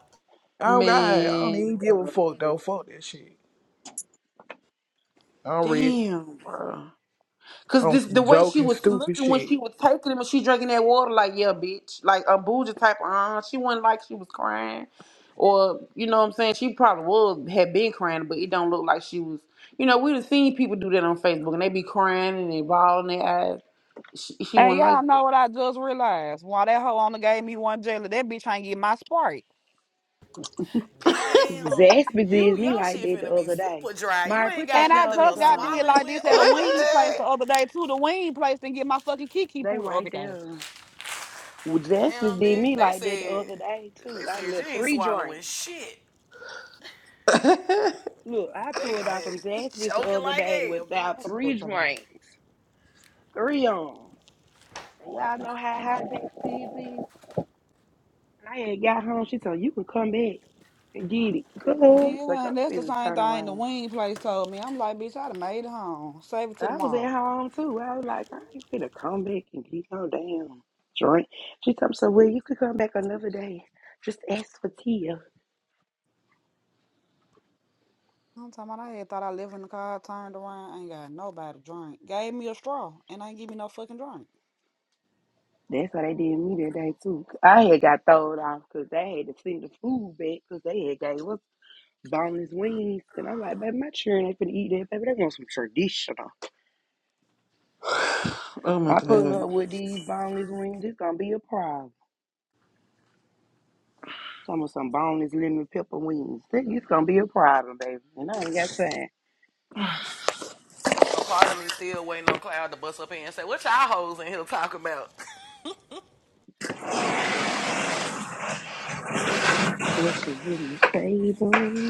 Speaker 1: Oh God, I don't
Speaker 3: Man,
Speaker 1: even give a
Speaker 3: bro.
Speaker 1: fuck though. Fuck that shit. I'm ready.
Speaker 3: Damn, bro. Cause
Speaker 1: I'm
Speaker 3: this
Speaker 1: some
Speaker 3: the way she
Speaker 1: joking
Speaker 3: was
Speaker 1: stupid
Speaker 3: looking when
Speaker 1: shit.
Speaker 3: she was taking him and she drinking that water, like, yeah, bitch. Like a bougie type uh she wasn't like she was crying. Or, you know what I'm saying? She probably was had been crying, but it don't look like she was you know, we done seen people do that on Facebook and they be crying and they bawling their eyes. She she
Speaker 2: And
Speaker 3: wasn't like
Speaker 2: y'all know what I just realized? Why that hoe only gave me one jelly, that bitch ain't get my Sprite.
Speaker 6: Damn,
Speaker 10: Zaxby
Speaker 6: you
Speaker 10: did me
Speaker 6: your
Speaker 10: like
Speaker 6: shit
Speaker 10: that the
Speaker 6: finna be
Speaker 10: other day.
Speaker 6: super dry. You
Speaker 10: Mari,
Speaker 6: ain't
Speaker 10: put your
Speaker 6: got
Speaker 2: And I
Speaker 6: nothing to
Speaker 10: clothes
Speaker 2: just got
Speaker 6: swallow
Speaker 2: did
Speaker 6: it
Speaker 10: on.
Speaker 2: like
Speaker 6: with
Speaker 2: this at a
Speaker 6: or no
Speaker 2: wing place
Speaker 6: jelly.
Speaker 2: the
Speaker 3: that.
Speaker 2: other day too. The wing place didn't get my fucking Kiki
Speaker 10: They
Speaker 2: poo the other
Speaker 10: right
Speaker 2: day.
Speaker 10: there. Well,
Speaker 6: Damn,
Speaker 10: Jasmine did
Speaker 6: bitch.
Speaker 10: me
Speaker 6: They
Speaker 10: like that the
Speaker 6: said
Speaker 10: other day too.
Speaker 6: they
Speaker 10: I
Speaker 6: said
Speaker 10: left
Speaker 6: you ain't
Speaker 10: three
Speaker 6: swallowing
Speaker 10: drinks.
Speaker 6: shit.
Speaker 10: Look, I
Speaker 6: They
Speaker 10: pulled
Speaker 6: gonna
Speaker 10: out from
Speaker 6: you
Speaker 10: Jasmine's the
Speaker 6: choking
Speaker 10: other
Speaker 6: like
Speaker 10: day
Speaker 6: hell,
Speaker 10: without
Speaker 6: bitch.
Speaker 2: That's what I'm
Speaker 10: three
Speaker 2: talking about.
Speaker 10: drinks, three on. And y'all know how hot that TV is. And I had got home. She told you can come back and get it. Good. Like
Speaker 2: Yeah,
Speaker 10: I'm
Speaker 2: and that's the
Speaker 10: finna
Speaker 2: same
Speaker 10: turn
Speaker 2: thing the
Speaker 10: around.
Speaker 2: wing place told me. I'm like, bitch, I done made it home. Save it to
Speaker 10: I was
Speaker 2: tomorrow.
Speaker 10: at home too. I was like, I ain't finna come back and get no damn drink. She told me, so well, you could come back another day. Just ask for tea.
Speaker 2: I'm talking about I had thought I lived in the car, turned around, ain't got nobody drink. Gave me a straw and ain't give me no fucking drink.
Speaker 10: That's why they did me that day too. I had got thrown off because they had to send the food back because they had gave us boneless wings. And I'm like, baby, my children ain't finna eat that, baby. They want some traditional.
Speaker 3: oh my
Speaker 10: I pull
Speaker 3: god.
Speaker 10: up with these boneless wings, it's gonna be a problem. Some of some boneless lemon pepper wings. Think It's gonna be a problem, baby. And I ain't got time.
Speaker 6: A part of me still waiting on Cloud to bust up in and say, "What y'all hoes in here talking about?"
Speaker 10: What's the business table?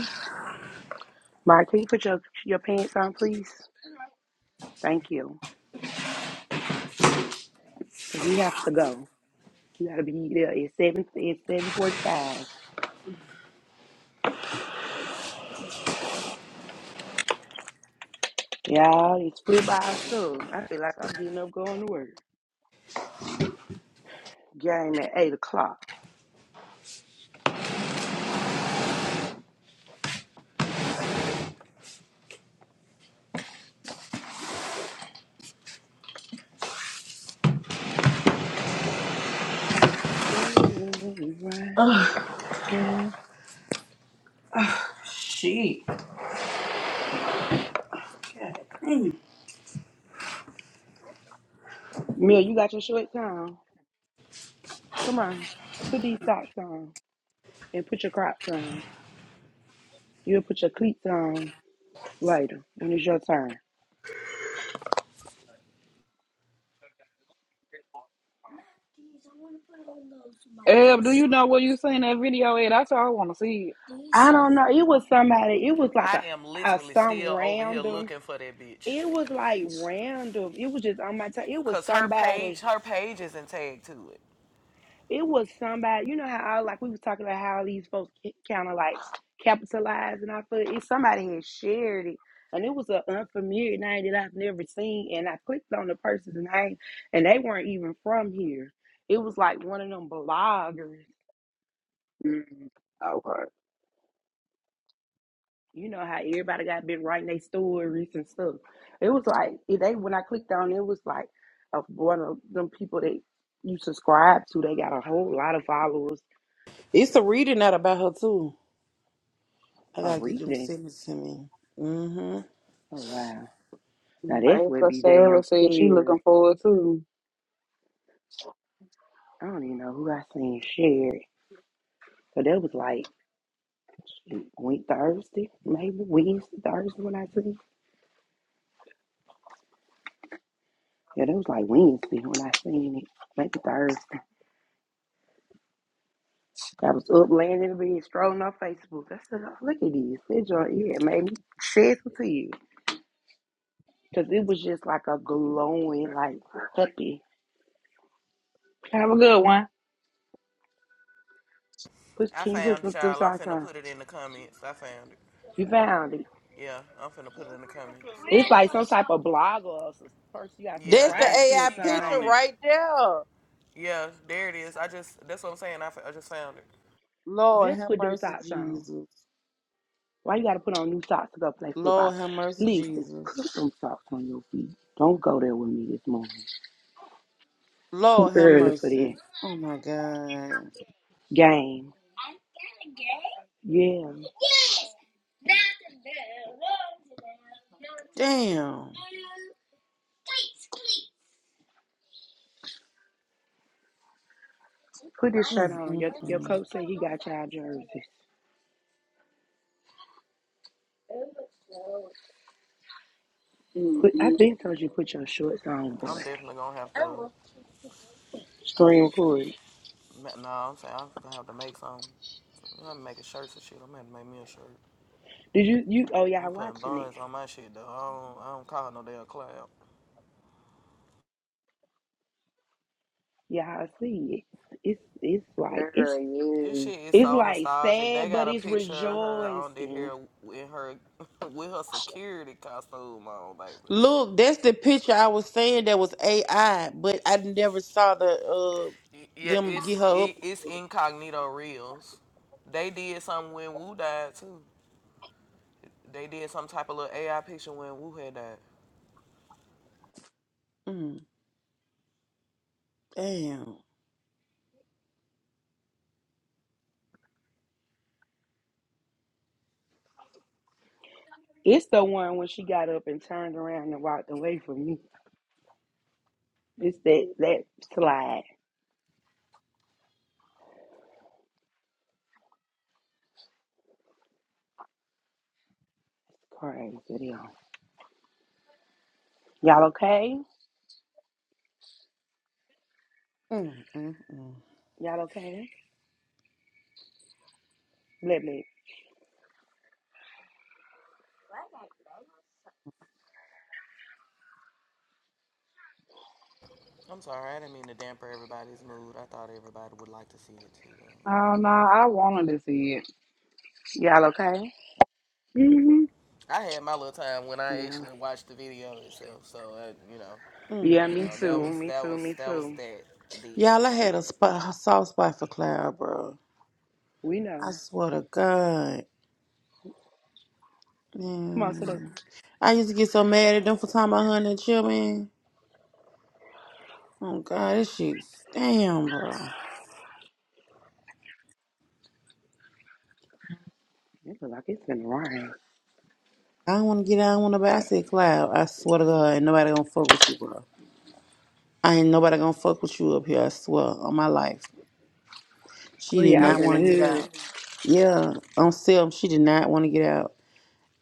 Speaker 10: Mark, can you put your your pants on, please? Thank you. Cause we have to go. You gotta be there at seven at seven forty five. Y'all, it's football soon. I feel like I'm getting up going to work. Game at 8 o'clock. Oh, you right, right.
Speaker 3: Shit. God.
Speaker 10: Mia, you got your shorts on. Come on. Put these socks on and put your crops on. You'll put your cleats on later when it's your turn.
Speaker 2: Eb, do you know where you seen that video at? That's all I want to see.
Speaker 10: I don't know. It was somebody, it was like
Speaker 6: I
Speaker 10: a,
Speaker 6: am
Speaker 10: a
Speaker 6: literally
Speaker 10: some
Speaker 6: still over here
Speaker 10: random.
Speaker 6: looking for that bitch,
Speaker 10: It was like random. It was just on my time. It was
Speaker 6: cause her
Speaker 10: somebody
Speaker 6: page, her page isn't tagged to it.
Speaker 10: it was somebody. You know how I, like we was talking about how these folks kind of like capitalized, and I feel it. Somebody had shared it, and it was an unfamiliar name that I've never seen. And I clicked on the person's name, and they weren't even from here. It was like one of them bloggers.
Speaker 2: it. Okay.
Speaker 10: You know how everybody got been writing their stories and stuff. It was like if they when I clicked on it was like a, one of them people that you subscribe to. They got a whole lot of followers.
Speaker 3: It's a reading out about her too. I
Speaker 10: A
Speaker 3: gotta get them
Speaker 10: reading.
Speaker 3: sent it to me. hmm
Speaker 10: Oh wow. Now
Speaker 2: My
Speaker 10: that's
Speaker 2: ex
Speaker 10: what be
Speaker 2: Sarah
Speaker 10: damn
Speaker 2: said she looking
Speaker 10: scary.
Speaker 2: forward to.
Speaker 10: I don't even know who I seen share it. So that was like shoot, Wed- Thursday, maybe Wednesday, Thursday when I seen. it. Yeah, that was like Wednesday when I seen it. Maybe Thursday. I was up laying in the bed, strolling on Facebook. I said, oh, look at this. That joint, yeah, it made me shed some tears. Because it was just like a glowing, like happy.
Speaker 2: Have a good one.
Speaker 10: Put,
Speaker 6: I
Speaker 10: can you put
Speaker 6: found it,
Speaker 10: some, some
Speaker 6: y'all. I'm
Speaker 10: socks
Speaker 6: finna
Speaker 10: on?
Speaker 6: put it in the comments. I found it.
Speaker 10: You found it.
Speaker 6: Yeah, I'm finna put it in the comments.
Speaker 10: It's like some type of blogger or some person you got to
Speaker 6: Yeah,
Speaker 3: That's the
Speaker 10: subscribe
Speaker 6: they
Speaker 10: to or
Speaker 3: AI
Speaker 6: she got
Speaker 10: something.
Speaker 3: picture
Speaker 6: on
Speaker 10: ain't
Speaker 6: it.
Speaker 10: it?
Speaker 3: right there.
Speaker 6: Yeah, there it is. I just that's what I'm saying. I, f- I I just found it.
Speaker 3: Lord
Speaker 10: Just
Speaker 3: have
Speaker 10: put them
Speaker 3: mercy,
Speaker 10: socks on.
Speaker 3: Jesus.
Speaker 10: Why you gotta put on new socks to go play football?
Speaker 3: Lord have mercy,
Speaker 10: Listen, put
Speaker 3: Jesus.
Speaker 10: them socks on your feet. Don't go there with me this morning. Too
Speaker 3: Lord have
Speaker 10: early for
Speaker 3: mercy.
Speaker 10: this
Speaker 3: Oh my God.
Speaker 10: game. Yeah,
Speaker 3: Damn.
Speaker 10: put this shirt on. Your your
Speaker 3: Mm-mm-mm.
Speaker 10: coach said he got y'all jerseys. Put, I
Speaker 2: Mm-mm,
Speaker 10: think told you put your shorts on,
Speaker 6: I'm
Speaker 10: boy.
Speaker 6: definitely gonna have to.
Speaker 10: Screen record.
Speaker 6: ma- No, I'm saying I'm gonna have to make some. I'm gonna make a shirt for shit. I'm gonna have to make me a shirt.
Speaker 10: Did you you? Oh
Speaker 6: I'm
Speaker 10: y'all
Speaker 6: putting
Speaker 10: watching it?
Speaker 6: buns on my shit though. I don't, I don't call no damn clown.
Speaker 10: Y'all see it? It's it's like it's
Speaker 2: Girl,
Speaker 6: This
Speaker 2: yes.
Speaker 6: shit is
Speaker 10: it's
Speaker 6: so
Speaker 10: like
Speaker 6: nostalgic. They
Speaker 10: sad,
Speaker 6: got
Speaker 10: but
Speaker 6: a
Speaker 10: it's
Speaker 6: picture of her on the
Speaker 10: rejoicing.
Speaker 6: here in her with her security costume on, baby.
Speaker 3: Look, that's the picture I was saying that was AI, but I never saw the uh
Speaker 6: Yeah,
Speaker 3: them
Speaker 6: it's
Speaker 3: get her
Speaker 6: it,
Speaker 3: up.
Speaker 6: it's incognito reels. They did something when Wu died too. They did some type of little AI picture when Wu had died.
Speaker 3: Mm, damn.
Speaker 10: It's the one when she got up and turned around and walked away from me. It's that that slide. Crazy video. Y'all okay?
Speaker 3: Mm-mm-mm.
Speaker 10: Y'all okay? Let me.
Speaker 6: I'm sorry, I didn't mean to damper everybody's mood. I thought everybody would like to see it too.
Speaker 2: Oh no, I wanted to see it.
Speaker 10: Y'all okay?
Speaker 2: hmm
Speaker 6: I had my little time when I
Speaker 10: Yeah.
Speaker 6: actually watched the video itself. So I, you know,
Speaker 10: Yeah,
Speaker 6: you
Speaker 10: me
Speaker 6: know that
Speaker 10: too.
Speaker 3: Mm-mm-mm.
Speaker 6: was
Speaker 10: Me
Speaker 6: that
Speaker 10: too.
Speaker 6: was
Speaker 10: Me
Speaker 6: that was
Speaker 10: too.
Speaker 6: that then.
Speaker 3: Y'all, I had a spot, a soft spot for Cloud, bro.
Speaker 10: We
Speaker 3: I
Speaker 10: know.
Speaker 3: swear to God.
Speaker 10: Come on, sit up.
Speaker 3: Man. I used to get so mad at them for talking about her and the children. Oh God, this shit. Damn, bro.
Speaker 10: It look like it's been rain.
Speaker 3: I don't want to get out. I don't want to buy. I said, Cloud, I swear to God, ain't nobody gonna fuck with you, bro. I ain't nobody gonna fuck with you up here. I swear on my life. She
Speaker 10: Three
Speaker 3: did not
Speaker 10: hours in the
Speaker 3: want to get
Speaker 10: hood.
Speaker 3: out. Yeah, on self, she did not want to get out.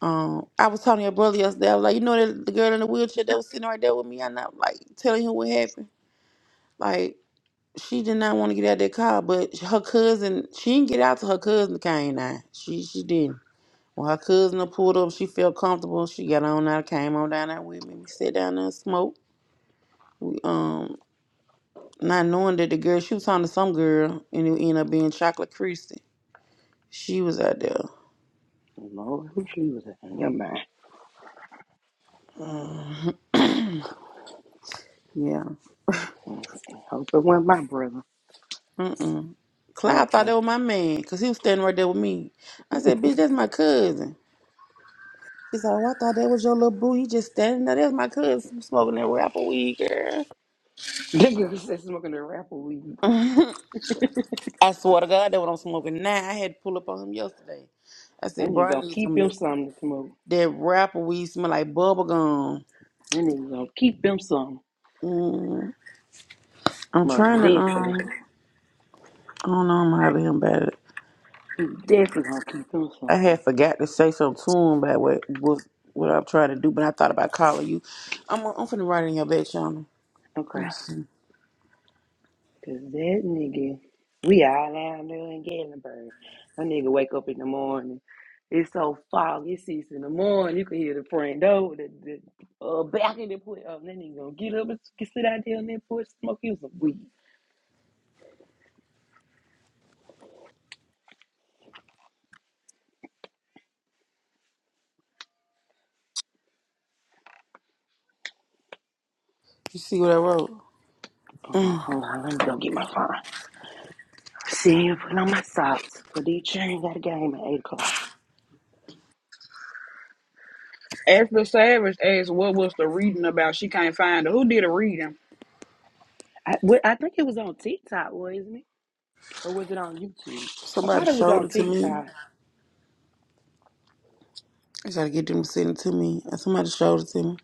Speaker 3: Um, I was talking to your brother yesterday. I was like, you know that the girl in the wheelchair that was sitting right there with me. I'm not like telling him what happened. Like. she did not want to get out that car, but her cousin, she didn't get out till her cousin came down. She she didn't. When her cousin done pulled up, she felt comfortable. She got on out, came on down there with me. We sat down there and smoked. We um not knowing that the girl she was talking to some girl and it ended up being Chocolate Christie. She was out there.
Speaker 10: Lord, who she was at? Never mind.
Speaker 3: Um, yeah.
Speaker 10: Hope it wasn't my brother.
Speaker 3: Mm-mm. Cloud thought
Speaker 10: Okay.
Speaker 3: that was my man because he was standing right there with me. I said, bitch, that's my cousin. She said, Oh, I thought that was your little boo. He just standing there. That's my cousin smoking that rapper weed, girl.
Speaker 10: Nigga was just smoking the rapper weed.
Speaker 3: I swear to God, that what I'm smoking now. I had to pull up on him yesterday. I
Speaker 10: That
Speaker 3: said, Bro,
Speaker 10: nigga
Speaker 3: I
Speaker 10: gonna
Speaker 3: need some
Speaker 10: keep
Speaker 3: of
Speaker 10: him
Speaker 3: that,
Speaker 10: something to smoke.
Speaker 3: that rapper weed smell like bubble gum.
Speaker 10: That nigga gonna keep him something.
Speaker 3: Mm, I'm
Speaker 10: Most
Speaker 3: trying to, um,
Speaker 10: definitely.
Speaker 3: I don't know, I'm hollering him about it.
Speaker 10: He definitely gonna keep him
Speaker 3: I
Speaker 10: some.
Speaker 3: had forgot to say something to him about what, what, what I'm trying to do, but I thought about calling you. I'm, I'm finna write it in your back channel. Let
Speaker 10: Okay.
Speaker 3: me see.
Speaker 10: Cause that nigga, we all down there in Gatlinburg. That nigga wake up in the morning. It's so foggy. It's six in the morning. You can hear the front door, the, the uh, back of the porch. Oh, that nigga gonna get up and s- sit out there on that porch, smoke you some weed.
Speaker 3: You see what I wrote?
Speaker 10: Uh-uh,
Speaker 3: Mm,
Speaker 10: hold on, let me go get my phone. See, I'm put on my socks. Cause these children got a game at 8 o'clock.
Speaker 2: After Savage asked what was the reading about, she can't find it. Who did a reading?
Speaker 10: I, well, I think it was on TikTok, wasn't it? Or was it on YouTube? I
Speaker 3: somebody
Speaker 10: thought it was
Speaker 3: showed
Speaker 10: on
Speaker 3: it to me.
Speaker 10: TikTok.
Speaker 3: I tried to get them to send it to me. and Somebody showed it to me.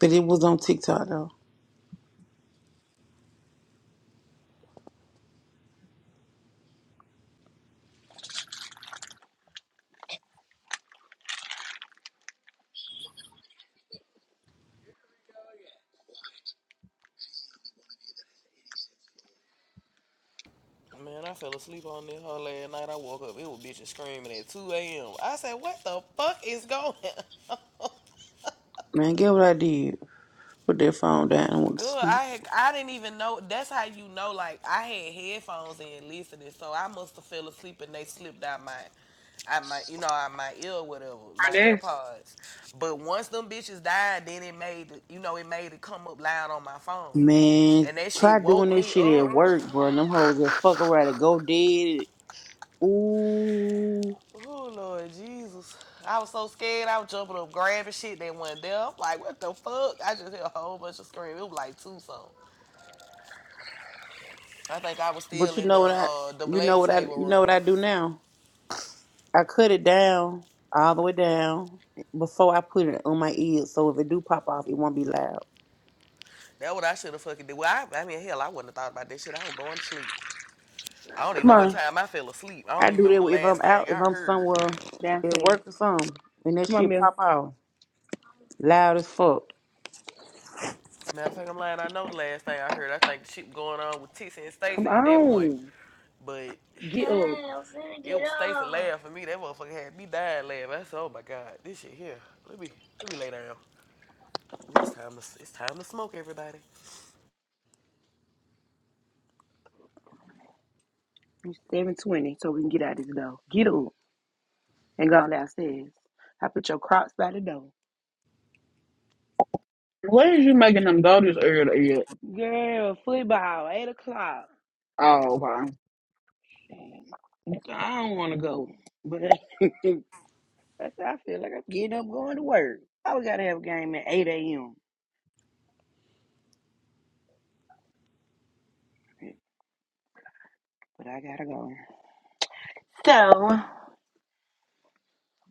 Speaker 3: But it was on TikTok though.
Speaker 6: Man, I fell asleep on this whole last night. I woke up. It was bitches screaming at 2 a.m. I said, "What the fuck is going?" on?"
Speaker 3: Man, get what I did. Put that phone down and went to
Speaker 6: Good.
Speaker 3: sleep.
Speaker 6: I had, I didn't even know. That's how you know. Like I had headphones in listening, so I must have fell asleep and they slipped out my, out my, you know, out my ear, whatever, my
Speaker 2: And that's
Speaker 6: AirPods. But once them bitches died, then it made, it- you know, it made it come up loud on my phone,
Speaker 3: Man,
Speaker 6: and that shit
Speaker 3: try doing
Speaker 6: woke
Speaker 3: this
Speaker 6: me
Speaker 3: shit
Speaker 6: up.
Speaker 3: at work, bro. Them hoes that fuck around and go dead. Ooh.
Speaker 6: oh Lord Jesus, I was so scared. I was jumping up, grabbing shit that wasn't there. I'm like, what the fuck? I just heard a whole bunch of screaming. It was like two songs. I think I was
Speaker 3: But
Speaker 6: still
Speaker 3: you
Speaker 6: in
Speaker 3: know
Speaker 6: the
Speaker 3: what I
Speaker 6: uh, the
Speaker 3: you
Speaker 6: black
Speaker 3: know what I
Speaker 6: table
Speaker 3: you know what
Speaker 6: room.
Speaker 3: I do now? I cut it down all the way down before I put it on my ears so if it do pop off it won't be loud.
Speaker 6: That what I should have fucking did. Well, I, I mean, hell, I wouldn't have thought about that shit. I was going to sleep. I don't even
Speaker 10: Come
Speaker 6: know what
Speaker 10: on,
Speaker 6: time I fell asleep. I don't
Speaker 3: I
Speaker 6: even
Speaker 3: do that
Speaker 6: remember the
Speaker 3: if
Speaker 6: last
Speaker 3: I'm
Speaker 6: thing
Speaker 3: out, if
Speaker 6: I
Speaker 3: I'm
Speaker 6: heard.
Speaker 3: somewhere at
Speaker 10: downstairs.
Speaker 3: work or something, and that
Speaker 10: Come on,
Speaker 3: shit
Speaker 10: Bill.
Speaker 3: pop off. Loud as fuck.
Speaker 6: Matter of fact, I'm lying. I know the last thing I heard. I think the shit was going on with Tissy and
Speaker 10: Come
Speaker 6: Stacey at that point.
Speaker 10: on.
Speaker 6: But
Speaker 10: Get up. Hey, I'm finna
Speaker 6: it
Speaker 10: get
Speaker 6: was Stacey
Speaker 10: up.
Speaker 6: laughing at me. That motherfucker had me dying laughing. I said, "Oh my god, this shit here. Let me let me lay down. Ooh, it's time to it's time to smoke, everybody."
Speaker 10: It's 720, so we can get out of this door. Get up and go downstairs. I put your crocs by the door.
Speaker 2: where is you making them go this early?
Speaker 10: Girl, football, 8 o'clock.
Speaker 2: Oh, okay.
Speaker 10: I don't want to go, but that's how I feel like I'm getting up going to work. I we got to have a game at 8 a.m., but I got to go. So,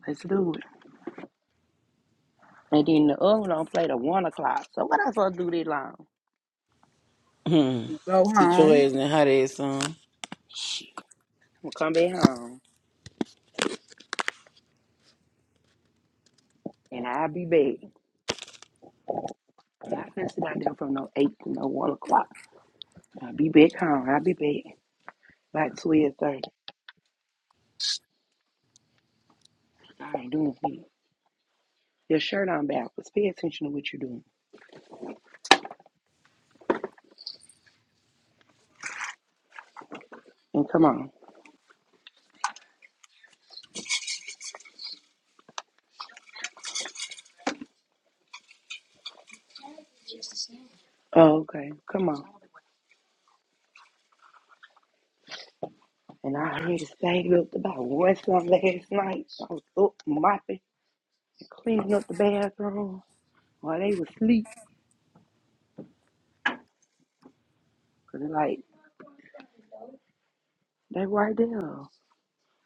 Speaker 10: let's do it. And then the other one don't play to 1 o'clock. So, what I supposed to do this long?
Speaker 2: Go
Speaker 3: Sit your
Speaker 2: home.
Speaker 3: ass in the hot ass sun.
Speaker 10: Shit. I'm gonna come back home and I'll be back. I'm not gonna sit out there from no eight to no one o'clock. I'll be back home. I'll be back about twelve thirty. I ain't doing shit. Your shirt on backwards. Pay attention to what you're doing. And come on. Oh, okay. Come on. And I already stayed up about one something last night. I was up mopping and cleaning up the bathroom while they was asleep. Cause they like they right there.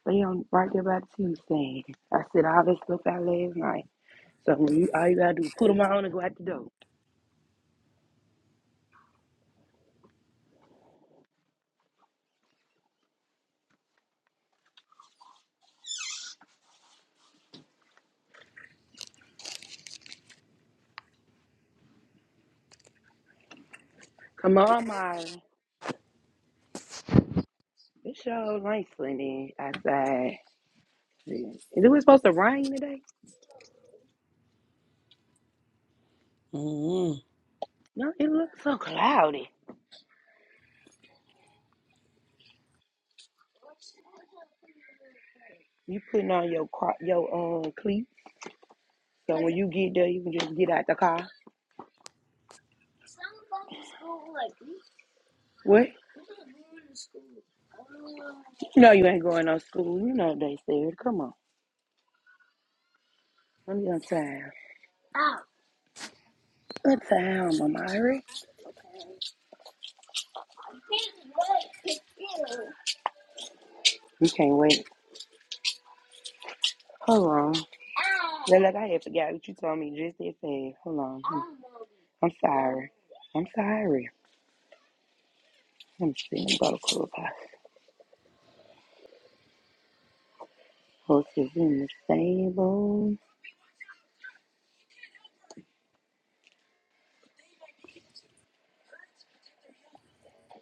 Speaker 10: They on right there by the TV stand. I said all this stuff out last night. So when you all you gotta do is put them on and go out the door. Come on, Myra. It's so nice sure rainy outside. Is it was supposed to rain today?
Speaker 3: Mm-hmm.
Speaker 10: No, it looks so cloudy. You putting on your cro- your um cleats, so when you get there, you can just get out the car. What? You know you ain't going no school. You know they said, come on, let me untie. Untie, Mama Myra. You can't wait. Hold on. Look like I have forgot what you told me just that fast. Hold on. I'm sorry. I'm sorry. I'm seeing about a club. Horses in the stable.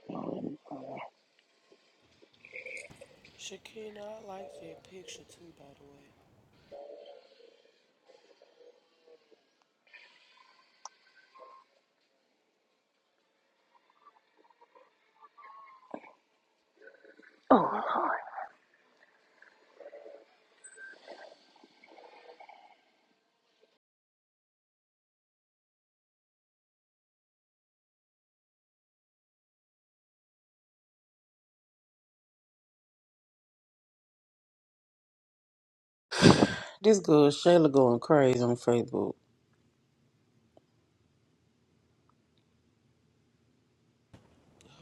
Speaker 10: Oh, and- oh,
Speaker 6: Shakina, I like that picture too, by the way.
Speaker 10: Lord.
Speaker 3: This girl Shayla going crazy on Facebook.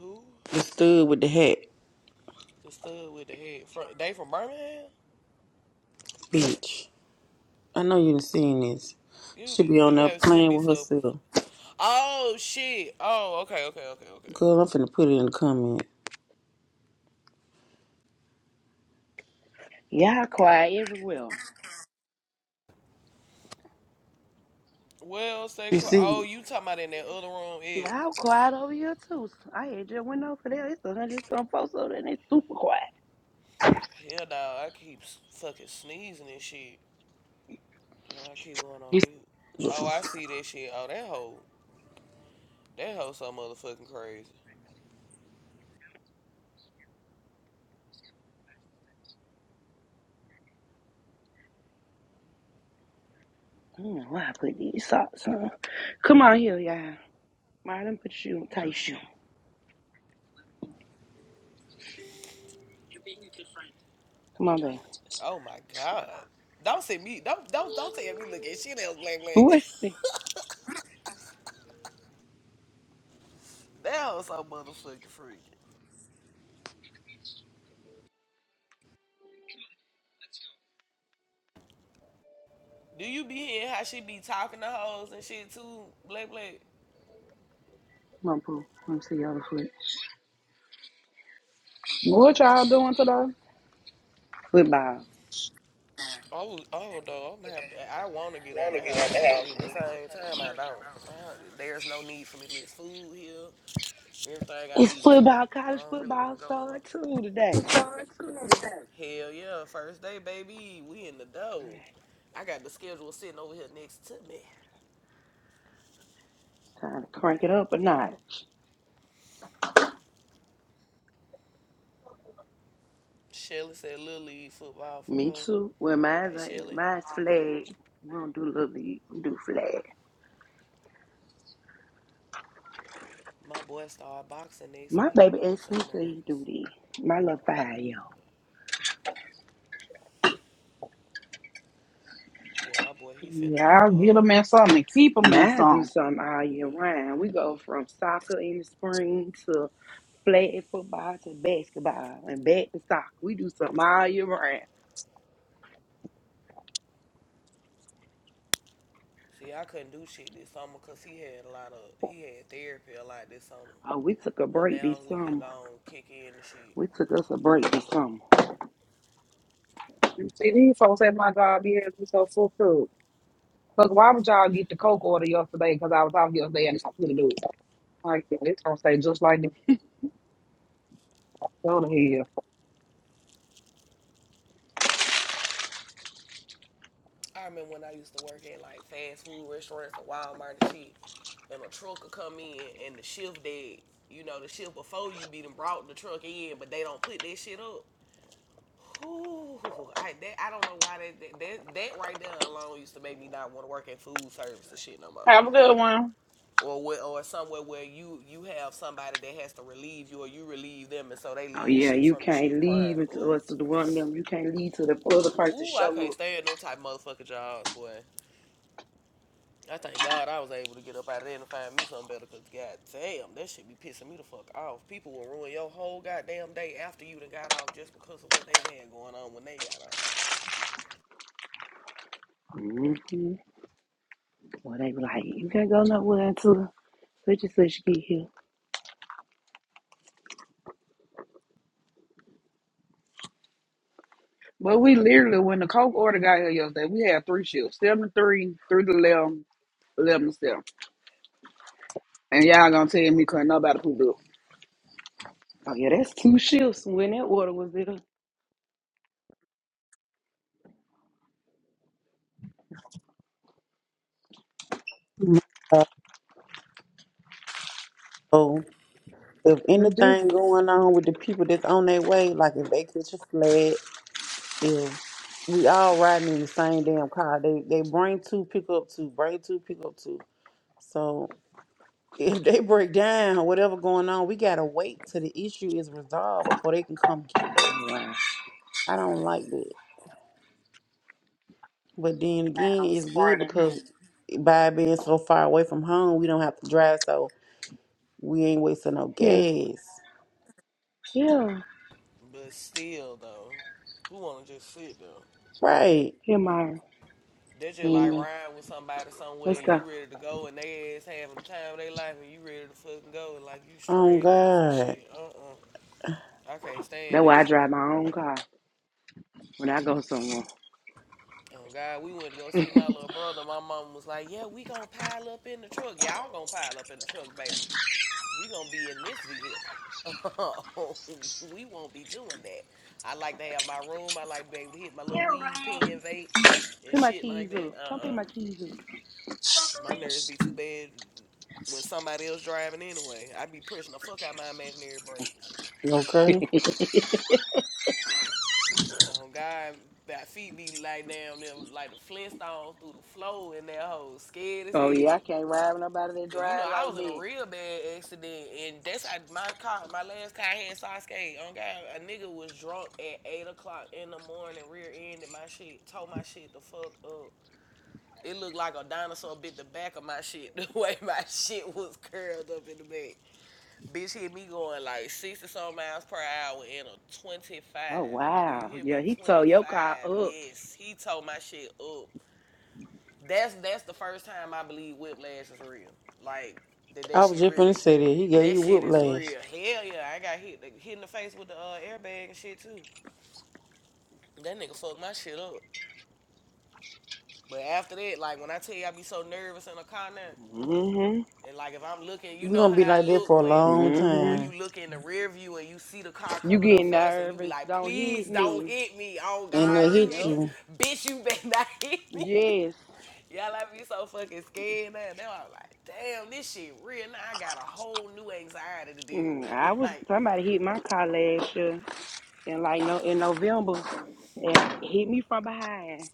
Speaker 6: Who
Speaker 3: The stud with the hat,
Speaker 6: the stud with the head? From, they from Birmingham?
Speaker 3: bitch. I know you done seen this.
Speaker 6: You
Speaker 3: She be on
Speaker 6: you
Speaker 3: there
Speaker 6: have sent
Speaker 3: playing
Speaker 6: me
Speaker 3: with
Speaker 6: so.
Speaker 3: herself.
Speaker 6: Oh shit. Oh okay okay okay okay.
Speaker 3: Girl, I'm finna put it in the comment.
Speaker 10: Y'all quiet everywhere.
Speaker 6: Well, stay
Speaker 3: You
Speaker 6: quiet.
Speaker 3: see?
Speaker 6: Oh, you talking about in that other room? Yeah.
Speaker 10: Y'all quiet over here, too. I had just went over there. It's a hundred some folks over there, and it's super quiet.
Speaker 6: Hell no, I keep fucking sneezing and shit. Oh, I keep going on mute. Oh, I see that shit. Oh, that hoe, that hoe so motherfucking crazy.
Speaker 10: I don't know why I put these socks on. Come on here, y'all. Marlon, put your shoe, on. tie your shoe. Come on, baby.
Speaker 6: Oh my god. Don't say me. Don't don't don't tell me look at shit else black black.
Speaker 10: Where's me?
Speaker 6: that hoe so motherfucking freaky. Do you be hearing how she be talking to hoes and shit too, black black?
Speaker 10: Come on, Pooh. Let me see your other foot.
Speaker 2: What y'all doing today?
Speaker 10: Football.
Speaker 6: I was, oh though, I'm have to, I want to get out the house, but
Speaker 3: it?
Speaker 6: at the same time, I don't. I, there's no need for me to list food here. Everything I
Speaker 10: It's
Speaker 6: need is here.
Speaker 10: football.
Speaker 6: I
Speaker 10: College
Speaker 6: don't really want
Speaker 10: football
Speaker 6: to go nowhere.
Speaker 10: started, too, today.
Speaker 6: Hell yeah, first day, baby. We in the
Speaker 10: All
Speaker 6: dough.
Speaker 10: right.
Speaker 6: I got the schedule sitting over here next to me.
Speaker 10: Time to crank it up a notch.
Speaker 6: Shelly said Little League football for
Speaker 10: Me
Speaker 6: her.
Speaker 10: too. Well, mine's
Speaker 6: Hey,
Speaker 10: ain't.
Speaker 6: Shelly.
Speaker 10: Mine's flag. We don't do little league. We do flag.
Speaker 6: My boy start boxing next
Speaker 10: My
Speaker 6: week.
Speaker 10: baby
Speaker 6: I'm
Speaker 10: asked
Speaker 6: so
Speaker 10: me to he
Speaker 6: nervous.
Speaker 10: do this. My little five year old.
Speaker 6: Yeah, my boy, he finna
Speaker 2: Yeah,
Speaker 6: do,
Speaker 2: I'll get
Speaker 6: uh,
Speaker 2: them in something and keep them in
Speaker 10: Mine do
Speaker 2: something.
Speaker 10: something all year
Speaker 6: yeah.
Speaker 10: round. We go from soccer in the spring to flag football to basketball and back to soccer. We do something all year round.
Speaker 6: See, I couldn't do shit this summer because he had a lot of, he had therapy a lot this summer.
Speaker 10: Oh, we took a
Speaker 6: But
Speaker 10: break
Speaker 6: now
Speaker 10: this
Speaker 6: we can
Speaker 10: summer.
Speaker 6: go and kick in the shit.
Speaker 10: We took us a break this summer.
Speaker 2: You see, these folks at my job here be so full food. Look, why would y'all get the Coke order yesterday? Because I was out yesterday and I couldn't do it. Like, it's going to say just like this. Go to hell.
Speaker 6: I remember when I used to work at like fast food restaurants and Walmart and shit, and a truck would come in and the shift that you know the shift before you be done brought the truck in, but they don't put that shit up. Ooh, I that I don't know why that that that, that right there alone used to make me not want to work in food service and shit no more,
Speaker 2: Have a good one.
Speaker 6: or where, or somewhere where you you have somebody that has to relieve you or you relieve them, and so they
Speaker 10: Oh
Speaker 6: leave
Speaker 10: yeah,
Speaker 6: shit
Speaker 10: you
Speaker 6: from the
Speaker 10: can't
Speaker 6: shift prior.
Speaker 10: leave until
Speaker 6: Ooh,
Speaker 10: us to the one of them. You can't leave till the other person
Speaker 6: ooh, I
Speaker 10: show
Speaker 6: can't
Speaker 10: up.
Speaker 6: stand them type motherfucking jobs, boy. I thank God I was able to get up out of there and find me something better, cause god damn, that shit be pissing me the fuck off. People will ruin your whole goddamn day after you done got off just because of what they had going on when they got off.
Speaker 10: hmm Well, they be like, you can't go nowhere until They just let you get here.
Speaker 2: But we literally, when the Coke order got here yesterday, we had three shifts, seven to three, three to eleven, eleven to seven. And y'all gonna tell me couldn't nobody poop up.
Speaker 10: Oh yeah, that's two shifts when that water was there.
Speaker 3: So if
Speaker 2: It's
Speaker 3: anything
Speaker 2: different.
Speaker 3: going on with the people that's on their way, like if they catch a flat, if we all riding in the same damn car, they they bring two, pick up two, bring two, pick up two. So if they break down, whatever going on, we gotta wait till the issue is resolved before they can come get
Speaker 10: Oh,
Speaker 3: us.
Speaker 10: wow.
Speaker 3: I don't like that. But then again, it's good because by being so far away from home, we don't have to drive, so we ain't wasting no
Speaker 10: Yeah,
Speaker 3: gas.
Speaker 10: yeah,
Speaker 6: But still though, who wanna just sit though?
Speaker 3: Right.
Speaker 10: yeah, Myra.
Speaker 6: They
Speaker 10: I
Speaker 6: just like
Speaker 10: mean, uh,
Speaker 6: riding with somebody somewhere,
Speaker 10: let's
Speaker 6: you
Speaker 10: go.
Speaker 6: ready to go and they ass having the time of their life and you ready to fucking go and like you
Speaker 3: Oh
Speaker 6: stranded or some
Speaker 3: God.
Speaker 6: shit. Uh uh I can't stand
Speaker 10: That's
Speaker 6: that
Speaker 10: why I
Speaker 6: shit.
Speaker 10: drive my own car when I go somewhere.
Speaker 6: Oh God, we went to go see my little brother. My mom was like, "Yeah, we gonna pile up in the truck. Y'all gonna pile up in the truck, baby." we gonna be in this vehicle. we won't be doing that. I like to have my room. I like to be able to hit my little weed pen, vape, and
Speaker 10: Pick my
Speaker 6: shit like
Speaker 10: keys
Speaker 6: that.
Speaker 10: up. Come
Speaker 6: Uh
Speaker 10: pick
Speaker 6: uh
Speaker 10: my keys up.
Speaker 6: My nerves be too bad when somebody else driving anyway. I be pushing the fuck out my imaginary brakes.
Speaker 3: Okay.
Speaker 6: Um, God, my feet be like down there like the Flintstones through the floor in that hole, scared as
Speaker 10: Oh, yeah, I
Speaker 6: hell.
Speaker 10: can't ride with nobody that
Speaker 6: Cause you know
Speaker 10: drive
Speaker 6: I
Speaker 10: like
Speaker 6: was in a
Speaker 10: that.
Speaker 6: real bad accident, and that's how my car, my last car I had Sasuke. On God, a nigga was drunk at eight o'clock in the morning, rear ended my shit, tore my shit the fuck up. It looked like a dinosaur bit the back of my shit, the way my shit was curled up in the back. Bitch hit me going like sixty some miles per hour in a twenty
Speaker 10: Oh
Speaker 6: five. Do you
Speaker 10: wow.
Speaker 6: hear
Speaker 10: Yeah,
Speaker 6: me?
Speaker 10: he
Speaker 6: Twenty
Speaker 10: tore your car
Speaker 6: five.
Speaker 10: up.
Speaker 6: Yes, he tore my shit up that's that's the first time I believe whiplash is real. Like that that
Speaker 3: I was
Speaker 6: shit
Speaker 3: just gonna
Speaker 6: really
Speaker 3: say that he gave
Speaker 6: that
Speaker 3: you
Speaker 6: shit is
Speaker 3: whiplash.
Speaker 6: real. Hell yeah, I got hit like, hit in the face with the uh, airbag and shit too. That nigga fucked my shit up. But after that, like when I tell you I be so nervous in a car now,
Speaker 10: Mhm.
Speaker 6: and like if I'm looking, you
Speaker 3: You're
Speaker 6: know
Speaker 3: gonna be
Speaker 6: how
Speaker 3: like
Speaker 6: I
Speaker 3: that for
Speaker 6: look
Speaker 3: a
Speaker 6: when when
Speaker 3: long
Speaker 6: uh, when
Speaker 10: Mhm.
Speaker 6: you
Speaker 3: time,
Speaker 6: look in the rear view and you see the car
Speaker 10: You
Speaker 6: coming
Speaker 10: get
Speaker 6: up fast and you be
Speaker 10: nervous.
Speaker 6: like,
Speaker 10: Don't hit
Speaker 6: please don't
Speaker 10: me.
Speaker 6: hit me. Oh
Speaker 3: and
Speaker 6: God,
Speaker 3: they
Speaker 6: you
Speaker 3: hit
Speaker 10: Yep.
Speaker 3: you
Speaker 6: bitch, you better not hit me.
Speaker 10: Yes.
Speaker 6: Y'all, I be so fucking scared now. They i like, damn, this shit real. Now I got a whole new anxiety to deal
Speaker 10: Mm,
Speaker 6: with.
Speaker 10: I was
Speaker 6: Like,
Speaker 10: somebody hit my car last year. And like no in November, it hit me from behind.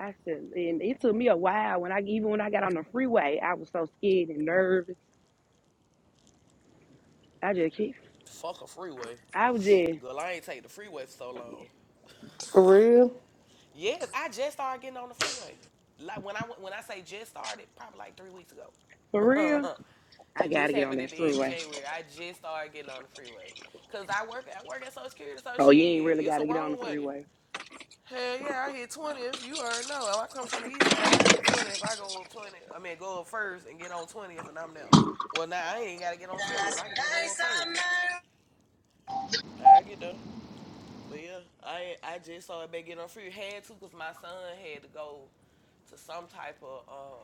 Speaker 10: I said, and it took me a while when I even when I got on the freeway, I was so scared and nervous. I just keep,
Speaker 6: fuck a freeway.
Speaker 10: I was just
Speaker 6: Girl, I ain't take the freeway for so long.
Speaker 3: for real.
Speaker 6: Yes, I just started getting on the freeway. Like when I when I say just started, probably like three weeks ago.
Speaker 10: for real. I
Speaker 6: and this
Speaker 10: gotta get on
Speaker 6: happened at
Speaker 10: that
Speaker 6: the end of
Speaker 10: freeway.
Speaker 6: January. I just started getting on the freeway. Cause I work I work at Social Security, so
Speaker 10: Oh,
Speaker 6: shit,
Speaker 10: you ain't really
Speaker 6: it's a
Speaker 10: gotta get on
Speaker 6: wrong
Speaker 10: the
Speaker 6: way.
Speaker 10: freeway.
Speaker 6: Hell yeah, I hit 20 if you already know. If I come from the east side, I hit 20 if I go up 20. I mean, go up first and get on 20th and I'm there. Well, now I ain't got to get on 20 if I can just go up first. I get there. But yeah, I I just saw it back get on free. Had to because my son had to go to some type of, uh,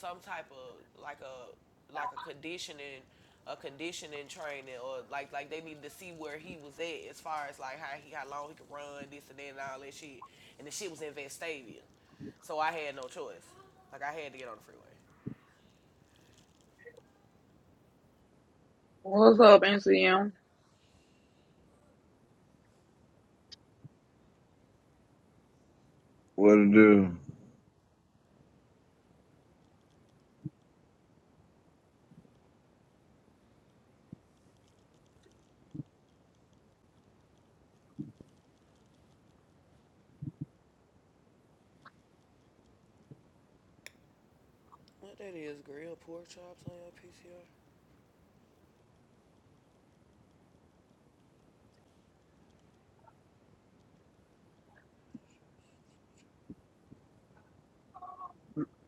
Speaker 6: some type of like a, like a conditioning, a conditioning training or like, like they needed to see where he was at as far as like how he, how long he could run, this and that and all that shit. And the shit was in Vestavia. So I had no choice. Like I had to get on the freeway.
Speaker 2: What's up, NCM?
Speaker 11: What to do?
Speaker 6: What that is, grilled pork chops on your PCR?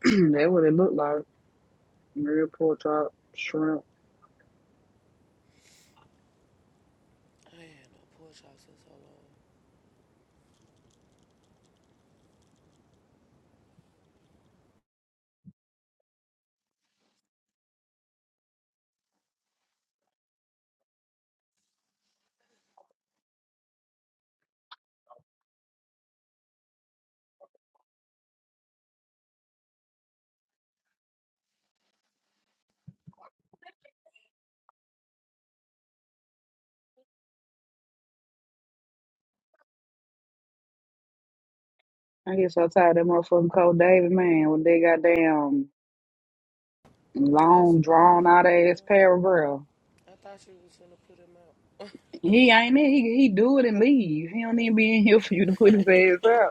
Speaker 2: that what it looked like. Real pork chop, shrimp.
Speaker 6: Pork chops or something.
Speaker 2: I get so tired of that motherfucking Cole David, man, with that goddamn
Speaker 6: I'm
Speaker 2: long,
Speaker 6: surprised
Speaker 2: drawn out ass
Speaker 6: uh,
Speaker 2: paragraph.
Speaker 6: I thought you was gonna put them out.
Speaker 2: He ain't it. He, he do it and leave. He don't even be in here for you to put his ass out.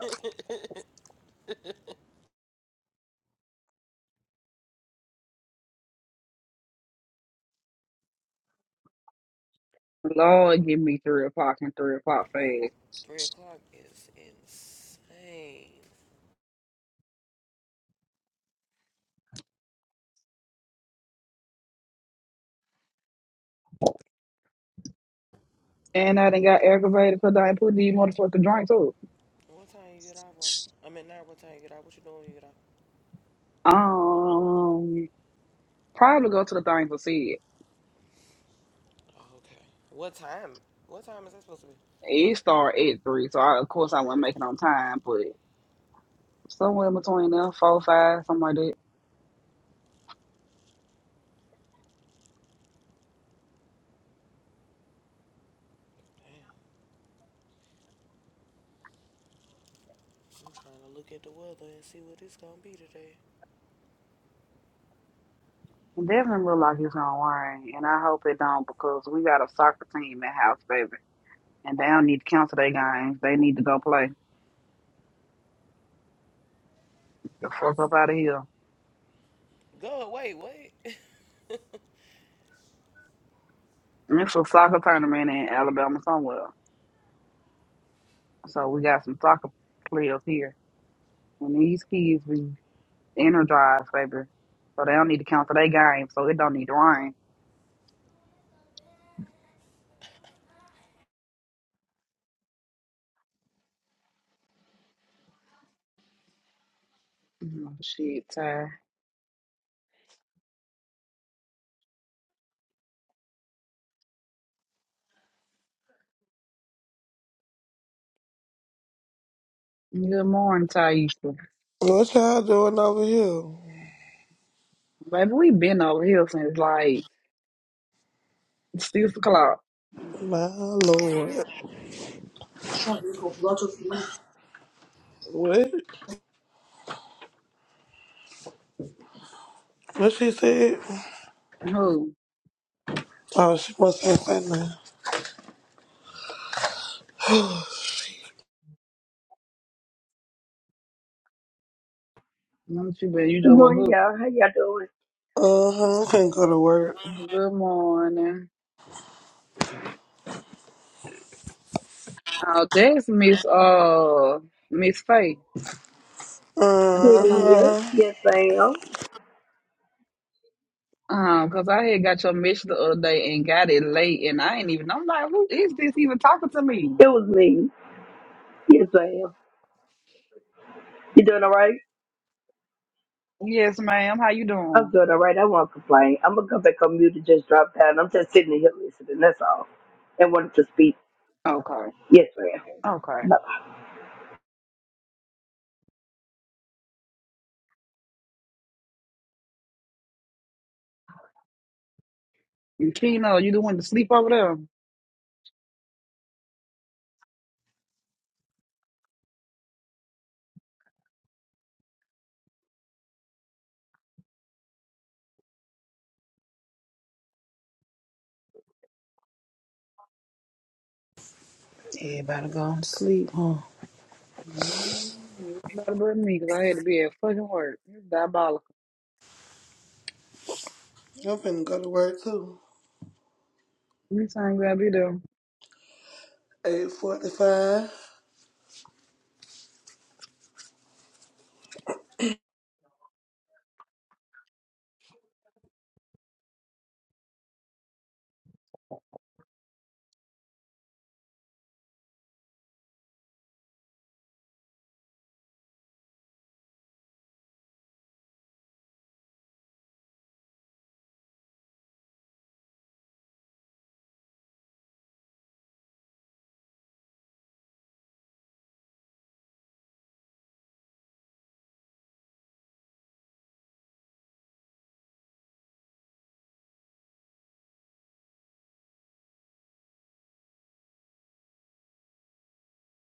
Speaker 2: Lord, give me three o'clock and three o'clock fast.
Speaker 6: Three o'clock is insane.
Speaker 2: And I done got aggravated because I ain't put these motherfucking drinks up.
Speaker 6: What time you get out, bro? I mean, not what time you get out. What you doing when you get out?
Speaker 2: Um, probably go to the thing for see it.
Speaker 6: Oh, okay. What time? What time is that supposed to be?
Speaker 2: It start at three, so I, of course I wasn't making on time, but somewhere in between there, four, five, something like that.
Speaker 6: I'm trying to look at the weather and see what it's gonna be today.
Speaker 2: It definitely look like it's gonna rain, and I hope it don't because we got a soccer team at house, baby, and they don't need to cancel their games. They need to go play. The fuck up out of here.
Speaker 6: Go, wait, wait.
Speaker 2: And it's a soccer tournament in Alabama somewhere, so we got some soccer players here. And these kids be energized, baby. So they don't need to cancel their game, so it don't need to rain. Oh, shit, Ty. Good morning, Taisha.
Speaker 12: What y'all doing over here?
Speaker 2: Baby, we been over here since like six o'clock.
Speaker 12: My lord. What? What she said?
Speaker 2: Who?
Speaker 12: Oh, she must have said something.
Speaker 2: Don't you been? You
Speaker 13: Good
Speaker 2: just
Speaker 13: morning,
Speaker 2: woke up.
Speaker 13: y'all. How y'all doing?
Speaker 12: Uh huh. I'm finna go to work.
Speaker 2: Good morning. Oh, that's Miss uh Miss Faye. And that's her
Speaker 12: Uh
Speaker 13: Kitty,
Speaker 2: name.
Speaker 13: yes,
Speaker 12: huh.
Speaker 13: yes, I am.
Speaker 2: Um, cause I had got your message the other day and got it late, and I ain't even. I'm like, who is this even talking to me?
Speaker 13: It was me. Yes, I am. You doing all right?
Speaker 2: Yes, ma'am. How you
Speaker 13: I'm
Speaker 2: doing?
Speaker 13: doing all right. I won't complain. I'm gonna come back on mute and just drop down. I'm just sitting here listening. That's all. And wanted to speak.
Speaker 2: Okay.
Speaker 13: Yes, I
Speaker 2: Okay.
Speaker 13: am.
Speaker 2: You Keno, you the one to sleep over there.
Speaker 3: Everybody going to sleep, huh?
Speaker 2: Mm, You Better but me, cause I had to be at fucking work. It's diabolical.
Speaker 12: I'm finna go to work too.
Speaker 2: Me time grab you there.
Speaker 12: 845.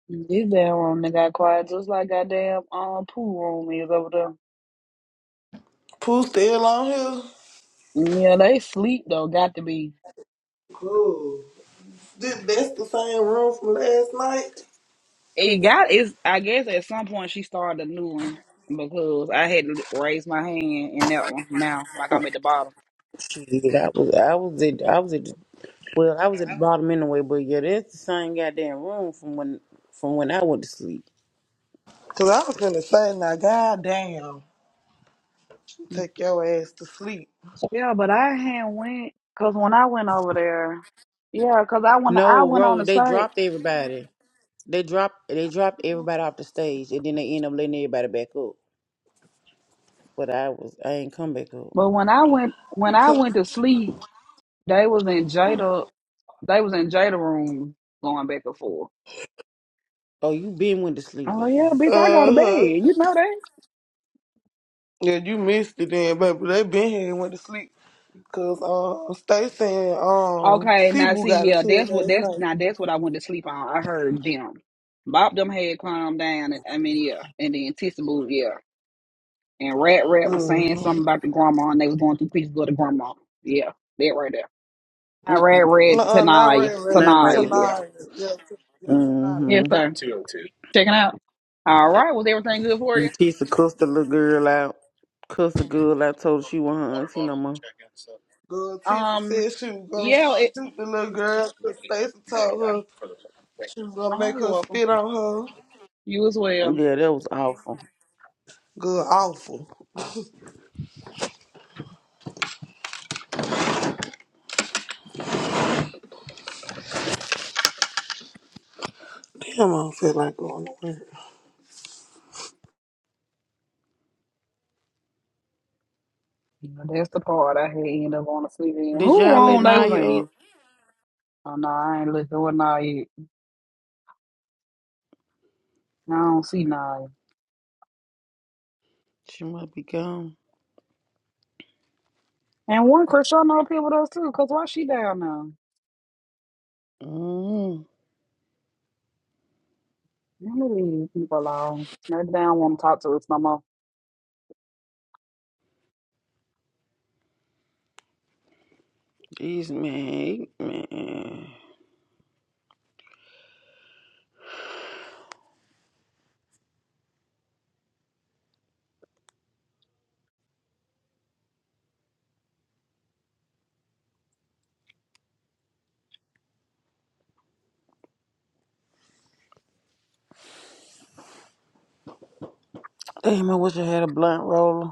Speaker 2: This damn room that got quiet just like goddamn um pool room is over there.
Speaker 12: Pooh still on here?
Speaker 2: Yeah, they sleep though. Got to be.
Speaker 12: Cool. Th- That's the same room from last night?
Speaker 2: It got it's. I guess at some point she started a new one because I had to raise my hand in that one now, like I'm at the bottom.
Speaker 3: Shit, I was I was at I was at the, well I was at the bottom anyway, but yeah, that's the same goddamn room from when from when I went to sleep.
Speaker 12: Cause I was finna say, now goddamn, take your ass to sleep.
Speaker 2: Yeah, but I had went because when I went over there, yeah, because I went I
Speaker 3: No,
Speaker 2: went on
Speaker 3: bro,
Speaker 2: the
Speaker 3: they
Speaker 2: site
Speaker 3: dropped everybody. They dropped they dropped everybody off the stage, and then they end up letting everybody back up. But I was I ain't come back up.
Speaker 2: But when I went when
Speaker 12: You
Speaker 2: I
Speaker 12: took.
Speaker 2: went to sleep, they was in Jada they was in Jada room going back and forth.
Speaker 3: Oh, you been went to sleep
Speaker 2: Oh
Speaker 3: then?
Speaker 2: yeah, bitch, I go to
Speaker 12: Uh
Speaker 2: bed.
Speaker 12: huh.
Speaker 2: You know that.
Speaker 12: Yeah, you missed it then, baby. They been here and went to sleep. Cause um, Stacy and um,
Speaker 2: Okay, now
Speaker 12: Cebu
Speaker 2: see,
Speaker 12: got
Speaker 2: yeah,
Speaker 12: into it
Speaker 2: that's what
Speaker 12: last
Speaker 2: that's
Speaker 12: night.
Speaker 2: now that's what I went to sleep on. I heard them. Bob them had calmed down. and- I mean, yeah, and then Tissa moved, yeah. And Rat Rat was saying
Speaker 12: Mm-hmm.
Speaker 2: something about the grandma, and they was going through pictures of the grandma. Yeah, that right there. I
Speaker 3: Mm,
Speaker 2: Rat Rat
Speaker 12: Uh-uh, not
Speaker 2: Tanaya,
Speaker 12: Ray Ray.
Speaker 3: Not right.
Speaker 2: Tanaya,
Speaker 3: right.
Speaker 2: yeah,
Speaker 12: Tonight, yeah, t- yeah, tonight.
Speaker 2: yes
Speaker 3: Mm-hmm.
Speaker 2: sir. Checking out. All right, was everything good for you?
Speaker 3: And Tisa cussed the little girl out. Cussed the girl out. Told her she wasn't her auntie no more.
Speaker 12: Girl, Tissa
Speaker 2: Um,
Speaker 12: said she was gonna
Speaker 2: yeah, it.
Speaker 12: shoot the little girl. Cause
Speaker 2: There
Speaker 12: Stacy
Speaker 2: you
Speaker 12: told
Speaker 2: go.
Speaker 12: her she was gonna
Speaker 2: Oh,
Speaker 12: make
Speaker 2: you're
Speaker 12: her
Speaker 2: welcome.
Speaker 12: spit on her.
Speaker 2: You as well.
Speaker 3: Yeah, that was awful.
Speaker 12: Good, awful. Damn, I don't feel like going to
Speaker 2: Yeah, That's the part I had end up on the sleep in.
Speaker 3: Did
Speaker 2: Who
Speaker 3: y'all let
Speaker 2: wrong they was
Speaker 3: Naya up?
Speaker 2: in? Oh no, I ain't looking with Nia. yet. I don't see Nia.
Speaker 3: She must be gone.
Speaker 2: And one Christian I know people does too, cause why she down now?
Speaker 3: Mm,
Speaker 2: Let me leave people alone. they down. want to talk to us no more.
Speaker 3: these man, man. Damn, I wish I had a blunt roller.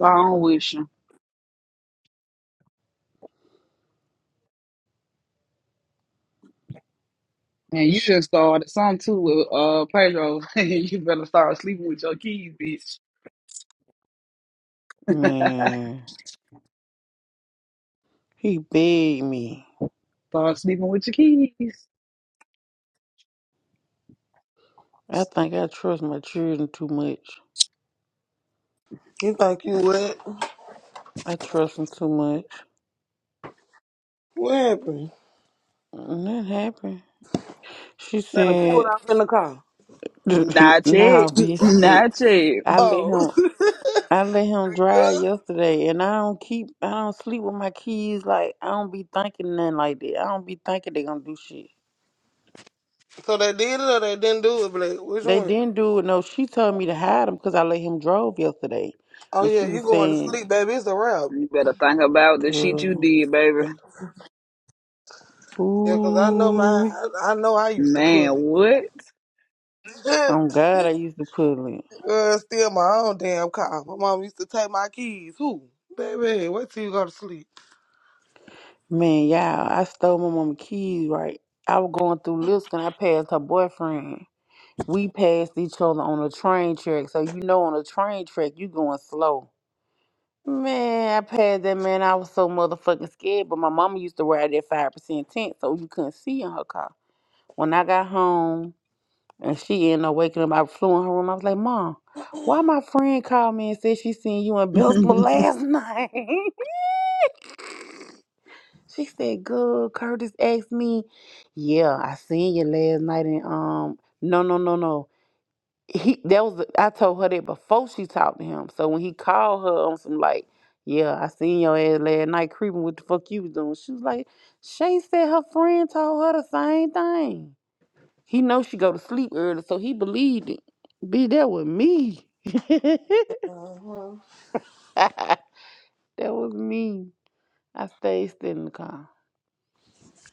Speaker 2: I don't wish you. And you just started some too with uh Pedro. you better start sleeping with your keys, bitch.
Speaker 3: Man, he begged me.
Speaker 2: start sleeping with your keys.
Speaker 3: I think I trust my children too much.
Speaker 12: You think you what?
Speaker 3: I trust them too much.
Speaker 12: What happened?
Speaker 3: And that happened. She
Speaker 12: They done pulled
Speaker 3: said,
Speaker 12: off in the car.
Speaker 3: "Nah,
Speaker 2: Not yet.
Speaker 3: bitch. It,
Speaker 2: Not yet.
Speaker 3: I let
Speaker 12: Oh.
Speaker 3: him. I
Speaker 12: Good.
Speaker 3: let him drive yesterday, and I don't keep. I don't sleep with my kids. Like I don't be thinking nothing like that. I don't be thinking they gonna do shit.
Speaker 12: So they did it or they didn't do it, Blake? Which
Speaker 3: They
Speaker 12: one?
Speaker 3: didn't do it. No, she told me to hide him because I let him drove yesterday,
Speaker 12: Oh
Speaker 3: and
Speaker 12: yeah,
Speaker 3: she
Speaker 12: you
Speaker 3: was
Speaker 12: going to
Speaker 3: saying,
Speaker 12: sleep, baby? It's a wrap.
Speaker 2: You better think about the shit you
Speaker 3: "Girl,
Speaker 2: did, baby.
Speaker 12: Yeah, 'cause I know my,
Speaker 3: "Ooh,
Speaker 12: I, I know I used to
Speaker 2: Man,
Speaker 12: pull
Speaker 2: what?
Speaker 12: it.
Speaker 3: oh God, I used to pull it."
Speaker 12: Girl, steal my own damn car. My mom used to take my keys. Who, baby? Wait till you go to sleep.
Speaker 3: Man, y'all, I stole my mama keys. Right, I was going through Lisk and I passed her boyfriend. We passed each other on a train track, so you know on a train track you going slow. Man, I passed that man. I was so motherfucking scared. But my mama used to ride that five percent tent, so you couldn't see in her car. When I got home. And she ended up waking up. I flew in her room. I was like, Mom, why my friend called me and said she seen you in Belsma
Speaker 2: Stupid
Speaker 3: last night? she said, Good. Curtis asked me, Yeah, I seen you last night. And um, no, no, no, no. He that was I told her that before she talked to him. So when he called her on some like, Yeah, I seen your ass last night creeping what the fuck you was doing. She was like, Shay said her friend told her the same thing. He knows she go to sleep early, so he believed it. Be that was me. that
Speaker 12: Uh-huh.
Speaker 3: was me. I stayed sitting in the car.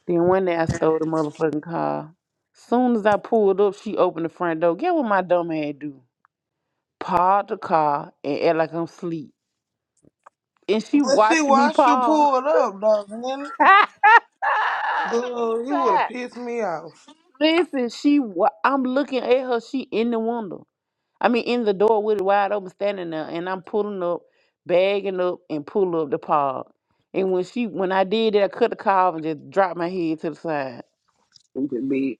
Speaker 3: Then one day I stole the motherfucking car. Soon as I pulled up, she opened the front door. Get what my dumb ass do? Park the car and act like I'm asleep. And she
Speaker 12: But see,
Speaker 3: watching me
Speaker 12: why
Speaker 3: park.
Speaker 12: pull it up, dog? Man, girl, you would have pissed me off.
Speaker 3: Listen, she wa- I'm looking at her. She in the window. I mean, in the door with it wide open, standing there, and I'm pulling up, bagging up, and pull up the pod. And when she, when I did that, I cut the car off and just dropped my head to the side.
Speaker 2: bitch.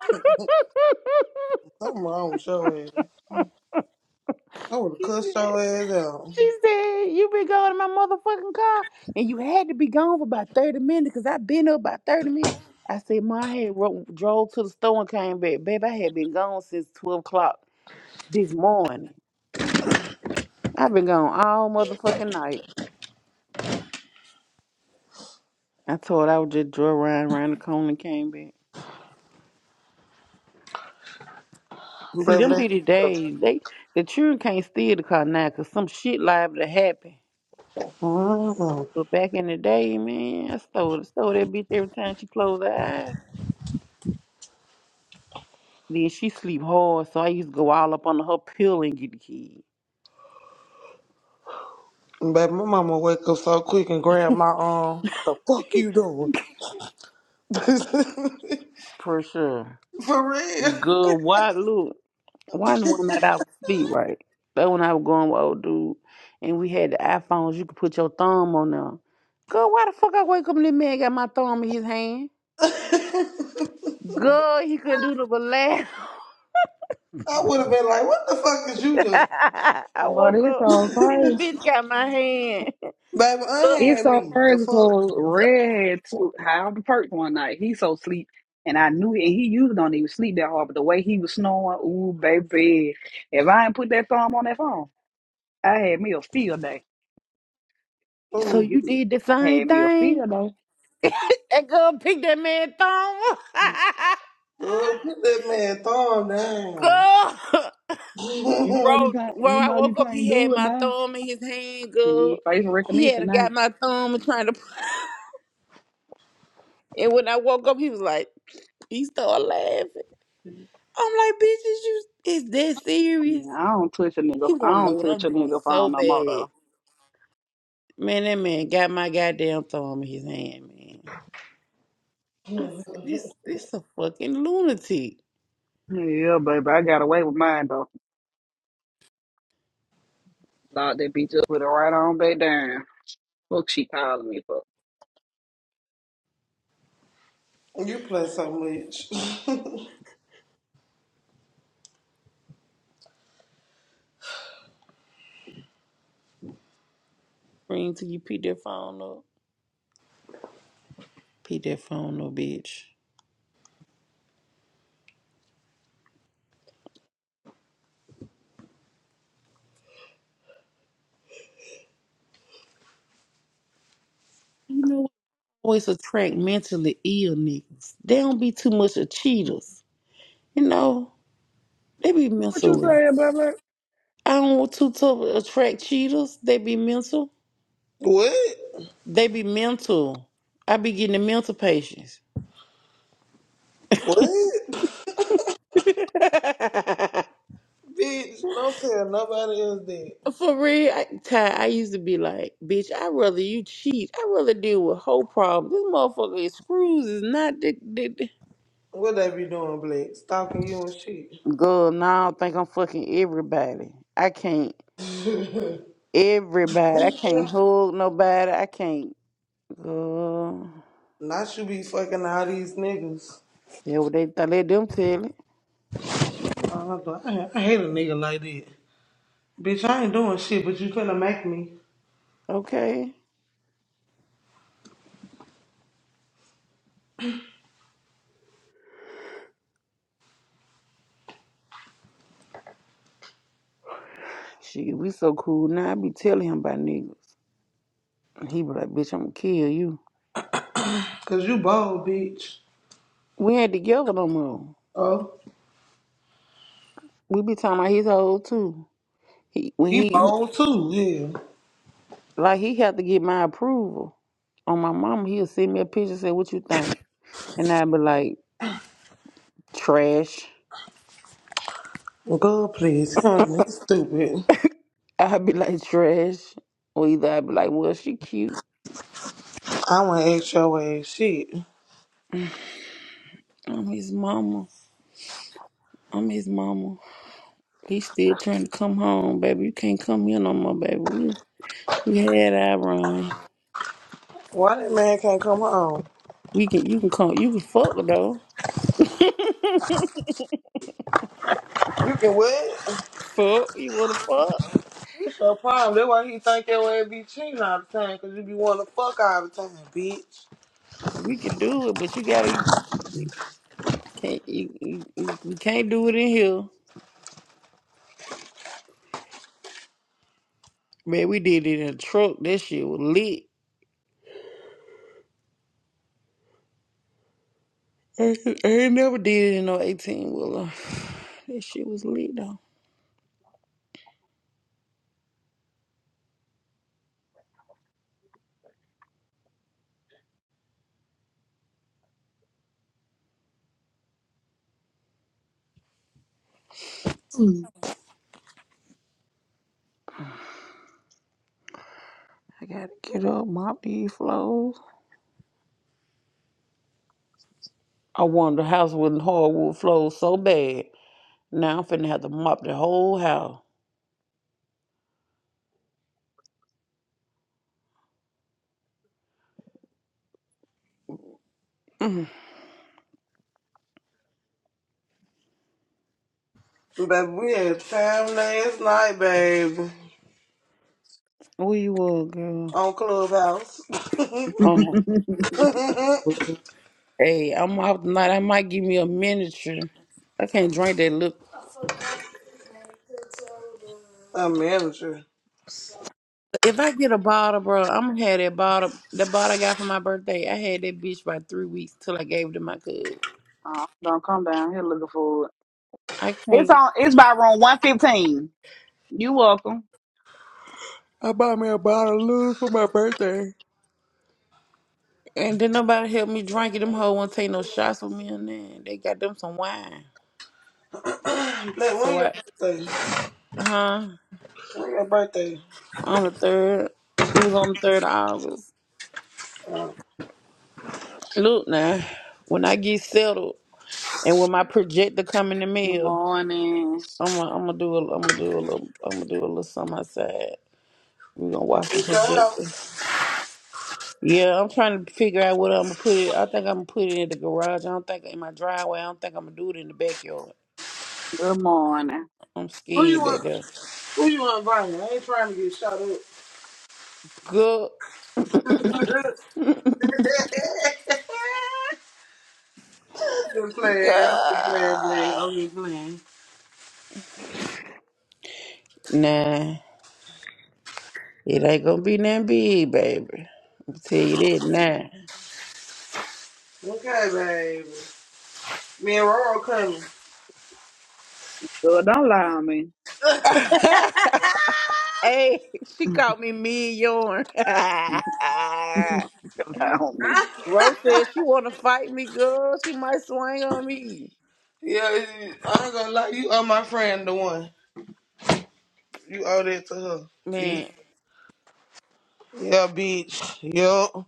Speaker 12: Something wrong with your ass. I would have
Speaker 3: she
Speaker 12: cussed
Speaker 3: said,
Speaker 12: your ass out,
Speaker 3: she said, you been going in my motherfucking car, and you had to be gone for about thirty minutes, cause I been up about thirty minutes. I said, Ma, I had ro- drove to the store and came back, babe. I had been gone since twelve o'clock this morning. I've been gone all motherfucking night. I told I would just draw around around the corner and came back. See,
Speaker 12: baby.
Speaker 3: them be the days. They the children can't steal the car now 'cause some shit liable to happen.
Speaker 12: mm
Speaker 3: But back in the day, man, I stole stole that bitch every time she closed her eyes. Then she sleep hard, so I used to go all up under her pillow and get the key.
Speaker 12: Baby, my mama wake up so quick and grab my arm. The fuck you doing?
Speaker 3: For sure.
Speaker 12: For real.
Speaker 3: Good. Why look? One one night I was sleep right. That when I was going with old dude, and we had the iPhones. You could put your thumb on them. Girl, why the fuck I wake up and this man got my thumb in his hand?
Speaker 12: I
Speaker 3: Girl, he couldn't do the ballet.
Speaker 12: would have been like, what the fuck did you do?
Speaker 3: I
Speaker 2: But
Speaker 3: woke
Speaker 2: it's
Speaker 3: up.
Speaker 2: so
Speaker 3: This
Speaker 2: crazy.
Speaker 3: bitch got my hand.
Speaker 12: Baby,
Speaker 3: Girl,
Speaker 2: It's
Speaker 12: unhand
Speaker 2: so
Speaker 12: me. The
Speaker 2: crazy
Speaker 12: fuck?
Speaker 2: because Red had to hide the perk one night. He so sleep. And I knew it. And he usually don't even sleep that hard. But the way he was snoring, ooh, baby. If I ain't put that thumb on that phone, I had me a field day.
Speaker 3: so
Speaker 12: Oh,
Speaker 3: you
Speaker 12: bitch.
Speaker 3: did the
Speaker 2: I
Speaker 3: same
Speaker 2: had me a
Speaker 3: thing?
Speaker 2: field day.
Speaker 3: That girl picked that man thumb.
Speaker 12: Lord, put that man thumb down.
Speaker 3: girl,
Speaker 2: You know you
Speaker 3: bro,
Speaker 2: can't
Speaker 3: when
Speaker 2: you
Speaker 3: I
Speaker 2: know you
Speaker 3: woke up,
Speaker 2: can't
Speaker 3: he had
Speaker 2: do it
Speaker 3: my
Speaker 2: now.
Speaker 3: thumb in his hand.
Speaker 2: You
Speaker 3: Girl,
Speaker 2: need face
Speaker 3: he
Speaker 2: recognition
Speaker 3: had got
Speaker 2: now.
Speaker 3: my thumb and trying to. And when I woke up, he was like, he started laughing. I'm like, bitch, is you is that serious?
Speaker 2: Yeah, I don't touch a nigga.
Speaker 3: He
Speaker 2: I
Speaker 3: want to know
Speaker 2: don't
Speaker 3: what I'm
Speaker 2: touch a
Speaker 3: doing
Speaker 2: nigga
Speaker 3: so
Speaker 2: phone no more
Speaker 3: bad.
Speaker 2: though.
Speaker 3: Man, that man got my goddamn thumb in his hand, man. I said, this this a fucking lunatic.
Speaker 2: Yeah, baby, I got away with mine though. Locked that bitch up, put it right on back down. Fuck, she calling me for.
Speaker 12: you play so much.
Speaker 3: Bring till you pick that phone up. Pick that phone up, bitch. You know what? Always attract mentally ill niggas. They don't be too much of cheaters. You know, they be
Speaker 2: What you
Speaker 3: mentally.
Speaker 2: saying, baby?
Speaker 3: I don't want too tough to attract cheaters. They be mental.
Speaker 12: what?
Speaker 3: They be mental. I be getting the mental patients.
Speaker 12: What? Bitch, don't tell nobody else that.
Speaker 3: For real, I, Ty, I used to be like, bitch, I'd rather you cheat. I'd rather deal with whole problems. This motherfucker is screws is not the, the, the-
Speaker 12: What they be doing, Blake? Stalking you and shit.
Speaker 3: Girl, now I don't think I'm fucking everybody. I can't everybody. I can't hug nobody. I can't girl.
Speaker 12: Not you be fucking all these niggas.
Speaker 3: That what they thought let them tell it.
Speaker 12: Uh, I I hate a nigga like that. Bitch, I ain't doing shit, but you finna make me.
Speaker 3: Okay. Shit, we so cool now. I be telling him about niggas. And he be like, bitch, I'm gonna kill you.
Speaker 12: Cause you bold, bitch.
Speaker 3: We ain't together no more.
Speaker 12: Oh.
Speaker 3: We be talking about his whole too. He when
Speaker 12: He
Speaker 3: he
Speaker 12: bold too, yeah.
Speaker 3: Like he had to get my approval. On my mama, he'll send me a picture, and say, What you think? And I'd be like, Trash.
Speaker 12: God, please. Him, he's stupid.
Speaker 3: I'd be like, Trash. Or either I'd be like, Well, she cute.
Speaker 12: I want extra way shit.
Speaker 3: I'm his mama. I'm his mama. He's still trying to come home, baby. You can't come here no more, baby. We we had our run.
Speaker 12: Why that man can't come home?
Speaker 3: We can you can come you can fuck though.
Speaker 12: You can what?
Speaker 3: fuck. You wanna fuck?
Speaker 12: It's your problem. That's why he think your ass be cheating all the time, because you be wanting to fuck all the time, bitch.
Speaker 3: We can do it, but you gotta you can't you, you, you you can't do it in here. Man, we did it in a truck. That shit was lit. I, I ain't never did it in no 18 wheeler. That shit was lit though. I gotta get up, mop these floors. I wanted the house with hardwood floors so bad. Now I'm finna have to mop the whole house. Mm.
Speaker 12: Baby, we had time last night, baby.
Speaker 3: Where you were, girl?
Speaker 12: On Clubhouse.
Speaker 3: Um, hey, I'm out tonight. I might give me a miniature. I can't drink that look.
Speaker 12: A manager.
Speaker 3: If I get a bottle, bro, I'm gonna have that bottle. The bottle I got for my birthday. I had that bitch by three weeks till I gave it to my cousin.
Speaker 2: uh, don't come down here looking for it.
Speaker 3: I
Speaker 2: It's
Speaker 3: can't.
Speaker 2: on. It's by room one fifteen. You welcome.
Speaker 3: I bought me a bottle of Lou for my birthday. And then nobody help me drink it. Them hoes won't take no shots with me and then they got them some wine.
Speaker 12: Look, when
Speaker 3: So
Speaker 12: your
Speaker 3: I
Speaker 12: birthday?
Speaker 3: huh?
Speaker 12: When your birthday?
Speaker 3: On the third. It was on the third of August. Look now, when I get settled and when my projector come in the
Speaker 2: Good
Speaker 3: mail,
Speaker 2: morning.
Speaker 3: I'm gonna I'm gonna do a I'm gonna do a little I'm gonna do a little something outside. we gonna watch the
Speaker 12: It's your
Speaker 3: projector.
Speaker 12: house.
Speaker 3: Yeah, I'm trying to figure out what I'm gonna put it. I think I'm gonna put it in the garage. I don't think in my driveway. I don't think I'm gonna do it in the backyard.
Speaker 2: Good morning.
Speaker 3: I'm
Speaker 12: Who you
Speaker 3: scared,
Speaker 12: want?
Speaker 3: baby.
Speaker 12: Who you want inviting? I ain't trying to get shot up.
Speaker 3: Good
Speaker 12: Just playing. I'm
Speaker 3: Girl.
Speaker 12: just playing, Blake. I'm just playing.
Speaker 3: Nah, it ain't gonna be nothing big, baby. I'm tell you that now.
Speaker 12: Okay, baby. Me and Roro coming.
Speaker 2: Girl, don't lie on me.
Speaker 3: hey, she caught me mid yarn.
Speaker 2: don't lie on me.
Speaker 3: Rose said she wanna fight me, girl. She might swing on me,
Speaker 12: Yeah, it- I ain't gonna lie. You are my friend, the one. You owe that to her, bitch.
Speaker 3: man.
Speaker 12: Yeah, bitch. Yup.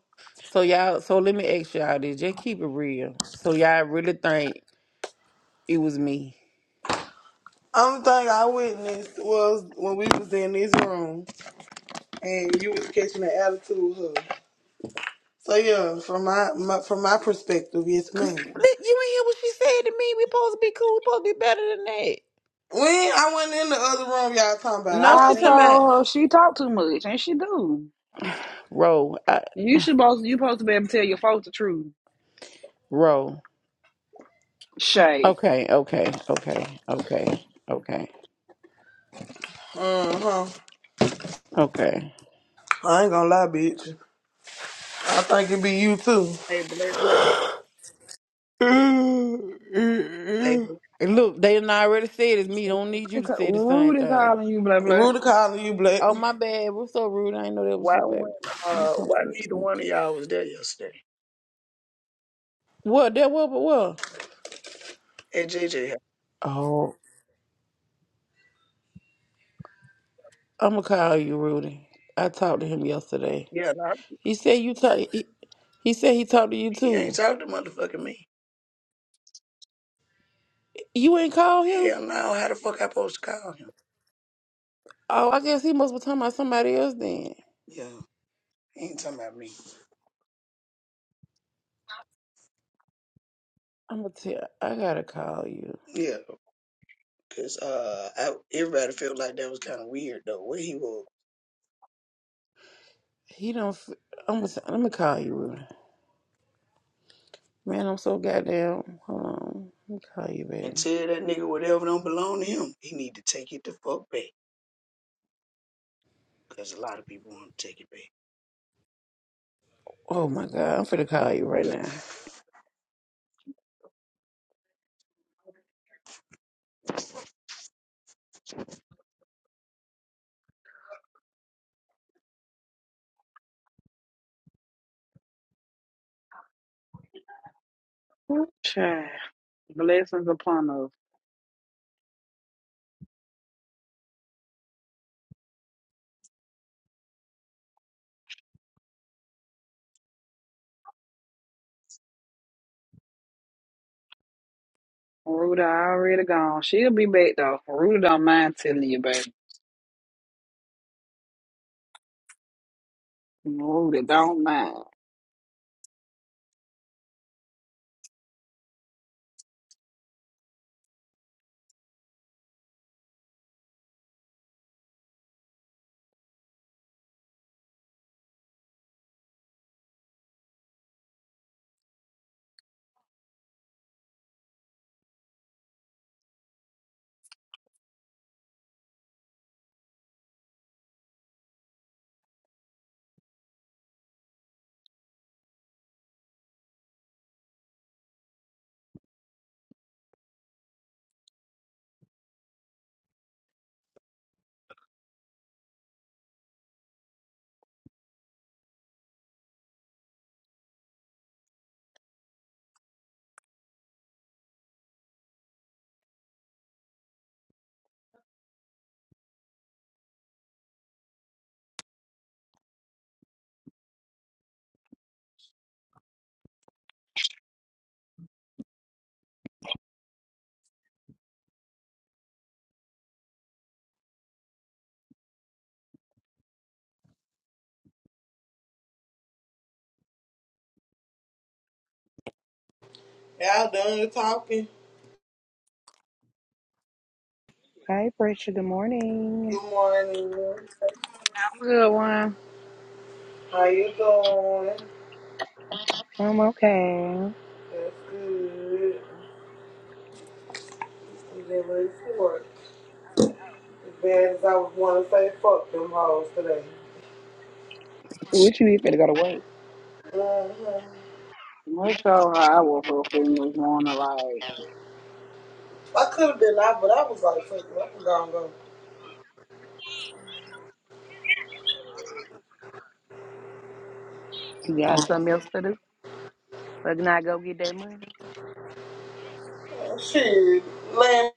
Speaker 3: So y'all, so let me ask y'all this. Just keep it real. So y'all really think it was me?
Speaker 12: Only thing I witnessed was when we was in this room and you was catching the attitude of her. So yeah, from my, my from my perspective, yes,
Speaker 3: Cause
Speaker 12: ma'am.
Speaker 3: li- you ain't
Speaker 12: When
Speaker 3: hear what she said to me. We supposed to be cool. We supposed to be better than that.
Speaker 12: I went in the other room, y'all talking about,
Speaker 3: No,
Speaker 2: I
Speaker 3: she's
Speaker 12: I, I ain't
Speaker 3: talking
Speaker 12: with.
Speaker 3: about
Speaker 2: told her she talk too much, and she do.
Speaker 3: roll, uh,
Speaker 2: You should supposed you supposed to be able to tell your folks the truth.
Speaker 3: roll.
Speaker 2: Shay.
Speaker 3: Okay, okay, okay, okay, okay,
Speaker 12: Uh huh.
Speaker 3: okay.
Speaker 12: I ain't gonna lie, bitch. I think it be you too.
Speaker 14: Hey, Black, Black. Hey, Black.
Speaker 3: Look, they done already said it's me. Don't need you
Speaker 2: Rudy
Speaker 3: to say the same
Speaker 2: Rudy
Speaker 3: thing.
Speaker 2: calling you, blah
Speaker 12: Rudy
Speaker 2: blah.
Speaker 12: calling you, Black.
Speaker 3: Oh my bad. What's so rude? I didn't know that was
Speaker 14: Why
Speaker 3: you,
Speaker 14: when
Speaker 3: baby. You
Speaker 14: uh
Speaker 3: come
Speaker 14: why
Speaker 3: from the
Speaker 14: neither
Speaker 3: street.
Speaker 14: one of y'all was there yesterday?
Speaker 3: What? That what? But what?
Speaker 14: At JJ house?
Speaker 3: Oh, I'm gonna call you Rudy. I talked to him yesterday.
Speaker 14: Yeah, no,
Speaker 3: He said you talk. He, he said he talked to you
Speaker 14: he ain't
Speaker 3: too.
Speaker 14: talking to motherfucking me.
Speaker 3: You ain't called him.
Speaker 14: Hell no, how the fuck I supposed to call him?
Speaker 3: Oh, I guess he must be talking about somebody else then.
Speaker 14: Yeah, he ain't talking about me.
Speaker 3: I'm gonna tell. I gotta call you.
Speaker 14: Yeah, cause uh I, everybody felt like that was kinda weird though, where he was.
Speaker 3: He don't. f- I'm gonna. I'm gonna call you, Rudy. Man, I'm so goddamn. Hold on. Let me call you,
Speaker 14: And
Speaker 3: baby.
Speaker 14: tell that nigga whatever don't belong to him, he need to take it the fuck back. Cause a lot of people want to take it back.
Speaker 3: Oh my god, I'm finna call you right now.
Speaker 2: Shay. Blessings upon us. Rudy already gone. She'll be back though. Rudy don't mind telling you, baby. Rudy don't mind.
Speaker 12: Y'all done with talking.
Speaker 10: Hey, Pressure. Good morning.
Speaker 12: Good morning.
Speaker 2: I'm a good one.
Speaker 12: How you doing?
Speaker 10: I'm okay.
Speaker 12: That's good. You getting ready to work. As bad as I was want to say, fuck them hoes today.
Speaker 10: What you need for to go to work?
Speaker 12: hmm
Speaker 2: We're so high. I woke up feeling this morning like
Speaker 12: I could have been out, but I was like, fuck it, I'm gonna go.
Speaker 10: You got something else to do? But not go get that money.
Speaker 12: Shit, lame.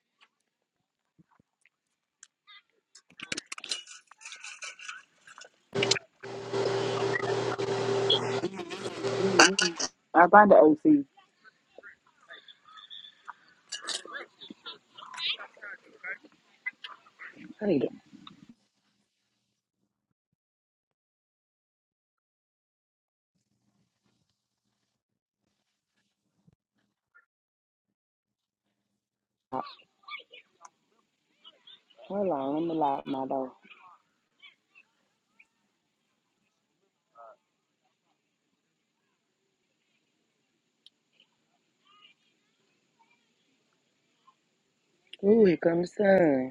Speaker 2: mm I think the OC.
Speaker 10: I need to. Hold on, I'm gonna lock my door. Ooh, here comes the sun.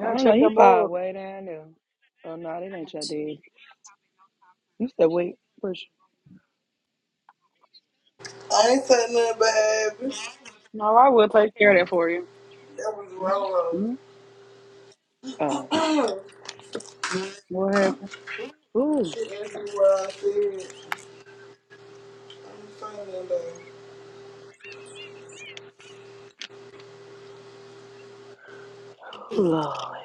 Speaker 10: I don't know.
Speaker 2: check
Speaker 10: He
Speaker 2: your board.
Speaker 10: probably way down there. Oh no, that ain't your daddy. You said wait, push.
Speaker 12: I ain't said nothing, baby.
Speaker 2: No, I will take care of that
Speaker 10: oh
Speaker 2: for you.
Speaker 12: That was wrong.
Speaker 2: Mm-hmm.
Speaker 10: oh
Speaker 2: What happened?
Speaker 10: ooh
Speaker 12: Shit everywhere I see it. I'm saying that. baby.
Speaker 10: oh Lord,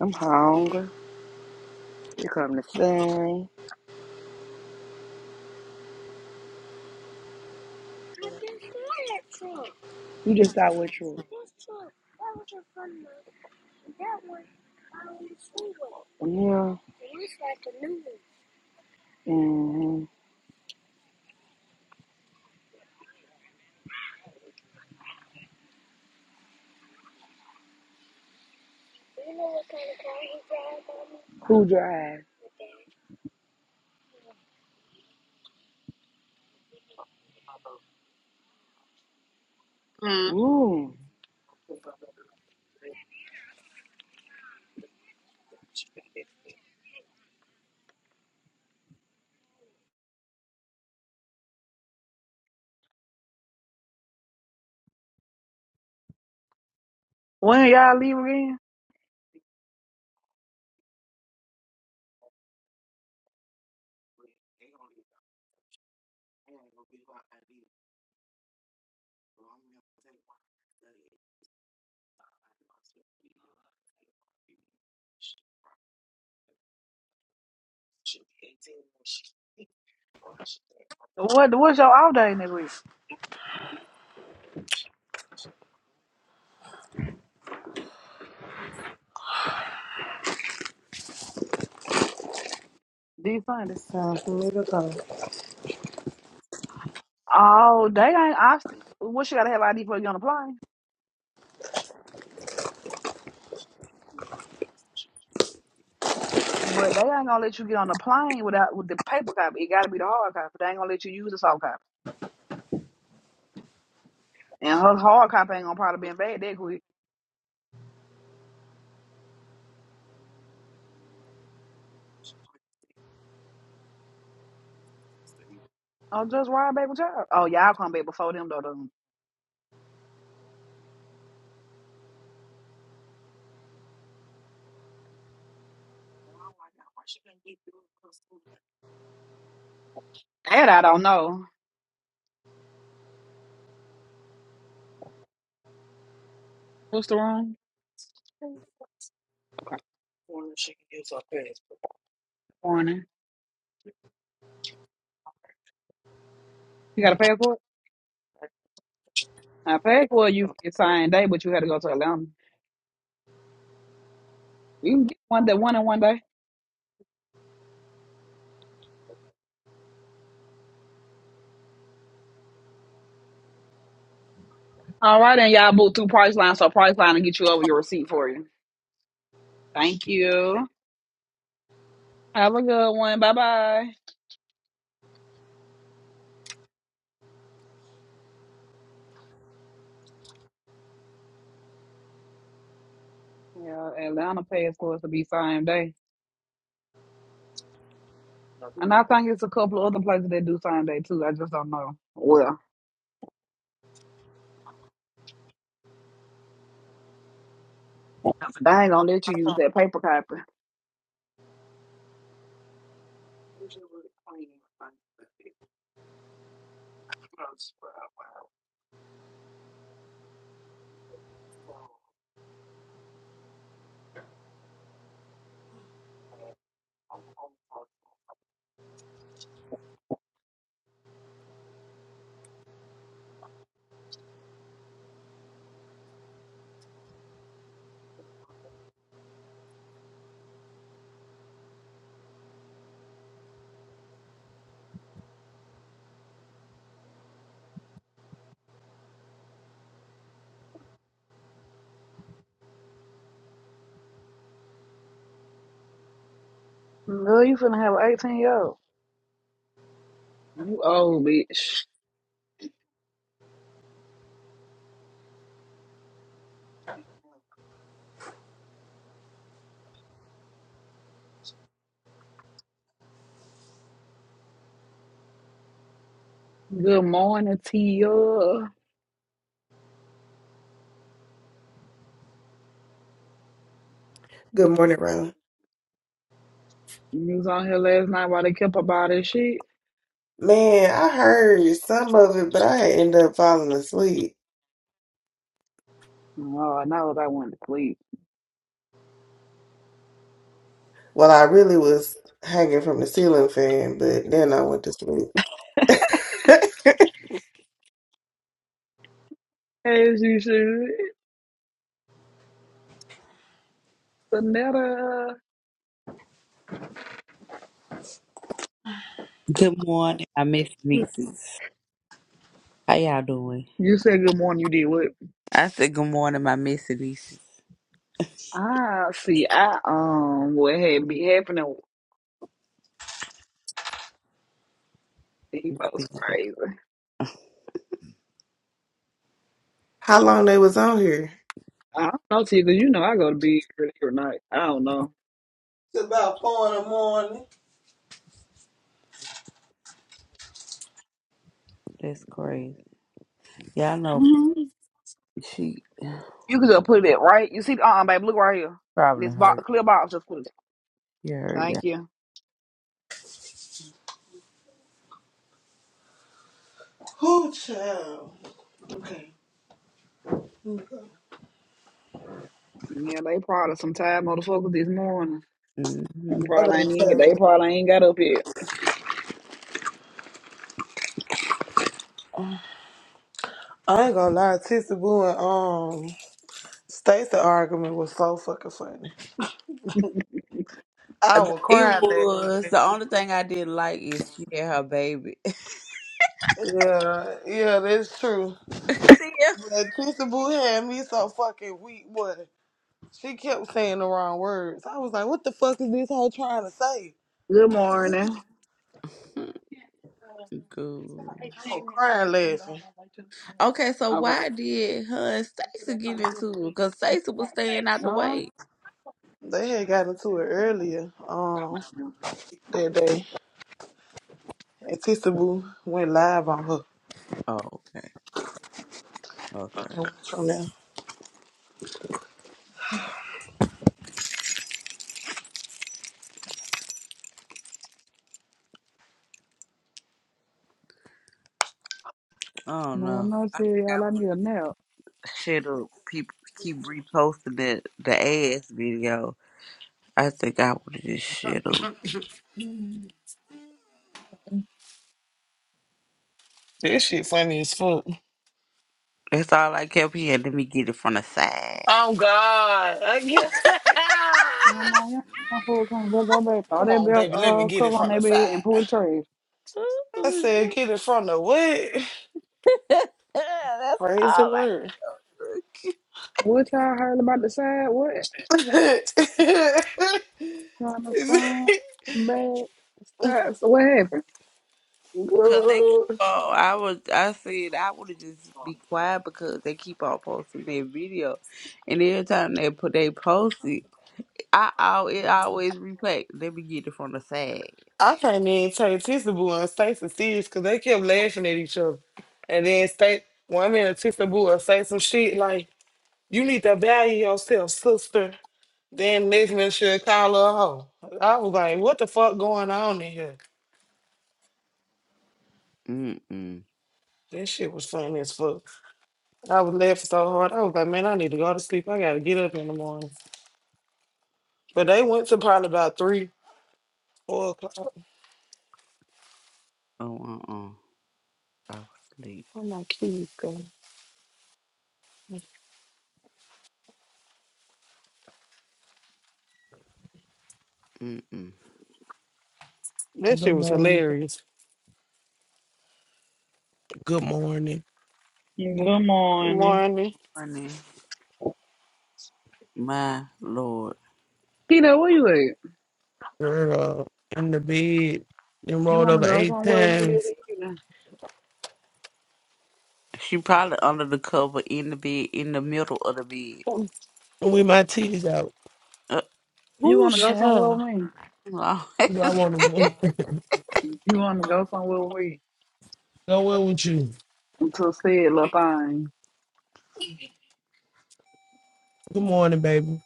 Speaker 10: I'm hungry. You come to sing. You just out with you? yeah. Mm-hmm. Who drives?
Speaker 2: Mhm.
Speaker 10: Ooh.
Speaker 2: When y'all leave again? What what's your off day next week? This Sunday.
Speaker 12: Time for me to go.
Speaker 2: Oh, they ain't. I st- what you gotta have ID before you get on the plane. But they ain't gonna let you get on the plane without with the paper copy. It gotta be the hard copy. They ain't gonna let you use the soft copy. And her hard copy ain't gonna probably be in bad that quick. Oh, just ride back with y'all. Oh, y'all come back before them though. though. That I don't know. What's the wrong? Okay. Morning. You got a passport? I paid for it, you it's same day, but you had to go to Atlanta. You can get one day, one in one day. All right, and y'all booked through Priceline, so Priceline will get you over your receipt for you. Thank you. Have a good one. Bye bye. Yeah, Atlanta pays for us to be same day, and I think it's a couple of other places that do same day too. I just don't know. Well, they ain't gonna let you use that paper copy. Girl, you finna have an eighteen year old. You old bitch. Good morning, Tia. You
Speaker 15: Good morning, Ron.
Speaker 2: was on here last night while they kept about this shit.
Speaker 15: Man, I heard some of it, but I had ended up falling asleep.
Speaker 2: Oh, now that I went to sleep.
Speaker 15: Well, I really was hanging from the ceiling fan, but then I went to sleep.
Speaker 2: As you should. Another.
Speaker 16: Good morning, my Miss Nieces. How y'all doing?
Speaker 2: You said good morning. You did what?
Speaker 16: I said good morning, my Miss Nieces.
Speaker 2: I see. I um, what had be happening? He
Speaker 16: What is
Speaker 2: was
Speaker 16: it?
Speaker 2: crazy.
Speaker 15: How long they was on here?
Speaker 2: I don't know, T, because you know I go to bed early every night. I don't know.
Speaker 12: It's about four in the morning.
Speaker 16: That's crazy. Y'all know
Speaker 2: hmm
Speaker 16: she
Speaker 2: You could just put it right. You see, uh, uh baby, look right here.
Speaker 16: probably
Speaker 2: This
Speaker 16: hurt.
Speaker 2: box, clear box, just put it.
Speaker 16: You hurt, yeah.
Speaker 2: Thank you.
Speaker 12: Whoo, child. Okay. let me go.
Speaker 2: Yeah, they probably some tired motherfuckers this morning.
Speaker 12: I
Speaker 2: You
Speaker 16: hmm
Speaker 12: know
Speaker 2: probably
Speaker 12: they
Speaker 2: ain't even.
Speaker 12: tell you.
Speaker 2: They probably ain't got up yet.
Speaker 12: I ain't gonna lie, Tissy Boo and um Stacey argument was so fucking funny. I was
Speaker 16: It
Speaker 12: crying laughing.
Speaker 16: was the only thing I didn't like is she had her baby.
Speaker 12: Yeah, yeah, that's true.
Speaker 16: See
Speaker 12: But Tissy Boo had me so fucking weak, boy. She kept saying the wrong words. I was like, what the fuck is this hoe trying to say?
Speaker 2: Good morning.
Speaker 16: ya. Good.
Speaker 12: I was crying laughing.
Speaker 16: Okay, so
Speaker 2: Okay.
Speaker 16: why did her and Stacey get into it? Because Stacey was staying out the way.
Speaker 12: They had gotten to it earlier, um,
Speaker 2: Yeah.
Speaker 12: that day. And Tissa Boo went live on her
Speaker 16: Oh, okay. Okay.
Speaker 12: from there.
Speaker 16: Oh
Speaker 2: Man,
Speaker 16: no.
Speaker 2: no
Speaker 16: I
Speaker 2: shit, y'all.
Speaker 16: don't
Speaker 2: I
Speaker 16: know.
Speaker 2: need a nap.
Speaker 16: Shit'll people keep reposting the the ass video. I think I would have just shit up.
Speaker 12: That shit funny as fuck.
Speaker 16: That's all I kept hearing. Let me get it from the side.
Speaker 12: Oh God! Again.
Speaker 2: No, no, y'all no full time. Just go back, throw
Speaker 12: Come
Speaker 2: that
Speaker 12: on,
Speaker 2: belt
Speaker 12: baby, let me
Speaker 2: uh,
Speaker 12: get it
Speaker 2: cover on
Speaker 12: from the
Speaker 2: that
Speaker 12: side.
Speaker 2: bed and pull the trays.
Speaker 12: I
Speaker 16: Ooh,
Speaker 12: said,
Speaker 16: shit.
Speaker 12: get it from the what?
Speaker 16: That's
Speaker 12: Crazy
Speaker 16: all I
Speaker 12: word.
Speaker 16: took.
Speaker 2: What y'all heard about the side? What? On the front, back, side. So what happened?
Speaker 16: Cause they keep
Speaker 12: Girl,
Speaker 16: on, I was, I said I would have just be quiet because they keep on posting their video, and every time they put they post it, I, al it always replay. Let me get it from the side.
Speaker 12: I can't even take Tissa Boo and Stacey serious because they kept laughing at each other. And then Stacey, one minute Tissa Boo will say some shit like, you need to value yourself, sister. Then next minute she'll call her a hoe. I was like, what the fuck going on in here?
Speaker 16: Mm mm.
Speaker 12: That shit was funny as fuck. I was laughing so hard. I was like, man, I need to go to sleep. I gotta get up in the morning. But they went to probably about three, four o'clock.
Speaker 16: Oh uh uh. I was asleep.
Speaker 12: Oh my kids going.
Speaker 16: Mm mm.
Speaker 12: That
Speaker 17: Good
Speaker 12: shit was
Speaker 17: morning.
Speaker 12: hilarious.
Speaker 17: Good morning,
Speaker 2: Good
Speaker 12: Good
Speaker 2: morning.
Speaker 12: morning.
Speaker 16: morning. My lord.
Speaker 2: Keto, where you at?
Speaker 17: girl. In the bed, then
Speaker 2: You
Speaker 17: rolled
Speaker 2: want to
Speaker 17: over
Speaker 2: go
Speaker 17: eight
Speaker 2: somewhere with me this
Speaker 17: times
Speaker 2: evening?
Speaker 16: She probably under the cover in the bed, in the middle of the bed.
Speaker 12: Ooh,
Speaker 17: with my titties out.
Speaker 16: Uh,
Speaker 2: You want to go somewhere
Speaker 12: child.
Speaker 2: with me?
Speaker 16: Lord.
Speaker 17: Girl, I want to
Speaker 2: You want to go somewhere with me?
Speaker 17: go in with you.
Speaker 2: To see it, little thing.
Speaker 17: Good morning, baby.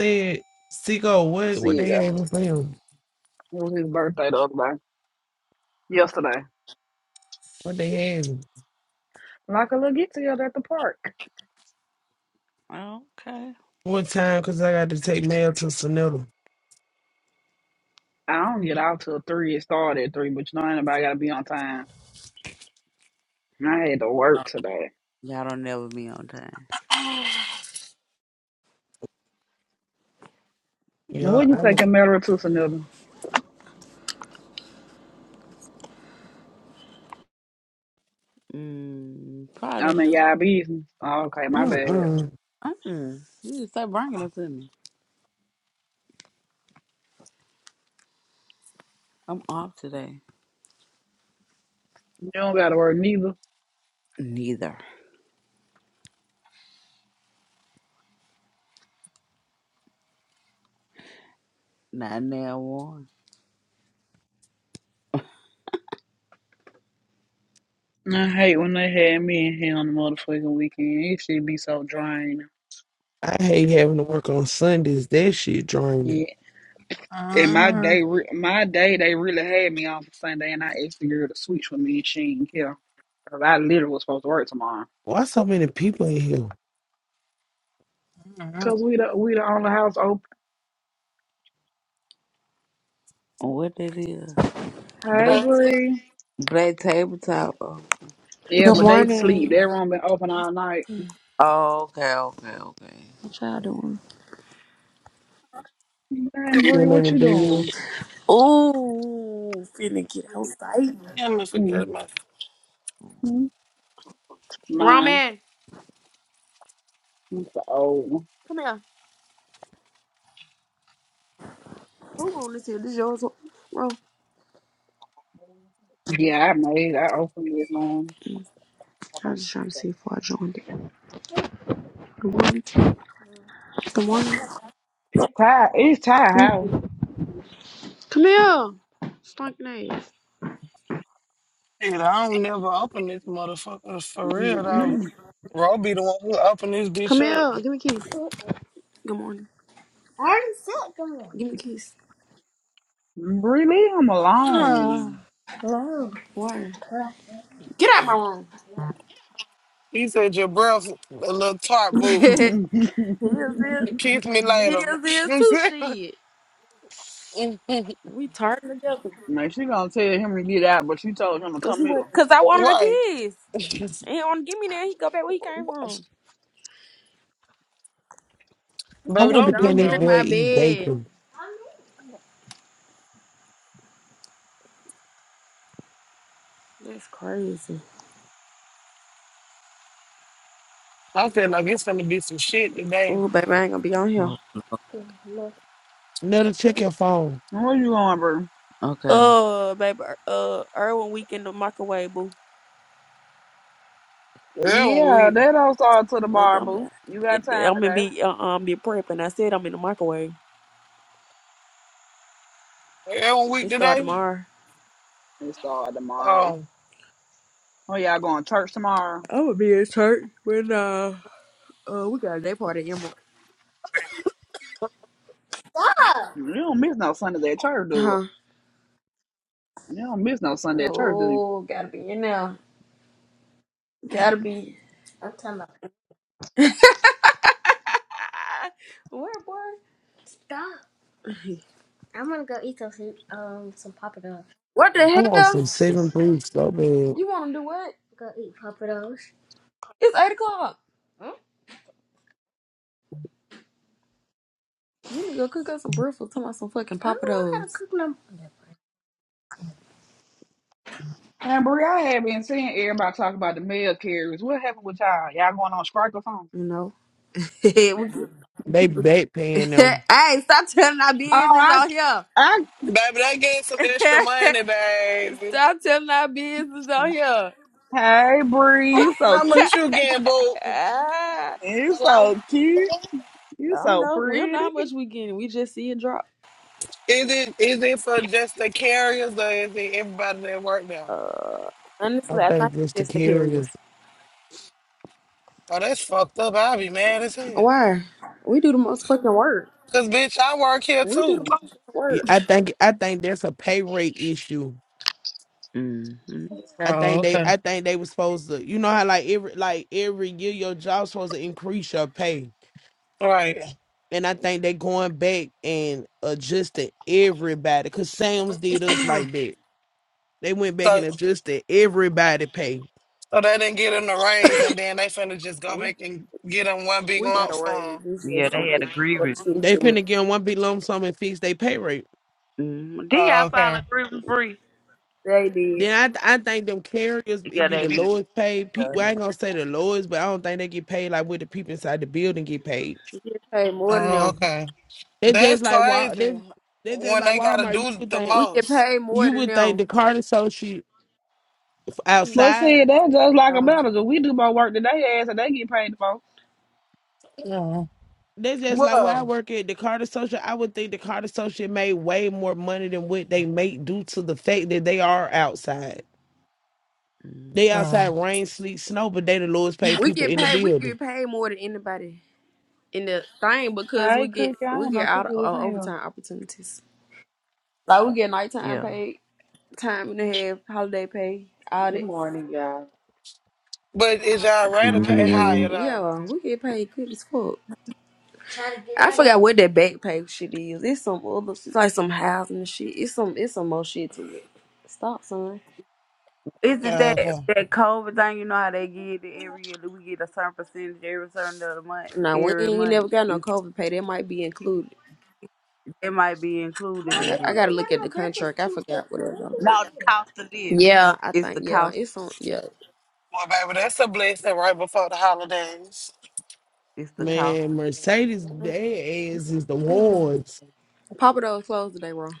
Speaker 17: Said, Seago, what, what
Speaker 2: See
Speaker 17: they
Speaker 2: you. It
Speaker 17: having for him?
Speaker 2: was his birthday the other day. Yesterday.
Speaker 17: What they having?
Speaker 2: Like a little get together at the park.
Speaker 16: okay.
Speaker 17: What time? Because I got to take mail to Sonata.
Speaker 2: I don't get out till three. It started at three, but you know ain't nobody gotta be on time. And I had to
Speaker 16: Oh,
Speaker 2: work today.
Speaker 16: Y'all don't never be on time.
Speaker 17: Yeah,
Speaker 2: What you
Speaker 17: I was,
Speaker 2: taking Meryl to another?
Speaker 16: Mm, probably.
Speaker 2: I'm in y'all business. Oh, okay, my bad.
Speaker 17: mm-mm.
Speaker 16: Mm, you just start bringing it to me. I'm off today.
Speaker 2: You don't gotta work neither.
Speaker 16: Neither. Not now one.
Speaker 2: I hate when they had me in here on the motherfucking weekend. It should be so draining.
Speaker 17: I hate having to work on Sundays. That shit draining.
Speaker 2: Yeah. And my
Speaker 12: Uh-huh.
Speaker 2: day, re- my day, they really had me off for Sunday, and I asked the girl to switch with me, and she didn't care. 'Cause I literally was supposed to work tomorrow.
Speaker 17: Why so many people in here?
Speaker 2: Cause we the we the only house open.
Speaker 16: What that is?
Speaker 2: Hey,
Speaker 16: Black,
Speaker 2: Bree.
Speaker 16: black tabletop. Oh,
Speaker 2: Yeah,
Speaker 18: Good
Speaker 2: but they sleep.
Speaker 18: morning.
Speaker 2: Their room been open all night.
Speaker 16: Oh, okay, okay, okay.
Speaker 18: What y'all doing?
Speaker 2: Man, Bree,
Speaker 17: Then in
Speaker 2: what
Speaker 17: the
Speaker 2: you
Speaker 17: bed.
Speaker 2: doing?
Speaker 18: Ooh, finna get outside.
Speaker 12: Yeah, I forgot my
Speaker 2: Mm-hmm.
Speaker 18: Wrong
Speaker 2: Mine.
Speaker 18: man.
Speaker 2: It's the old one.
Speaker 18: Come here. Who room this here? This yours room.
Speaker 2: Yeah, I made. I opened this one.
Speaker 18: I was just trying to see if I joined it. Good morning. Good morning.
Speaker 2: Ty, it's Ty
Speaker 18: Give me
Speaker 2: House.
Speaker 18: keys. Come here. Stunk ass.
Speaker 12: Shit, I don't never open this motherfucker for real though.
Speaker 2: Mm-mm.
Speaker 12: Bro, I be the one who open this bitch
Speaker 18: Come
Speaker 12: up.
Speaker 18: here. Give me keys. Good morning. I already said good morning. Give me keys.
Speaker 2: Bree, leave him
Speaker 18: Give me keys.
Speaker 2: alone.
Speaker 18: Hello. Why? Get out my room.
Speaker 12: He said your breath a little tart boot.
Speaker 18: Here's it.
Speaker 12: Kiss me later.
Speaker 18: Here's it too. Shit. We turned together.
Speaker 2: Man, she gonna tell him to get out, but she told him to
Speaker 18: Cause
Speaker 2: come
Speaker 18: he
Speaker 2: here.
Speaker 18: went. Cause I wanted a
Speaker 12: right.
Speaker 18: kiss. And he
Speaker 12: Baby,
Speaker 18: on give me there. He go back where he came from.
Speaker 17: I wonder,
Speaker 12: don't do
Speaker 17: can
Speaker 18: Don't
Speaker 17: this
Speaker 18: get in
Speaker 12: him.
Speaker 17: boy
Speaker 18: my
Speaker 17: eat
Speaker 18: bed.
Speaker 17: bacon?
Speaker 18: That's crazy.
Speaker 12: I feel like it's gonna be some shit today.
Speaker 18: Oh, baby, I ain't gonna be on here.
Speaker 16: Oh,
Speaker 17: Netta, check your phone.
Speaker 2: Where you going, Bree?
Speaker 16: okay.
Speaker 18: Uh, baby, uh, Irwin week in the microwave, boo.
Speaker 12: Yeah, one
Speaker 2: Yeah,
Speaker 12: week.
Speaker 2: they don't start to the
Speaker 18: It,
Speaker 2: bar,
Speaker 18: I'm,
Speaker 2: boo. You
Speaker 18: it,
Speaker 2: got
Speaker 18: I'm
Speaker 2: time
Speaker 18: gonna
Speaker 2: today?
Speaker 18: be uh, um be prepping. I said I'm in the microwave.
Speaker 12: Yeah, one week
Speaker 18: It start
Speaker 12: today.
Speaker 18: tomorrow.
Speaker 2: It start tomorrow.
Speaker 12: Um,
Speaker 2: Oh, y'all going to church tomorrow?
Speaker 18: I'm gonna be at church when uh uh we got a day party at Emerald. Stop.
Speaker 2: You don't miss no Sundays at church, do it.
Speaker 18: Huh?
Speaker 2: You don't miss no Sunday at church, do you?
Speaker 18: No, gotta be in there. Gotta be. Where, boy? Stop. I'm gonna go eat some soup, um some papados. What
Speaker 17: I
Speaker 18: the
Speaker 17: want some
Speaker 18: hell?
Speaker 17: seven boots so bad.
Speaker 18: You want to do what? Go eat papados. It's eight o'clock. Hmm? You need to go cook up some breakfast. Talking about some fucking I don't know how to papados. cook no.
Speaker 2: And Brie, I have been seeing everybody talk about the mail carriers. What happened with y'all? Y'all going on strike or something?
Speaker 18: You know. hey,
Speaker 17: They back paying them.
Speaker 18: stop telling our
Speaker 2: Oh,
Speaker 18: business
Speaker 2: I,
Speaker 18: on here.
Speaker 2: I,
Speaker 12: baby, they gave some extra money, baby.
Speaker 18: stop telling our business on here.
Speaker 2: hey, Bree,
Speaker 12: How,
Speaker 2: you so
Speaker 12: how
Speaker 2: cute.
Speaker 12: much you getting, boo?
Speaker 2: You
Speaker 12: Hello?
Speaker 2: so cute.
Speaker 18: I
Speaker 2: You
Speaker 18: don't
Speaker 2: so
Speaker 18: know. We don't know how
Speaker 2: pretty.
Speaker 18: much we getting. We just see it drop.
Speaker 12: Is it is it for just the carriers or is it everybody that work there?
Speaker 18: Uh,
Speaker 17: I
Speaker 18: honestly, I think
Speaker 17: think it's
Speaker 18: it's
Speaker 17: the
Speaker 18: just the
Speaker 17: carrier.
Speaker 18: carriers.
Speaker 12: Oh, that's fucked up. I'll be mad as hell.
Speaker 18: Why? We do the most fucking work.
Speaker 12: Cause bitch, I work here
Speaker 18: We do the
Speaker 12: too.
Speaker 18: most fucking
Speaker 17: Yeah,
Speaker 18: work.
Speaker 17: I think I think that's a pay rate issue.
Speaker 16: Mm-hmm.
Speaker 17: I
Speaker 12: Oh,
Speaker 17: think they
Speaker 12: okay.
Speaker 17: I think they was supposed to you know how like every like every year your job's supposed to increase your pay.
Speaker 12: Right.
Speaker 17: And I think they going back and adjusting everybody. Cause Sam's did us like that. They went back
Speaker 12: So
Speaker 17: and adjusted everybody pay.
Speaker 12: so they didn't get him the raise, and then they finna just go
Speaker 18: We
Speaker 12: back and get him one big
Speaker 18: we got
Speaker 12: lump
Speaker 18: a raise.
Speaker 12: sum.
Speaker 18: This
Speaker 16: Yeah,
Speaker 18: is
Speaker 16: they
Speaker 18: some
Speaker 16: had a
Speaker 18: it's
Speaker 16: grievance.
Speaker 18: other shit
Speaker 17: They
Speaker 18: to
Speaker 17: finna
Speaker 18: it.
Speaker 17: give 'em one big lump sum and fix their pay rate.
Speaker 16: Mm. Did y'all
Speaker 12: Oh,
Speaker 16: file a
Speaker 12: okay.
Speaker 16: grievance Bree?
Speaker 18: They did. They
Speaker 17: Then I I think them carriers it
Speaker 16: Yeah,
Speaker 17: be
Speaker 16: they
Speaker 17: the
Speaker 16: did.
Speaker 17: lowest paid
Speaker 16: Yeah,
Speaker 17: people. Well, I
Speaker 16: they
Speaker 17: ain't gonna say the lowest, but I don't think they get paid like what the people inside the building get paid.
Speaker 18: paid more than
Speaker 12: Oh,
Speaker 18: them.
Speaker 12: okay.
Speaker 17: They
Speaker 12: That's
Speaker 17: just like Wal
Speaker 12: crazy.
Speaker 17: they they just
Speaker 12: When
Speaker 17: like
Speaker 12: they gotta
Speaker 17: Walmart. You
Speaker 12: do
Speaker 17: would
Speaker 12: the
Speaker 17: think
Speaker 18: We get
Speaker 12: most.
Speaker 18: paid more
Speaker 17: you
Speaker 18: than
Speaker 17: would think
Speaker 18: them.
Speaker 17: the Carter associate
Speaker 2: But
Speaker 17: outside.
Speaker 2: see, that's just like a
Speaker 18: Uh,
Speaker 2: manager. We do more work than they ask, and they get paid the most.
Speaker 12: Yeah.
Speaker 17: They just like where I
Speaker 12: Well.
Speaker 17: work at the Carter Social. I would think the Carter associate made way more money than what they make due to the fact that they are outside.
Speaker 16: Mm.
Speaker 17: They
Speaker 12: uh,
Speaker 17: outside rain, sleet, snow, but they the lowest paid
Speaker 18: we
Speaker 17: people
Speaker 18: get
Speaker 17: in the
Speaker 18: paid. We
Speaker 17: building.
Speaker 18: get paid more than anybody in the thing because
Speaker 2: I
Speaker 18: we
Speaker 2: ain't
Speaker 18: get
Speaker 2: cookie. I
Speaker 18: we
Speaker 2: ain't no
Speaker 18: get
Speaker 2: cookie
Speaker 18: out
Speaker 2: was in
Speaker 18: uh,
Speaker 2: here.
Speaker 18: overtime opportunities. Like we get nighttime
Speaker 16: Yeah.
Speaker 18: pay, time and a half, holiday pay, all
Speaker 19: Good
Speaker 18: that.
Speaker 19: morning, y'all.
Speaker 12: But is y'all rate
Speaker 20: Good
Speaker 12: to pay
Speaker 20: morning, everyone.
Speaker 12: higher though?
Speaker 18: Yeah, we get paid good as fuck. I forgot what that back page shit is. It's some other, it's like some housing and shit. It's some, it's some more shit to it. Stop, son.
Speaker 16: Is it
Speaker 12: Yeah,
Speaker 16: that
Speaker 12: okay.
Speaker 16: that COVID thing? You know how they get it every year? Do We get a certain percentage every certain other month,
Speaker 18: Now we
Speaker 16: every
Speaker 18: ain't you
Speaker 16: month.
Speaker 18: never got no
Speaker 16: It,
Speaker 18: COVID pay. That might be included.
Speaker 16: it might be included in
Speaker 18: I, I
Speaker 16: it.
Speaker 18: gotta look at the contract. I forgot what it was. on
Speaker 16: No, the cost of living.
Speaker 18: Yeah, I
Speaker 16: It's
Speaker 18: think
Speaker 16: the
Speaker 18: yeah,
Speaker 16: cost.
Speaker 18: it's on. Yeah,
Speaker 12: Well, baby, that's a blessing right before the holidays.
Speaker 16: It's the cost.
Speaker 17: Man, Mercedes, their ass is the ones.
Speaker 18: Papa Do's closed today, bro.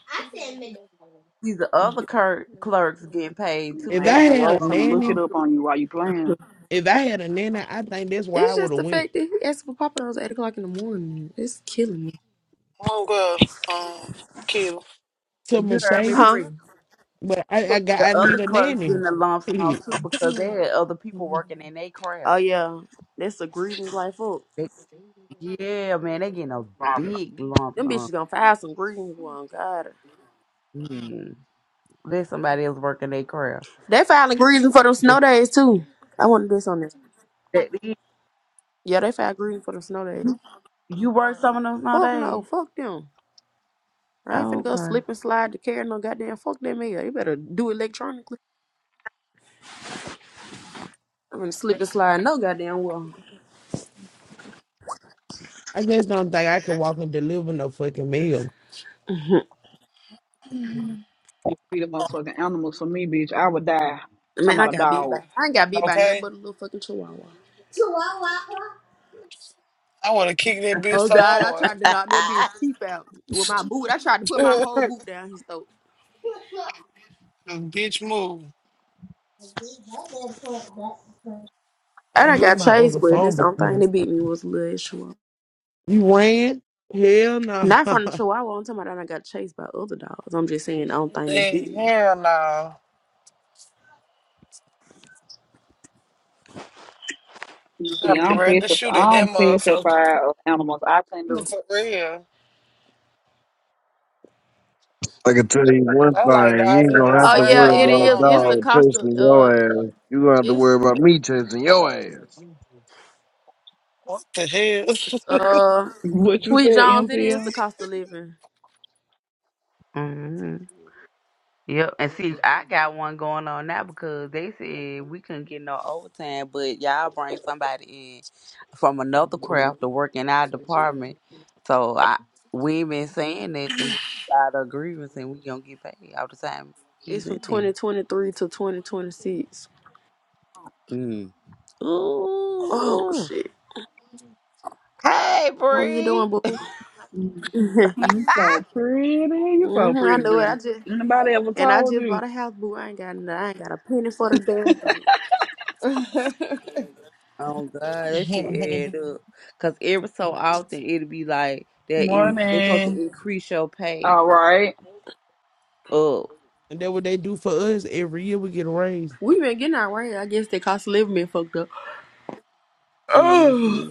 Speaker 16: These the other cur- clerks getting paid too.
Speaker 17: If
Speaker 16: They
Speaker 17: I
Speaker 16: get
Speaker 17: had
Speaker 16: a
Speaker 17: a
Speaker 16: lump sum
Speaker 17: nanny,
Speaker 16: too.
Speaker 2: Why you playing?
Speaker 17: if I had a nanny, I think that's why
Speaker 18: It's
Speaker 17: I would
Speaker 18: just
Speaker 17: have
Speaker 18: the
Speaker 17: went
Speaker 18: fact that he asked for Papa Do's at eight o'clock in the morning. It's killing me.
Speaker 12: Oh, good. Um, kid.
Speaker 17: to
Speaker 16: You heard me,
Speaker 17: Mercedes.
Speaker 18: Huh?
Speaker 16: Bree.
Speaker 17: But I, I got
Speaker 16: The
Speaker 17: I
Speaker 16: other
Speaker 17: need a
Speaker 16: clerks
Speaker 17: nanny.
Speaker 16: getting a lump sum
Speaker 17: Shit.
Speaker 16: too because they had other people working in their craft.
Speaker 18: Oh yeah, that's a grievance life up.
Speaker 16: Yeah, man, they getting a big lump
Speaker 18: Them
Speaker 16: sum.
Speaker 18: bitches gonna file some grievance one. God
Speaker 16: Mm. Let somebody else working their craft.
Speaker 18: They filing greasing for them
Speaker 16: If
Speaker 18: snow days too. I want to do there.
Speaker 16: that,
Speaker 18: Yeah, they filed greasing for them snow days.
Speaker 16: you work some of those all
Speaker 18: Fuck no,
Speaker 16: day.
Speaker 18: fuck them. I ain't finna
Speaker 16: Oh,
Speaker 18: go
Speaker 16: okay.
Speaker 18: slip and slide to carry no goddamn fuck them here. You better do electronically. I'm going slip and slide no goddamn well.
Speaker 17: I just don't think I could walk and deliver no fucking meal.
Speaker 18: Mhm.
Speaker 2: Be the motherfucking animals for me, bitch. I would die. Talking
Speaker 18: Man, I
Speaker 2: about a
Speaker 18: got beat
Speaker 2: dog.
Speaker 18: by I ain't got beat by nothing
Speaker 12: Okay.
Speaker 18: but a little fucking chihuahua. Chihuahua.
Speaker 12: I would have kicked that bitch
Speaker 18: Oh
Speaker 12: so
Speaker 18: God, I tried to knock that bitch teeth out with my boot. I tried to put my whole
Speaker 12: hard.
Speaker 18: boot down his throat.
Speaker 12: bitch move.
Speaker 18: I
Speaker 17: I
Speaker 18: done
Speaker 17: hear
Speaker 18: got
Speaker 17: my
Speaker 18: chased,
Speaker 17: other
Speaker 18: but
Speaker 17: phone
Speaker 18: this only thing
Speaker 17: because
Speaker 18: that beat me was a little issue.
Speaker 17: you ran? Hell no.
Speaker 18: Not from the
Speaker 17: and
Speaker 18: Chihuahua. I'm talking about that I got chased by other dogs. I'm just saying, I don't think they
Speaker 12: Hey,
Speaker 18: beat
Speaker 12: hell no.
Speaker 2: You
Speaker 12: I
Speaker 2: see,
Speaker 12: be
Speaker 2: I'm
Speaker 12: ready to
Speaker 2: petrified.
Speaker 12: shoot at that
Speaker 2: I'm
Speaker 12: motherfucker.
Speaker 2: petrified of animals. I can do
Speaker 12: For real.
Speaker 11: I can tell you one
Speaker 12: I like
Speaker 11: thing, you
Speaker 12: dogs.
Speaker 11: ain't
Speaker 12: It's
Speaker 11: gonna
Speaker 12: just
Speaker 11: have
Speaker 18: Oh
Speaker 11: to
Speaker 12: certain
Speaker 18: yeah,
Speaker 11: worry
Speaker 18: it
Speaker 12: dogs I
Speaker 11: about a
Speaker 18: is.
Speaker 12: don't
Speaker 18: It's the
Speaker 12: like.
Speaker 11: dog
Speaker 18: cost of
Speaker 11: chasing
Speaker 18: uh,
Speaker 11: your ass. You gonna have to
Speaker 18: it's
Speaker 11: worry about me chasing your ass.
Speaker 12: What the hell?
Speaker 18: uh,
Speaker 2: what you said,
Speaker 18: Sweet Jones. It is
Speaker 2: MCL.
Speaker 18: the cost of living.
Speaker 16: hmm Yep, and see, I got one going on now because they said we couldn't get no overtime, but y'all bring somebody in from another craft to work in our department. So I we ain't been saying nothing. We got agreements and we gonna get paid all the time
Speaker 18: It's
Speaker 16: he's
Speaker 18: from
Speaker 16: in
Speaker 18: 2023 to 2026.
Speaker 16: there.
Speaker 18: Oh
Speaker 16: Ooh.
Speaker 18: shit!
Speaker 16: Hey,
Speaker 18: How you
Speaker 16: Bree.
Speaker 18: doing, boo?
Speaker 2: You So pretty, you so
Speaker 18: hmm I
Speaker 2: pretty,
Speaker 18: know it.
Speaker 2: pretty.
Speaker 18: I just
Speaker 2: Anybody ever
Speaker 18: and I
Speaker 2: told
Speaker 18: just
Speaker 2: you
Speaker 18: bought a house, boo. I ain't got n- I ain't got a penny for the damn thing.
Speaker 16: Oh God, that shit add up. Cause every so often it'll be like that. They are supposed to
Speaker 2: morning?
Speaker 16: increase your pay
Speaker 2: All right.
Speaker 16: up,
Speaker 17: that what they do for us every year we get a raise.
Speaker 18: we been getting our way. I guess the cost of living been fucked up. Oh,
Speaker 16: hmm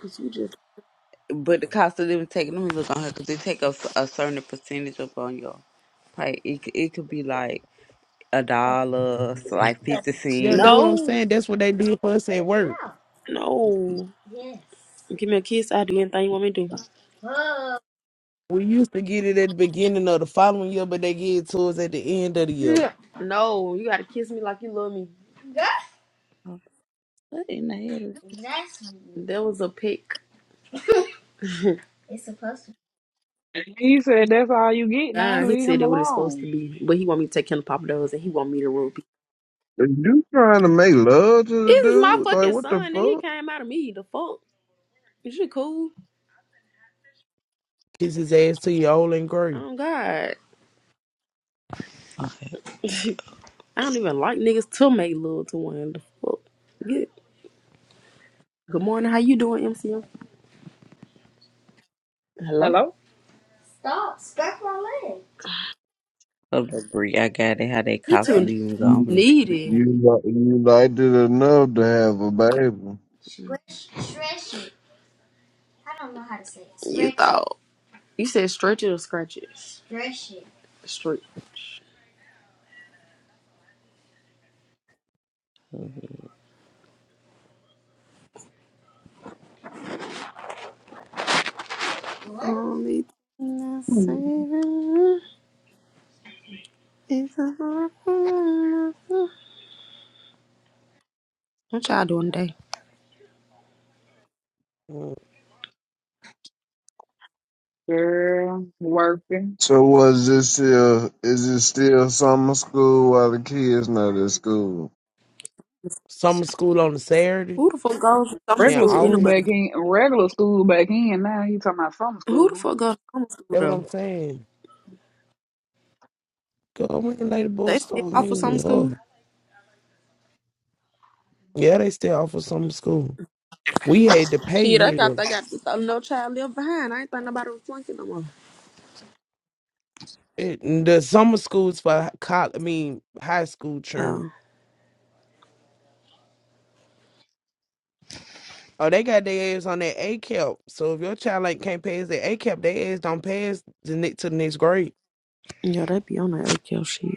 Speaker 18: cause we just
Speaker 16: but the cost of living taking. Let me look on here because they take a, a certain percentage up on your pay. It c- it could be like a dollar, so like fifty
Speaker 17: Yeah, that's
Speaker 16: cents.
Speaker 17: what I'm
Speaker 18: no.
Speaker 17: saying. That's what they do for us
Speaker 18: Rinse
Speaker 17: at work.
Speaker 18: out. No. Yes. You Give me a kiss. I'll do anything you want me to do. Whoa.
Speaker 17: We used to get it at the beginning of the following year, but they give it to us at the end of the year.
Speaker 18: No, you gotta kiss me like you love me. That-
Speaker 16: Oh, What in the hell? is-
Speaker 18: That's That was a pick. It's supposed to.
Speaker 2: He said that's all you get now.
Speaker 18: Ah, he
Speaker 2: Leave
Speaker 18: said
Speaker 2: him
Speaker 18: that what it's supposed
Speaker 2: alone.
Speaker 18: to be. But he want me to take Kendall Papa Do's and he want me to roll people.
Speaker 11: Are you trying to make love to
Speaker 18: This
Speaker 11: the
Speaker 18: is my
Speaker 11: dude? Like,
Speaker 18: fucking
Speaker 11: what the
Speaker 18: son, nigga. He
Speaker 11: fuck?
Speaker 18: came out of me. The fuck? Is you cool?
Speaker 17: Kiss his ass to you old and great.
Speaker 18: Oh God. I don't even like niggas to make love to one. The fuck? Good. Good morning. How you doing, MCM? Hello?
Speaker 2: Hello,
Speaker 18: Stop. Scratch my leg.
Speaker 16: Oh, the Bree, I got it. How they
Speaker 18: You
Speaker 16: cost of
Speaker 18: too
Speaker 16: living gone
Speaker 11: You,
Speaker 16: from the. team?
Speaker 18: needy.
Speaker 11: You li- you liked it enough to have a baby.
Speaker 18: Stretch, stretch it. I don't know how to say it. You Stretch thought it. you said stretch it or scratch it. Straight. Only thing I say is I- what y'all doing today?
Speaker 2: girl, working
Speaker 11: so was this still is it still summer school while the kids not at school?
Speaker 17: Summer school on a Saturday
Speaker 18: Who the fuck goes to summer
Speaker 17: in
Speaker 2: regular
Speaker 18: school
Speaker 2: school
Speaker 17: August.
Speaker 2: back
Speaker 18: anyway?
Speaker 2: in regular school back in now. You talking about summer
Speaker 18: Who the
Speaker 2: school?
Speaker 18: fuck goes to summer school
Speaker 17: That's what
Speaker 18: though?
Speaker 17: I'm saying. Go we can lay the bull
Speaker 18: They still
Speaker 17: stone.
Speaker 18: offer
Speaker 17: hang
Speaker 18: summer school?
Speaker 17: Yeah, they still offer summer school. We had to pay
Speaker 18: Shit, I got
Speaker 17: here.
Speaker 18: they got this uh, no child left behind. I ain't think nobody was flunking no more.
Speaker 17: It, the summer schools for college, I mean high school churn.
Speaker 18: Oh,
Speaker 17: Oh, they got their ass on their A cap. So if your child like can't pass their A cap, their ass don't pass the next to the next grade.
Speaker 18: yeah, they be on that AKL shit.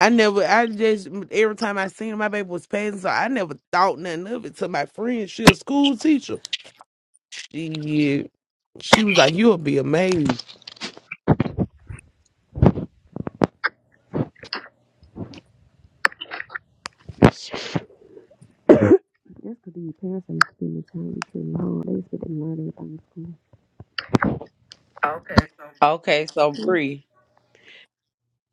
Speaker 17: I never, I just every time I seen my baby was passing, so I never thought nothing of it. To my friend, she a school teacher. She she was like, You'll be amazed.
Speaker 18: That's because these parents ain't spending the time with you long. They expect to learn everything in school. Okay, so
Speaker 16: Okay, so
Speaker 18: Yeah.
Speaker 16: Bree.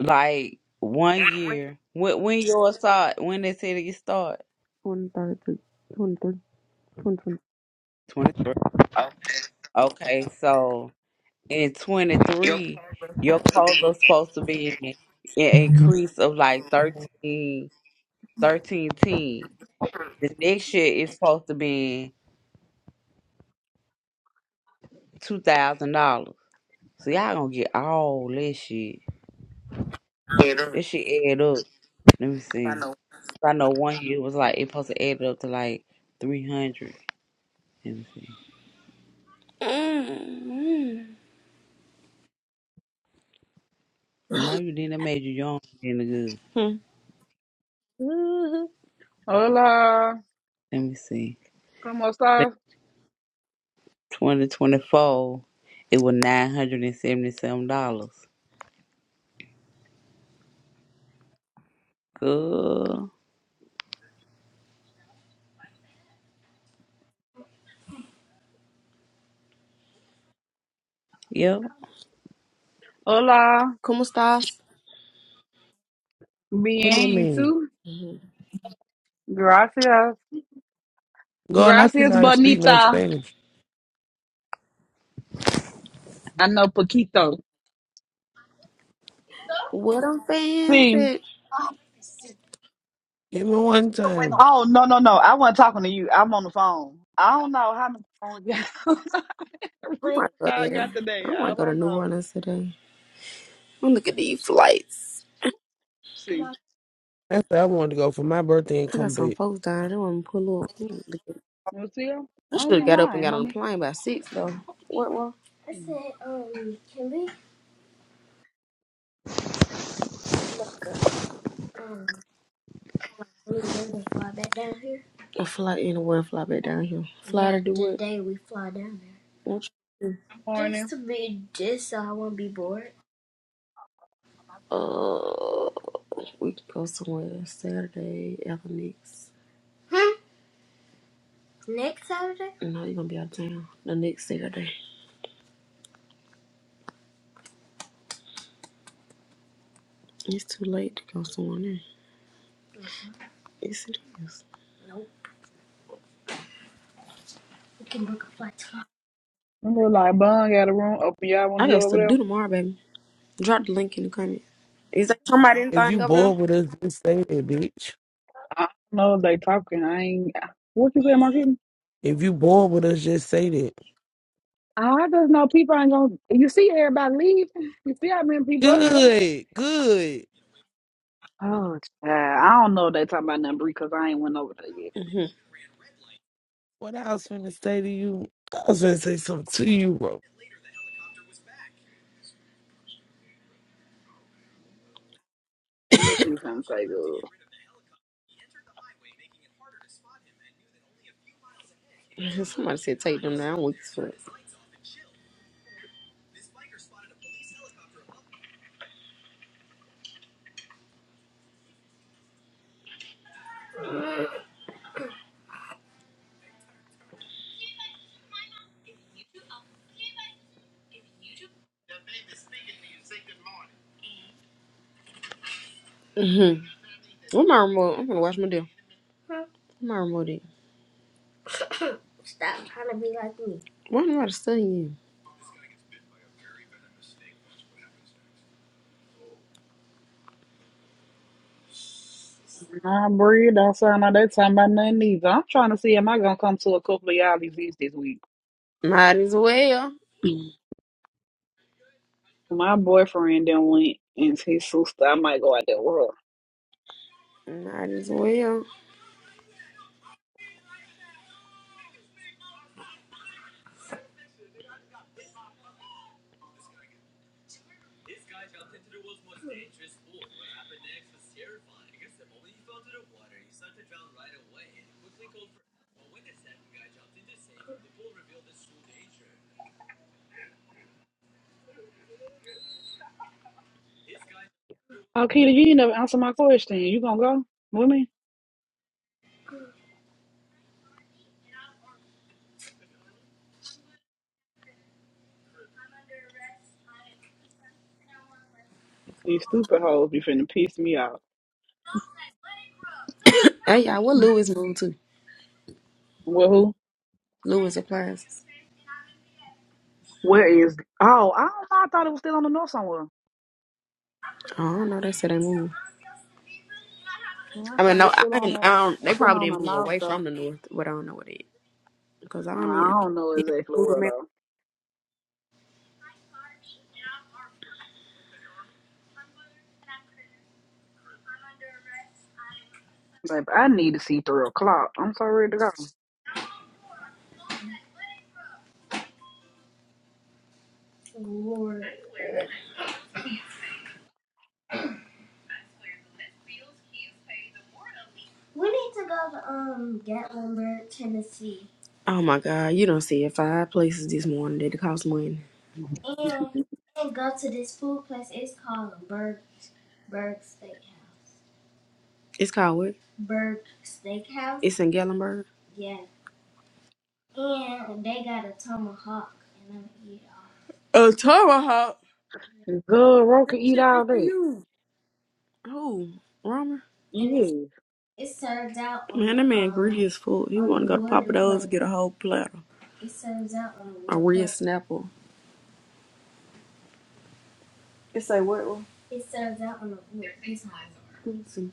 Speaker 16: Like one year. When when yours start? When they say that you start?
Speaker 18: 23rd to 23, 2020.
Speaker 16: Twenty three. Okay, so in twenty three, your quota's supposed to be an increase of like 13, 13 teams. The next year is supposed to be two thousand dollars. So y'all gonna get all this shit. This shit add up. Let me see. I know one year was like it supposed to add up to like three hundred. Let me see.
Speaker 18: Mm-hmm.
Speaker 16: No, you didn't. That made you young and good.
Speaker 18: Hmm.
Speaker 16: Mhm.
Speaker 2: Hola,
Speaker 16: Let me see.
Speaker 2: cómo estás?
Speaker 16: Twenty twenty four, it was nine hundred and seventy seven dollars. Good. Yep.
Speaker 2: Hola,
Speaker 18: Como estas?
Speaker 17: What that
Speaker 2: bien, you
Speaker 17: mean?
Speaker 2: too?
Speaker 18: hmm
Speaker 2: Gracias,
Speaker 17: Girl, not you
Speaker 2: gracias,
Speaker 17: know how to speak no
Speaker 2: bonita.
Speaker 17: Spanish.
Speaker 2: I know poquito.
Speaker 18: What I'm
Speaker 2: See.
Speaker 18: fancy.
Speaker 17: Give me one
Speaker 2: When-
Speaker 17: time.
Speaker 2: Oh no no no! I wasn't talking to you. I'm on the phone. I don't know how many phones you
Speaker 18: I might go
Speaker 2: I
Speaker 18: there.
Speaker 2: got today.
Speaker 18: I
Speaker 2: I
Speaker 18: might go to
Speaker 2: don't
Speaker 18: New
Speaker 2: know.
Speaker 18: Orleans today. I'm gonna look at these flights.
Speaker 2: See,
Speaker 17: That's where I wanted to go for my birthday and
Speaker 18: I got
Speaker 17: come
Speaker 18: some
Speaker 17: back.
Speaker 18: folks down. They want to pull up.
Speaker 2: you see, i
Speaker 18: I should
Speaker 2: only
Speaker 18: have got up and
Speaker 2: nine.
Speaker 18: got on
Speaker 2: I'm
Speaker 18: the
Speaker 2: i
Speaker 18: plane by six though. What? What? I
Speaker 2: I'm
Speaker 18: said, um, can we make a um anywhere to fly back down here? A fly anywhere, fly back down here. Fly to do what? Today we fly down there. What? you- Just to be, just so I won't be bored. Uh, we can go somewhere Saturday after next. Hmm. Next Saturday? No, you're gonna be out of town. The next Saturday. It's too late to go somewhere now. Yes, it is. Nope. We can book a flight
Speaker 2: real like Bun got a room open. Y'all want
Speaker 18: I
Speaker 2: to
Speaker 18: got
Speaker 2: go over
Speaker 18: stuff to
Speaker 2: there?
Speaker 18: do tomorrow, baby. Drop the link in the comment. Is that somebody
Speaker 17: If
Speaker 18: anything
Speaker 17: you
Speaker 18: over
Speaker 17: bored with us, just say that, bitch.
Speaker 2: I don't know if they talking. I ain't. What you say, Marquis?
Speaker 17: If you bored with us, just say that.
Speaker 2: I just know people ain't gonna. You see everybody leave. You see how many people up here?
Speaker 17: Good, good.
Speaker 2: Oh, child. I don't know if they talking about nothing because I ain't went over there yet.
Speaker 18: there?
Speaker 17: What I was finna say to you, I was finna say something to you, bro.
Speaker 2: I'm just trying to say good.
Speaker 18: hmm Somebody said take them down. I'm weak as fuck. hmm Where my remote? I'm gonna watch my deal. Where my remote is? Stop trying to be like me. Why am I studying?
Speaker 2: I'm worried. Don't sound like they talking about nothing either. I'm trying to see am I gonna come to a couple of y'all events this week.
Speaker 18: you? Might as well.
Speaker 2: Mm. My boyfriend then went and his sister. I might go out there with
Speaker 18: Might as well.
Speaker 2: her. Okay, you ain't never answer my question. You gonna go with me? These stupid hoes be finna piss me off.
Speaker 18: Hey, y'all, what Lewis moved to?
Speaker 2: Well, who?
Speaker 18: Lewis applies.
Speaker 2: Where is? Oh, I don't know. I thought it was still on the north somewhere.
Speaker 18: Oh, I don't know. They said they moved.
Speaker 2: Yeah,
Speaker 18: I
Speaker 2: I
Speaker 18: mean,
Speaker 2: think
Speaker 18: no,
Speaker 2: it's
Speaker 18: I,
Speaker 2: still on
Speaker 18: ain't-
Speaker 2: the
Speaker 18: I don't, they
Speaker 2: still
Speaker 18: probably
Speaker 2: on the
Speaker 18: didn't move
Speaker 2: north
Speaker 18: away
Speaker 2: though.
Speaker 18: from the north, but I don't know what it is. Because I
Speaker 2: Uh,
Speaker 18: don't need
Speaker 2: I
Speaker 18: I
Speaker 2: don't know
Speaker 18: need to
Speaker 2: exactly
Speaker 18: Google
Speaker 2: where
Speaker 18: Maps.
Speaker 2: though. But I need to see three o'clock. I'm so ready to
Speaker 18: Lord. We need to go to um Gatlinburg, Tennessee. Oh my God, you don't see it five places this morning that it cost money.
Speaker 2: go.
Speaker 18: And and go to this food place. It's called Berg Berg Steakhouse. It's called what? Berg Steakhouse. It's in Gatlinburg. Yeah. And they got a tomahawk and I'm gonna eat it all. A tomahawk.
Speaker 2: Good Roker eat all that.
Speaker 18: Who? Romer?
Speaker 2: Yeah.
Speaker 18: It's served out. Man, that man um, greedy as fuck. He wanna go to Papa Do's and get a whole platter. It serves out on a real plate. snapple. You say what? Ru? It serves out on a wood Let me see.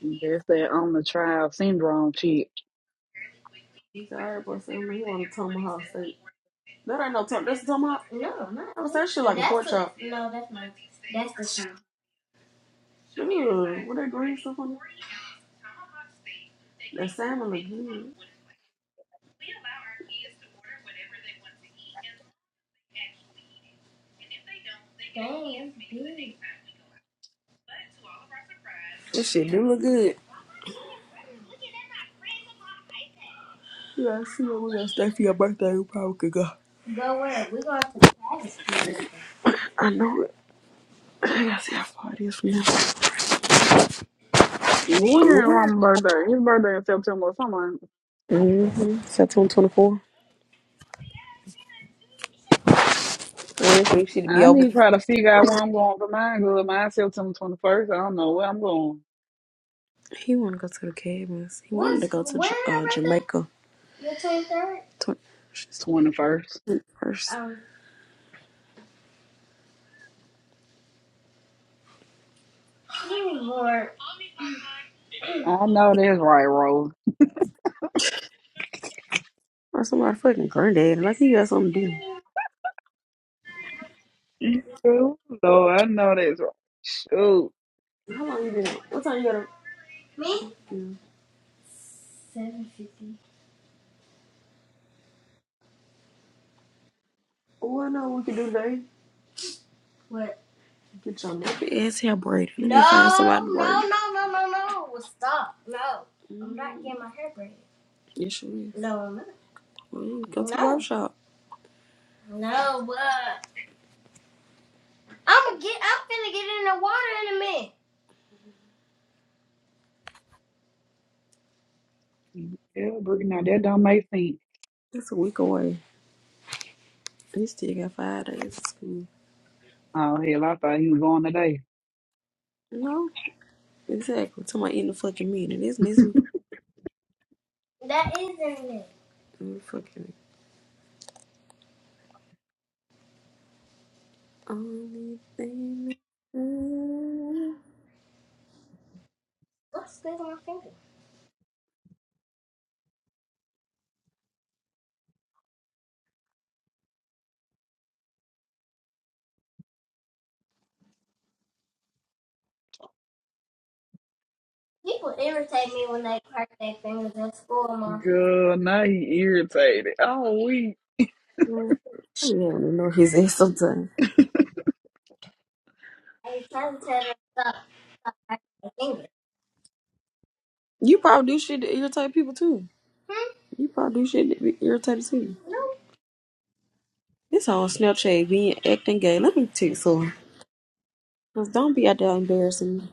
Speaker 2: That's that on the trial syndrome shit.
Speaker 18: He said, alright, boy, say, you want a tomahawk steak. That ain't no tomahawk. That's a tomahawk? No, not I was that shit like a pork chop. no, that's not. That's the tomahawk. Ew, with that green stuff on it? That salmon look good. Dang, it's big. This shit do look good. Yeah, I see what we gonna stay for your birthday. We probably could go. Go where? we going to the Travis. I know it. I gotta see how far it is from
Speaker 2: When
Speaker 18: now.
Speaker 2: Ron's birthday? His birthday in September or something.
Speaker 18: Mm-hmm. September 24. Waiting for this shit to be
Speaker 2: I need
Speaker 18: over.
Speaker 2: to try to figure out where I'm going for mine. Good, mine September twenty first. I don't know where I'm going.
Speaker 18: He want to go to the cabins. He wanted to go to Ja- uh, Jamaica. Tw- she's
Speaker 2: Twenty first.
Speaker 18: first.
Speaker 2: I know that's right, Rose.
Speaker 18: Or somebody fucking granddad. Like you got something to do.
Speaker 2: No, I know that's right. Shoot.
Speaker 18: How long you been? up? What time you got to? Yeah. Oh, I know what we can do today. Get your nappy ass hair braided. Let me No, me find somebody to braid. No, it. no, no, no, no. Well, Stop. No. I'm not getting my hair braided. Yes, you is. No, I'm not. Well, you go to the No. workshop. No, but I'm gonna get. I'm finna get in the water in a minute.
Speaker 2: Yeah, Brittany, now that don't make sense.
Speaker 18: That's a week away. You still got five days of school.
Speaker 2: Oh hell, I thought he was going today.
Speaker 18: No, exactly. Till my end of fucking meeting. It's next week. That is in there. Mm, fucking only thing. that- What's this on my finger? People irritate me when they crack their fingers at school, Mom.
Speaker 2: Good, now he irritated. Oh, we
Speaker 18: Mm, oh, yeah, I don't even know if he's ass sometimes. I be trying to tell them to stop cracking their fingers. You probably do shit to irritate people too. Hmm? You probably do shit to be irritated too. No. This on Snapchat being acting gay. Let me text her. Cause don't be out there embarrassing me.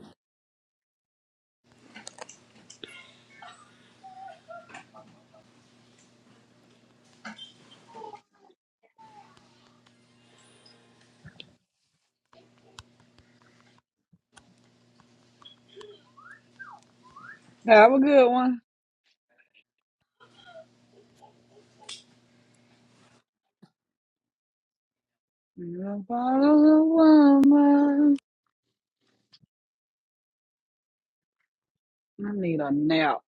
Speaker 2: have a good one. You're A bottle of woman. I need a nap.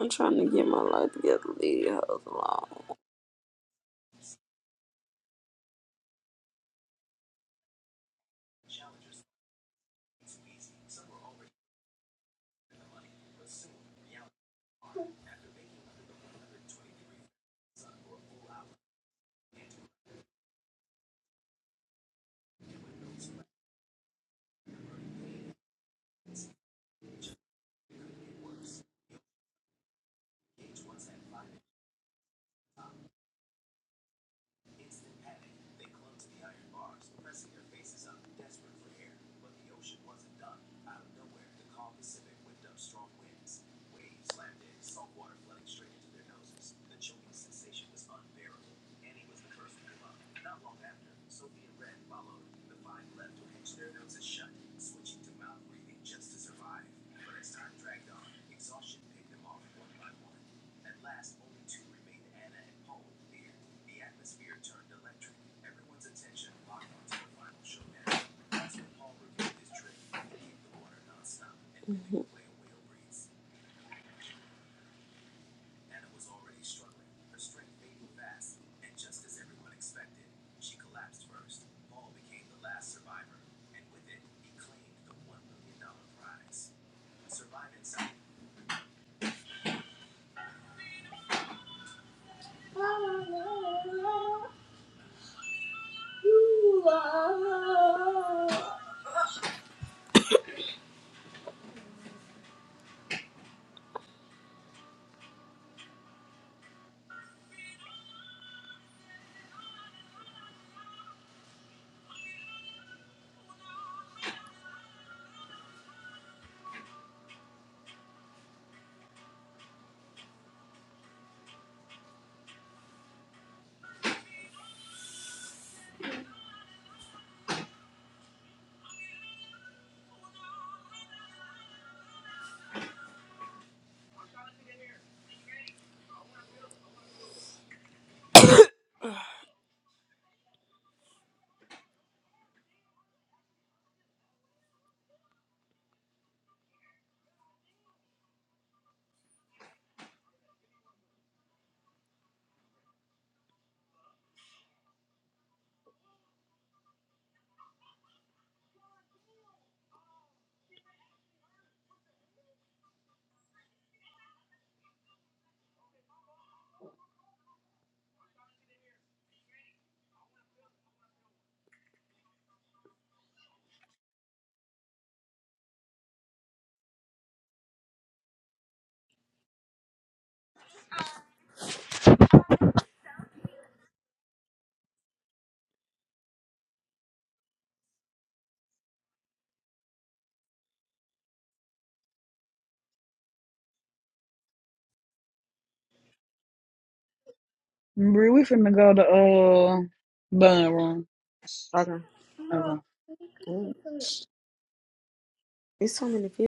Speaker 18: I'm trying to get my life together. Leave your hoes alone.
Speaker 2: Brie, we finna go to uh bun room.
Speaker 18: Okay.
Speaker 2: Okay.
Speaker 18: Mm. There's so many people.